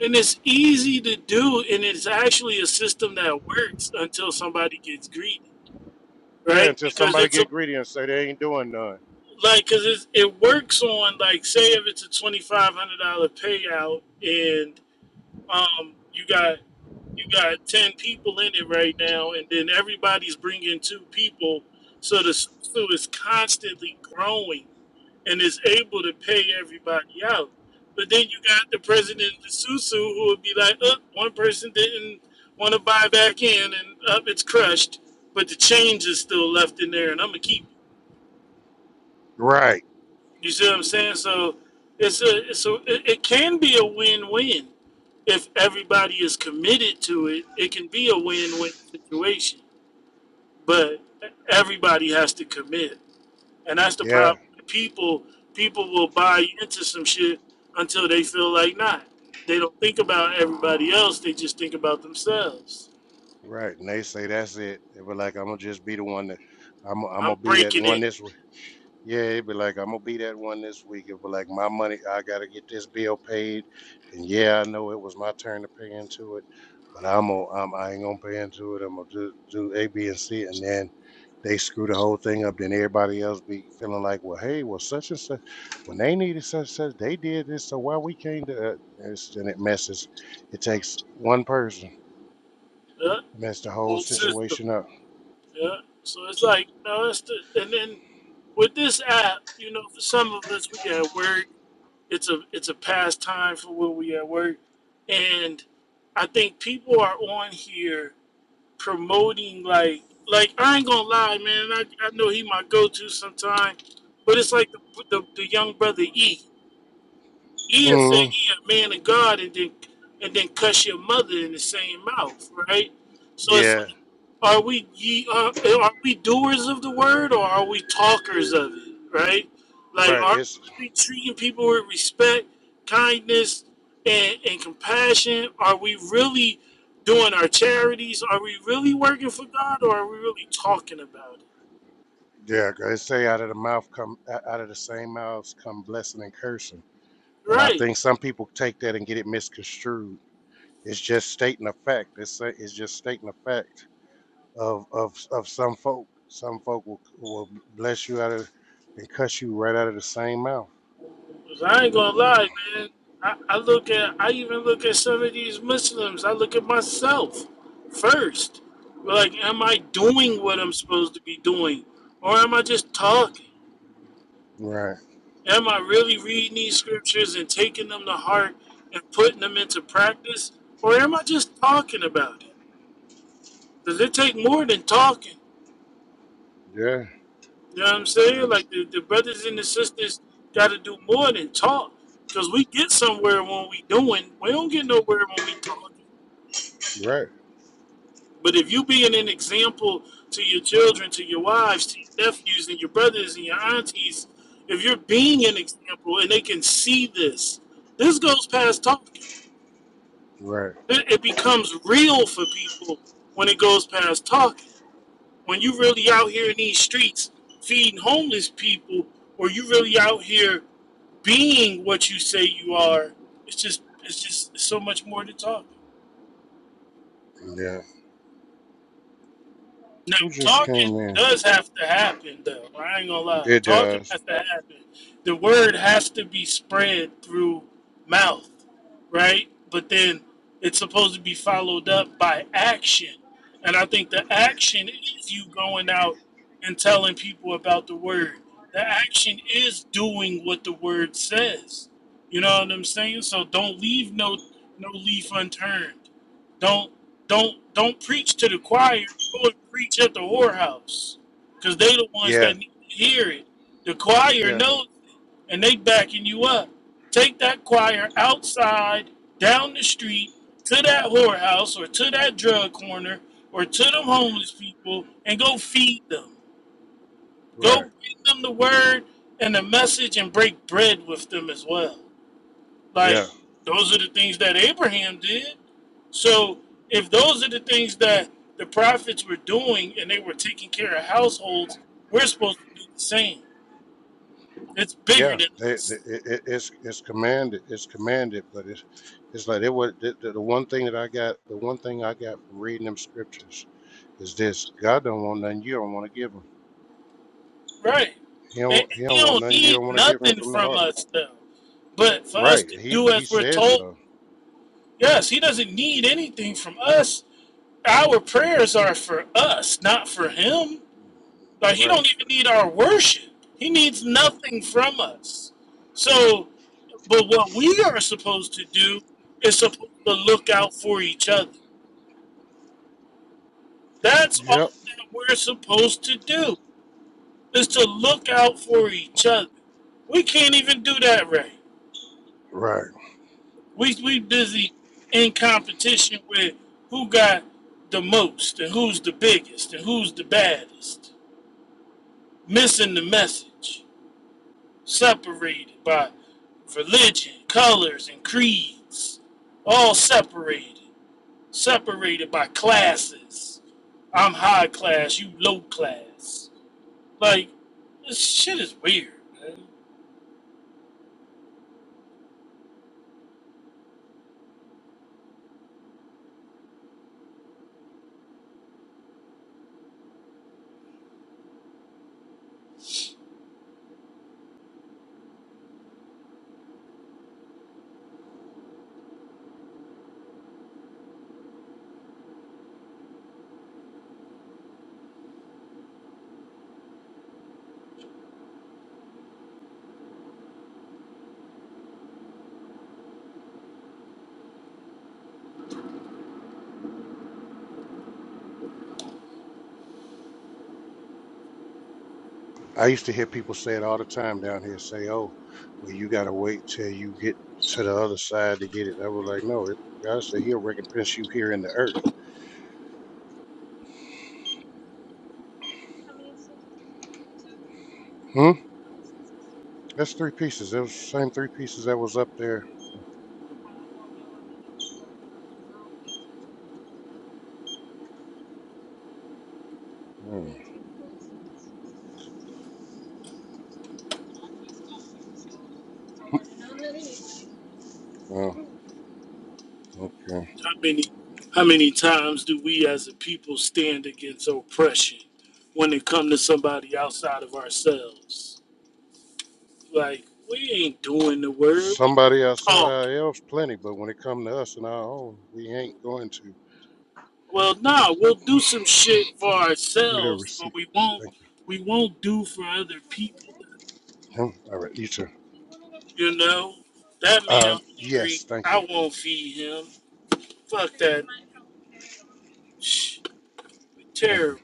and it's easy to do and it's actually a system that works until somebody gets greedy, right? Because it's a like because it works on like say if it's a twenty five hundred dollar payout and um you got you got ten people in it right now and then everybody's bringing two people so the so is constantly growing and is able to pay everybody out but then you got the president of the susu who would be like oh, one person didn't want to buy back in and up oh, it's crushed but the change is still left in there and i'm gonna keep it." You see what I'm saying? So it's a it's a it, it can be a win-win if everybody is committed to it. It can be a win-win situation, but everybody has to commit, and that's the problem. People people will buy into some shit until they feel like not. They don't think about everybody else. They just think about themselves. I'm breaking it. Uh, whole system. Yeah. So it's like, no, it's the, and then with this app, you know, for some of us, we at work. It's a it's a pastime for when we at work, and I think people are on here promoting like like I ain't gonna lie, man. I, I know he my go to sometime, but it's like the, the the young brother E. He Eel said he a man of God and then and then cuss your mother in the same mouth, right? So it's like, are we ye are are we doers of the word or are we talkers of it, right? Like, are we really treating people with respect, kindness, and, and compassion? Are we really doing our charities? Are we really working for God or are we really talking about it, right? Cause I ain't gonna lie, man. I, I look at, I even look at some of these Muslims. I look at myself first. Like, am I doing what I'm supposed to be doing, or am I just talking? Am I really reading these scriptures and taking them to heart and putting them into practice, or am I just talking about it? Does it take more than talking? You know what I'm saying? Like the, the brothers and the sisters got to do more than talk because we get somewhere when we doing. We don't get nowhere when we talking. But if you being an example to your children, to your wives, to your nephews, and your brothers and your aunties, if you're being an example and they can see this, this goes past talking. It, it becomes real for people when it goes past talking. when you really out here in these streets feeding homeless people, or you really out here being what you say you are, it's just it's just so much more to talk. about. Now, talking does have to happen, though. I ain't gonna lie. Talking has to happen. The word has to be spread through mouth, right? But then it's supposed to be followed up by action. And I think the action is you going out and telling people about the word. The action is doing what the word says. You know what I'm saying? So don't leave no no leaf unturned. Don't don't don't preach to the choir Go and preach at the whorehouse because they the ones that need to hear it. The choir knows and they backing you up. Take that choir outside, down the street, to that whorehouse or to that drug corner or to them homeless people and go feed them. Go bring them the word and the message and break bread with them as well. Like those are the things that Abraham did. So if those are the things that the prophets were doing and they were taking care of households, we're supposed to do the same. It's bigger than us. Right. And and you don't need nothing from us though. But for us to do as we're told, yes, he doesn't need anything from us. Our prayers are for us, not for him. Like he don't even need our worship. He needs nothing from us. So But what we are supposed to do is supposed to look out for each other. That's all that we're supposed to do is to look out for each other. We can't even do that right. We we busy in competition with who got the most and who's the biggest and who's the baddest. Missing the message. Separated by religion, colors, and creeds. All separated. separated by classes. I'm high class, you low class. Like this shit is weird. How many how many times do we as a people stand against oppression when it comes to somebody outside of ourselves? Like we ain't doing the word, we just talking. Well nah, we'll do some shit for ourselves, but we won't we won't do for other people. You know? That man hungry, I won't feed him Fuck that. Shh. We terrible.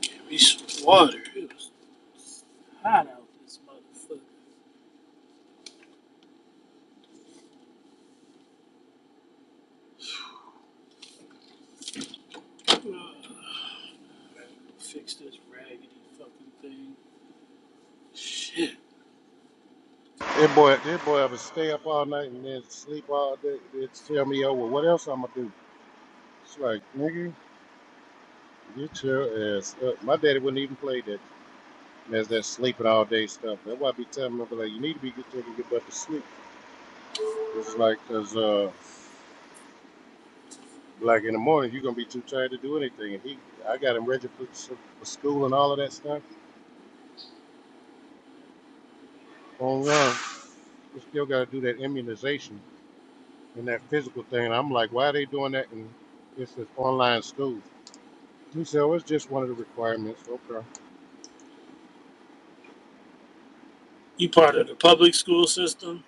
Give me some water. It was hot out this motherfucker. Ugh. Fix this raggedy fucking thing. Shit. You part of the public school system?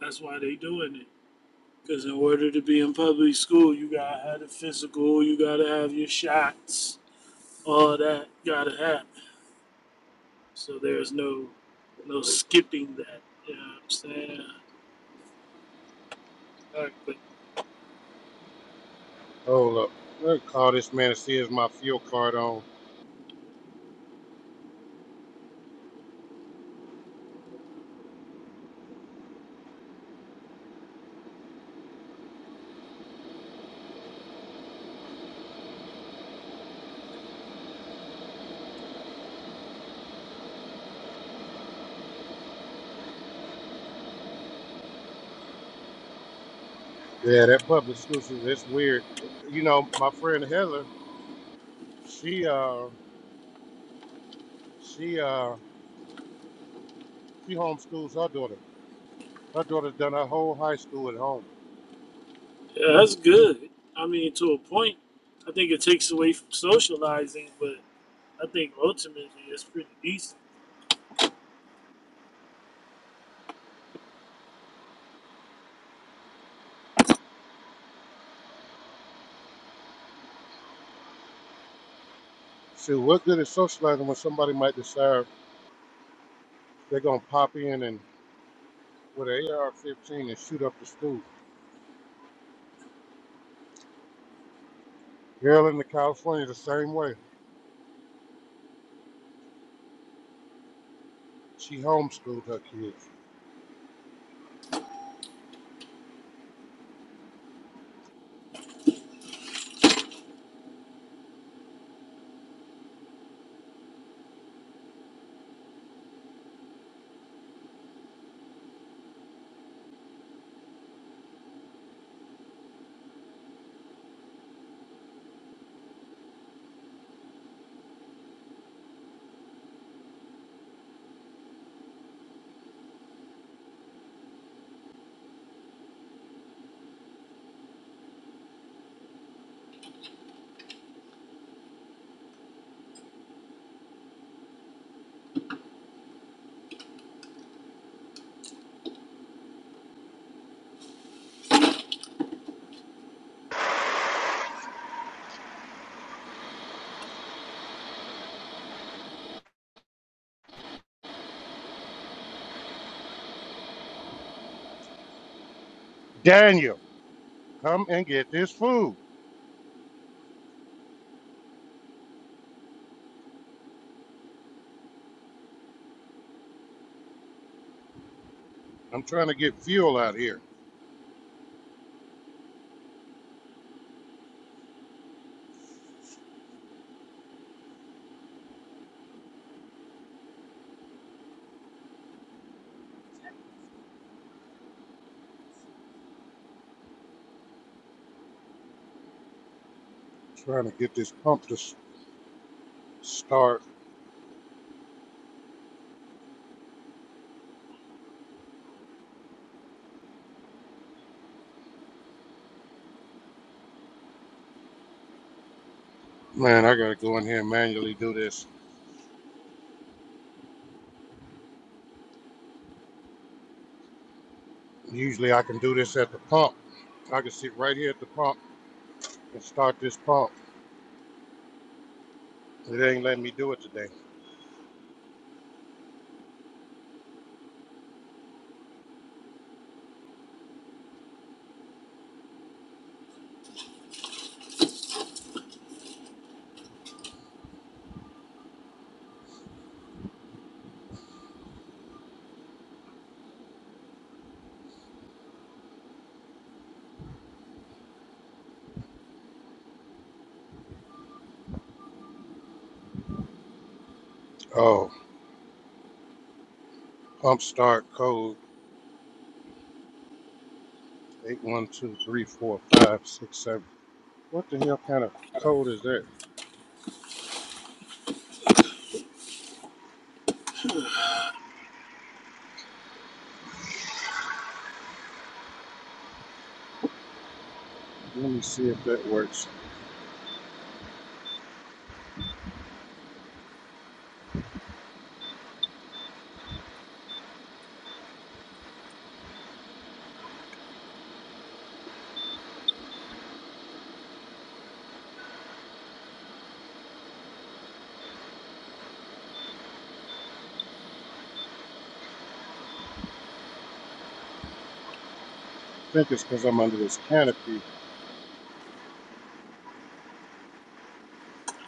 That's why they doing it. Because in order to be in public school, you gotta have the physical, you gotta have your shots, all that gotta happen. So there's no no skipping that. You know what I'm saying? All right, but. Yeah, that's good. I mean, to a point, I think it takes away from socializing, but I think ultimately it's pretty decent.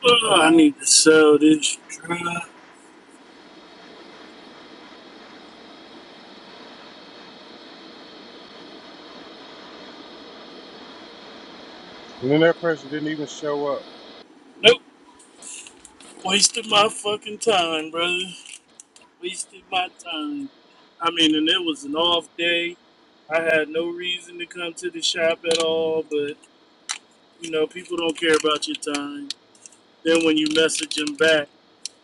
Oh, I need to sell this drug. Nope, wasted my fucking time, brother. Wasted my time. I mean, and it was an off day. I had no reason to come to the shop at all, but you know, people don't care about your time. Then when you message them back,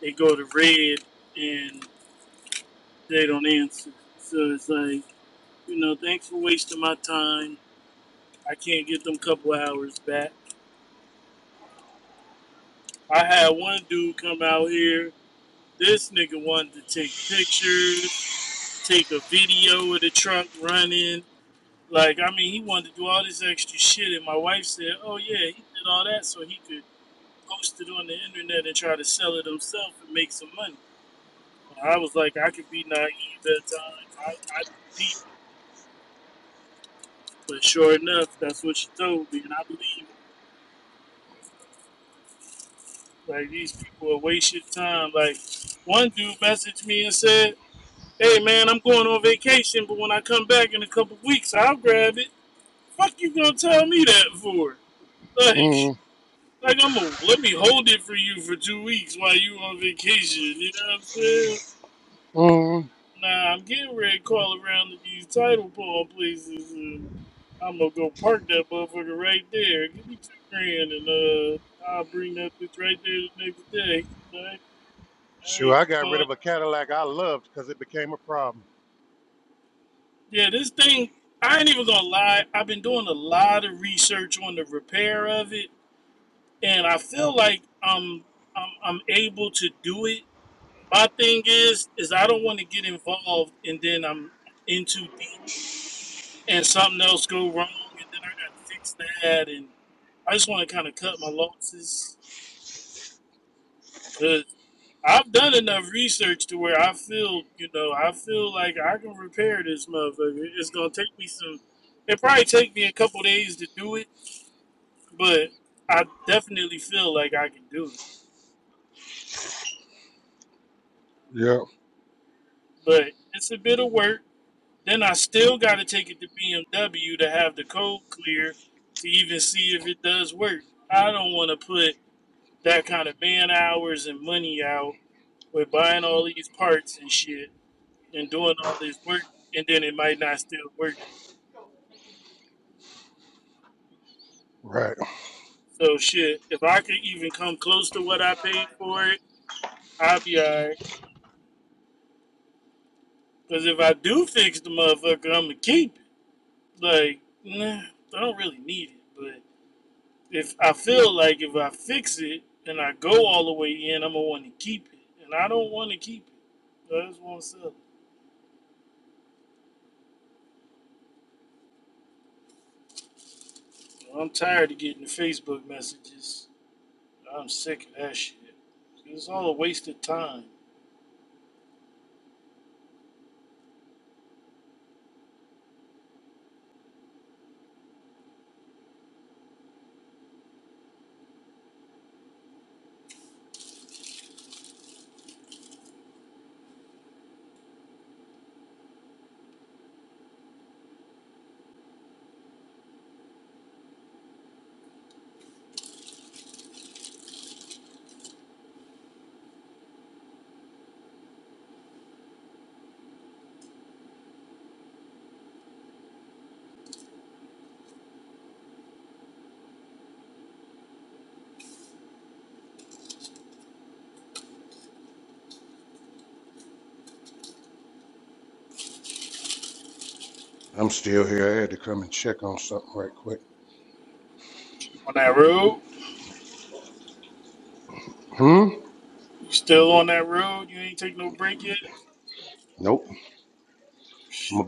they go to red and they don't answer. So it's like. You know, thanks for wasting my time. I can't get them couple hours back. I had one dude come out here. This nigga wanted to take pictures, take a video of the truck running. Like, I mean, he wanted to do all this extra shit. And my wife said, oh, yeah, he did all that so he could post it on the internet and try to sell it himself and make some money. And I was like, I could be naive at times. I, I peeped. But sure enough, that's what she told me. And I believe Like these people are wasting time. Like one dude messaged me and said, "Hey man, I'm going on vacation, but when I come back in a couple weeks, I'll grab it." Fuck you gonna tell me that for? Like, like I'm gonna let me hold it for you for two weeks while you on vacation. You know what I'm saying? Nah, I'm getting ready to call around to these title ball places. And I'm gonna go park that motherfucker right there. Give me two grand and uh, I'll bring that bitch right there the next day. Like, hey, you bought Yeah, this thing, I ain't even gonna lie. I've been doing a lot of research on the repair of it, and I feel like I'm I'm, I'm able to do it. My thing is, is I don't want to get involved, and then I'm in too deep, and something else go wrong, and then I got to fix that, and I just want to kind of cut my losses 'cause I've done enough research to where I feel, you know, I feel like I can repair this motherfucker. It's gonna take me some. It probably take me a couple days to do it, but I definitely feel like I can do it. But it's a bit of work. Then I still got to take it to BMW to have the code clear to even see if it does work. I don't want to put that kind of man hours and money out with buying all these parts and shit and doing all this work, and then it might not still work. So shit, if I could even come close to what I paid for it, I'll be alright. Cause if I do fix the motherfucker, I'ma keep it. Like, nah, I don't really need it. But if I feel like if I fix it and I go all the way in, I'ma want to keep it, and I don't want to keep it. I just want to sell it. So I'm tired of getting the Facebook messages. I'm sick of that shit. It's all a waste of time. On that road, you still on that road? You ain't take no break yet?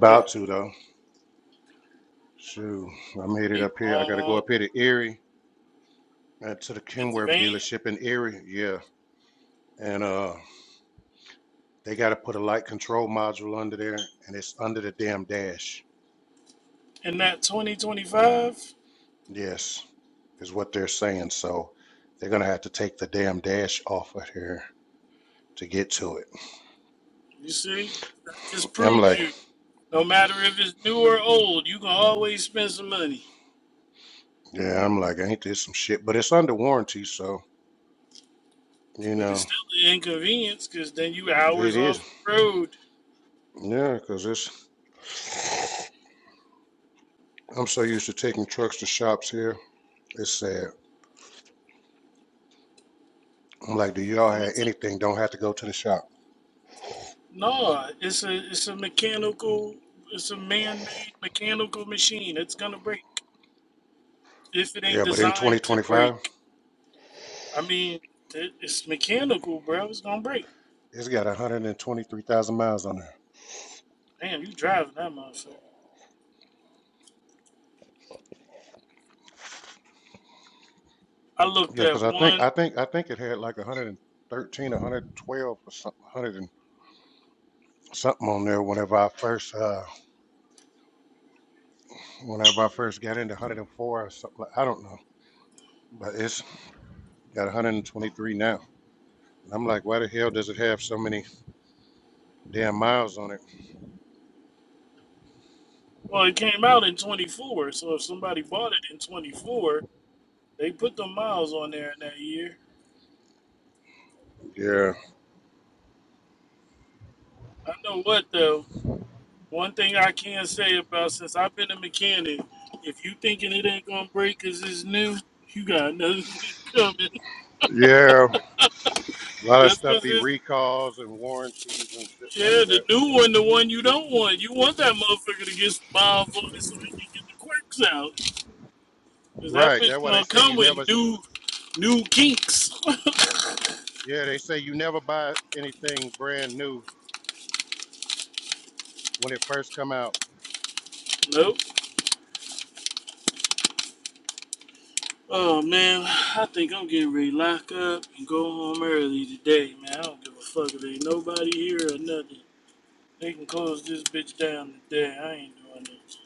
Yeah. Need a long advance. And that 2025, you see, that just proves you. No matter if it's new or old, you can always spend some money. But it's still an inconvenience because then you hours off the road. And it's a, no, it's a it's a mechanical, it's a man-made mechanical machine. It's gonna break if it ain't designed to break. I mean, it, it's mechanical, bro. It's gonna break. Damn, you driving that motherfucker. I looked at one Well, it came out in 24, so if somebody bought it in 24, they put the miles on there in that year. I know what though. One thing I can say about since I've been a mechanic, if you thinking it ain't gonna break 'cause it's new, you got another thing coming. Just 'cause it's yeah, the new one, the one you don't want. You want that motherfucker to get some miles on it so they can get the quirks out. 'Cause that bitch gonna come with new, new kinks. nope. Oh man, I think I'm getting ready to lock up and go home early today, man. I don't give a fuck if ain't nobody here or nothing. They can close this bitch down today. I ain't doing this.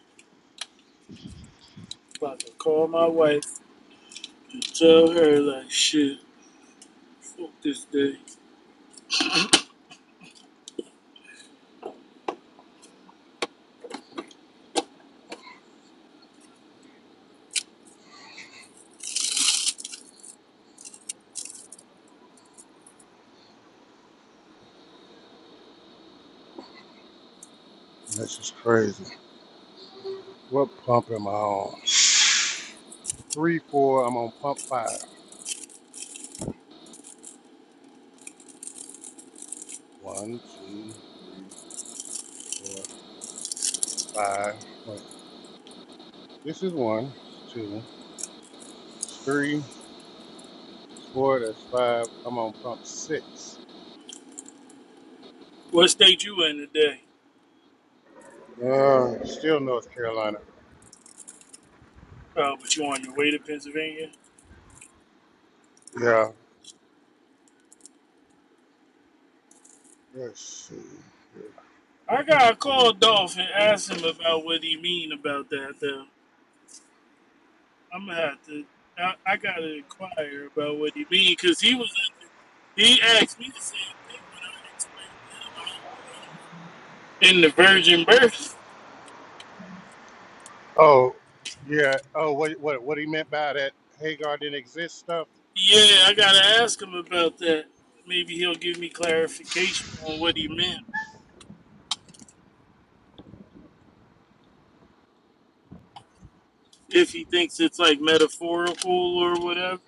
About to call my wife and tell her like shit. Fuck this day. What state you in today? Oh, but you on your way to Pennsylvania? I gotta call Dolph and ask him about what he mean about that though. I'm gonna have to. I, I gotta inquire about what he mean because he was. He asked me the same thing when I explained to him I don't believe in the virgin birth. Yeah, I gotta ask him about that. Maybe he'll give me clarification on what he meant if he thinks it's like metaphorical or whatever.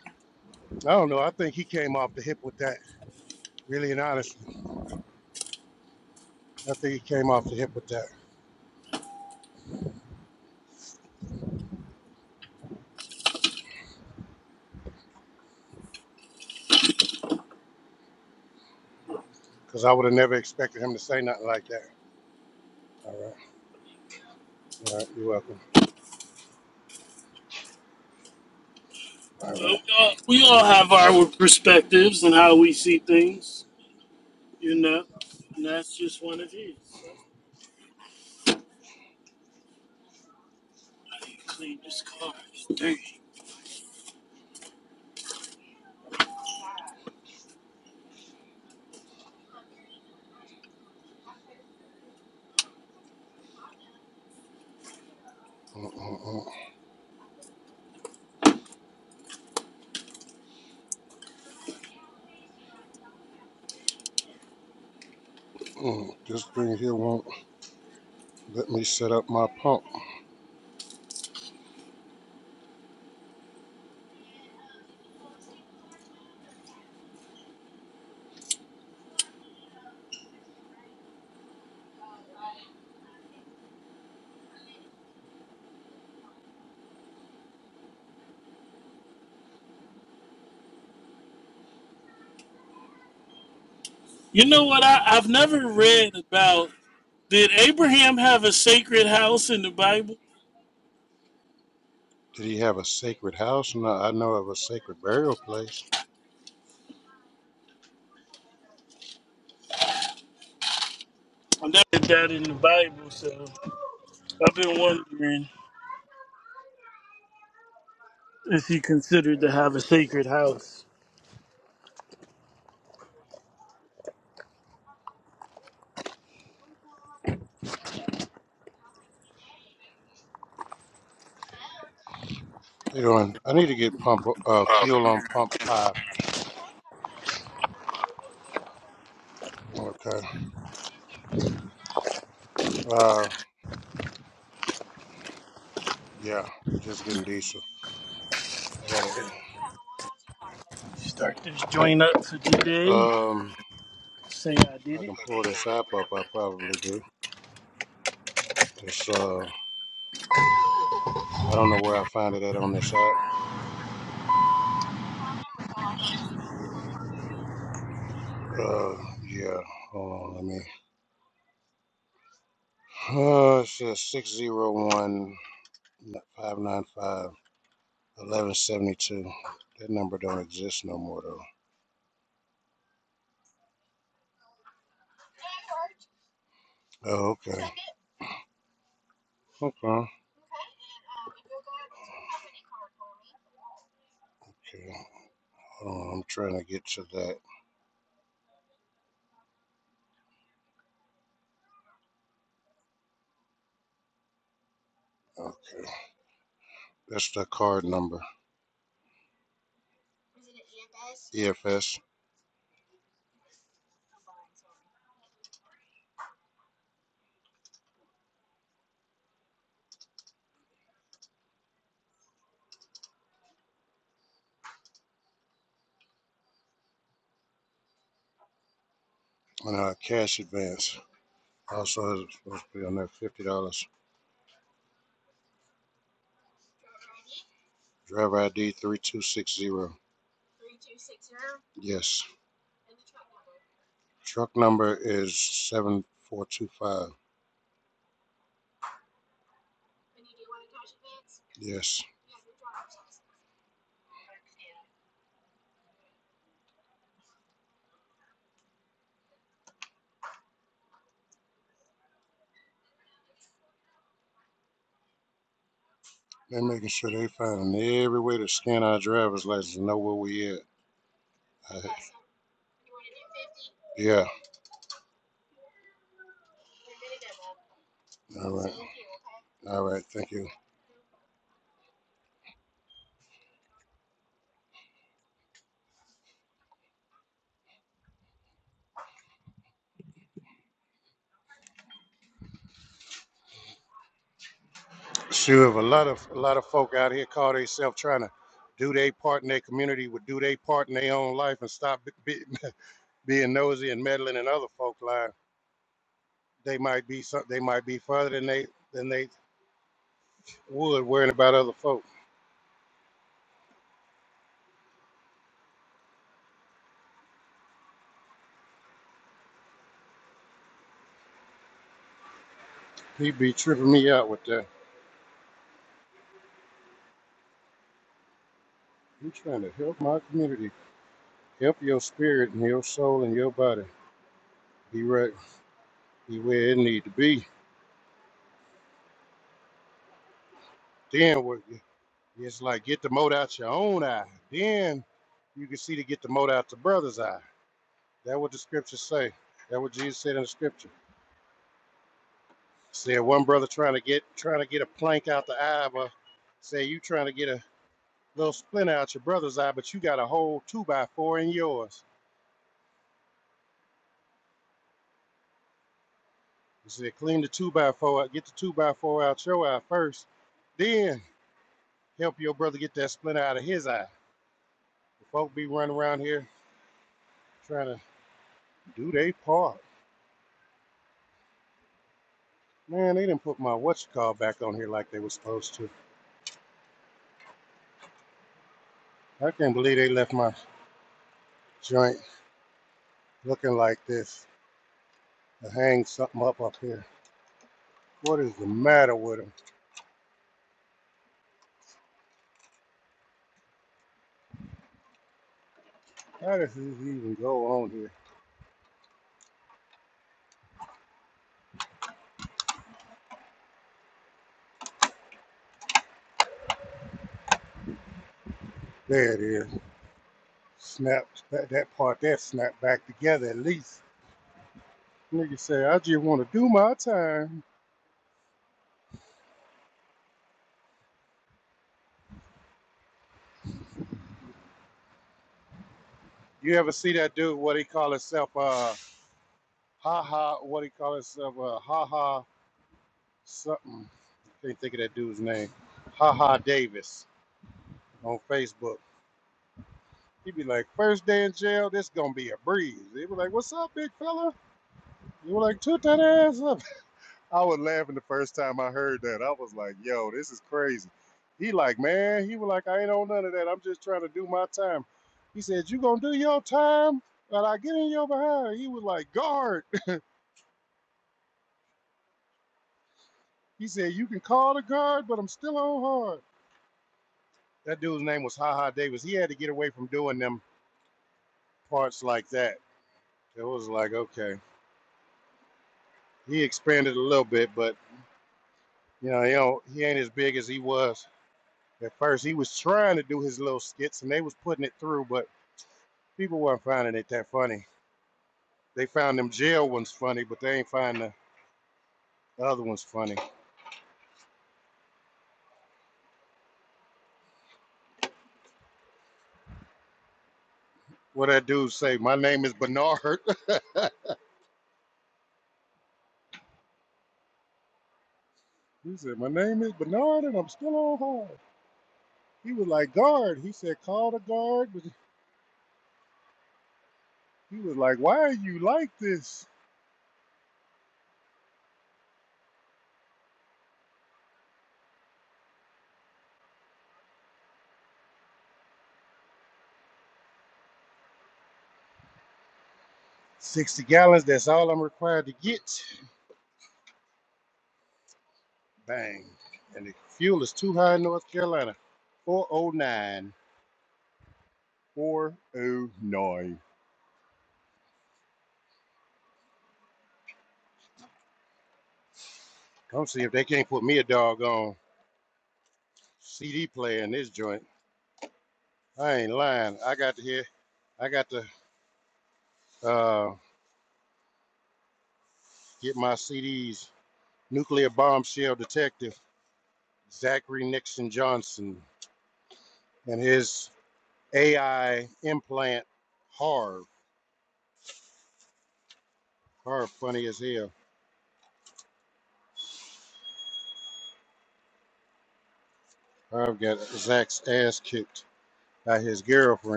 But we all, we all have our perspectives and how we see things, you know, and that's just one of his. That's why you clean this car. It's dirty. You know what? I, I've never read about did Abraham have a sacred house in the Bible? I never read that in the Bible, so I've been wondering if he considered to have a sacred house. Start this joint up for today. Say I did it.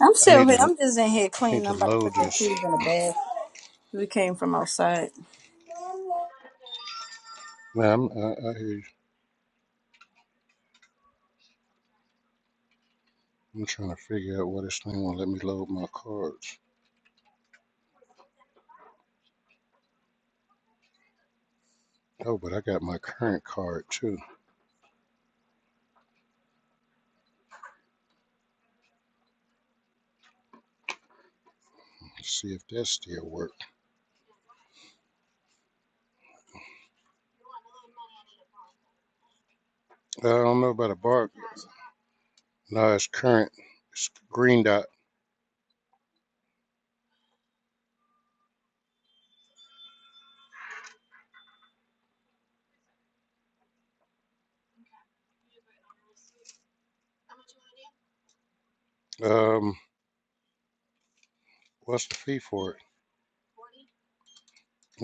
I'm still here. I'm just in here cleaning. I'm about to put the keys in the bag. We came from outside.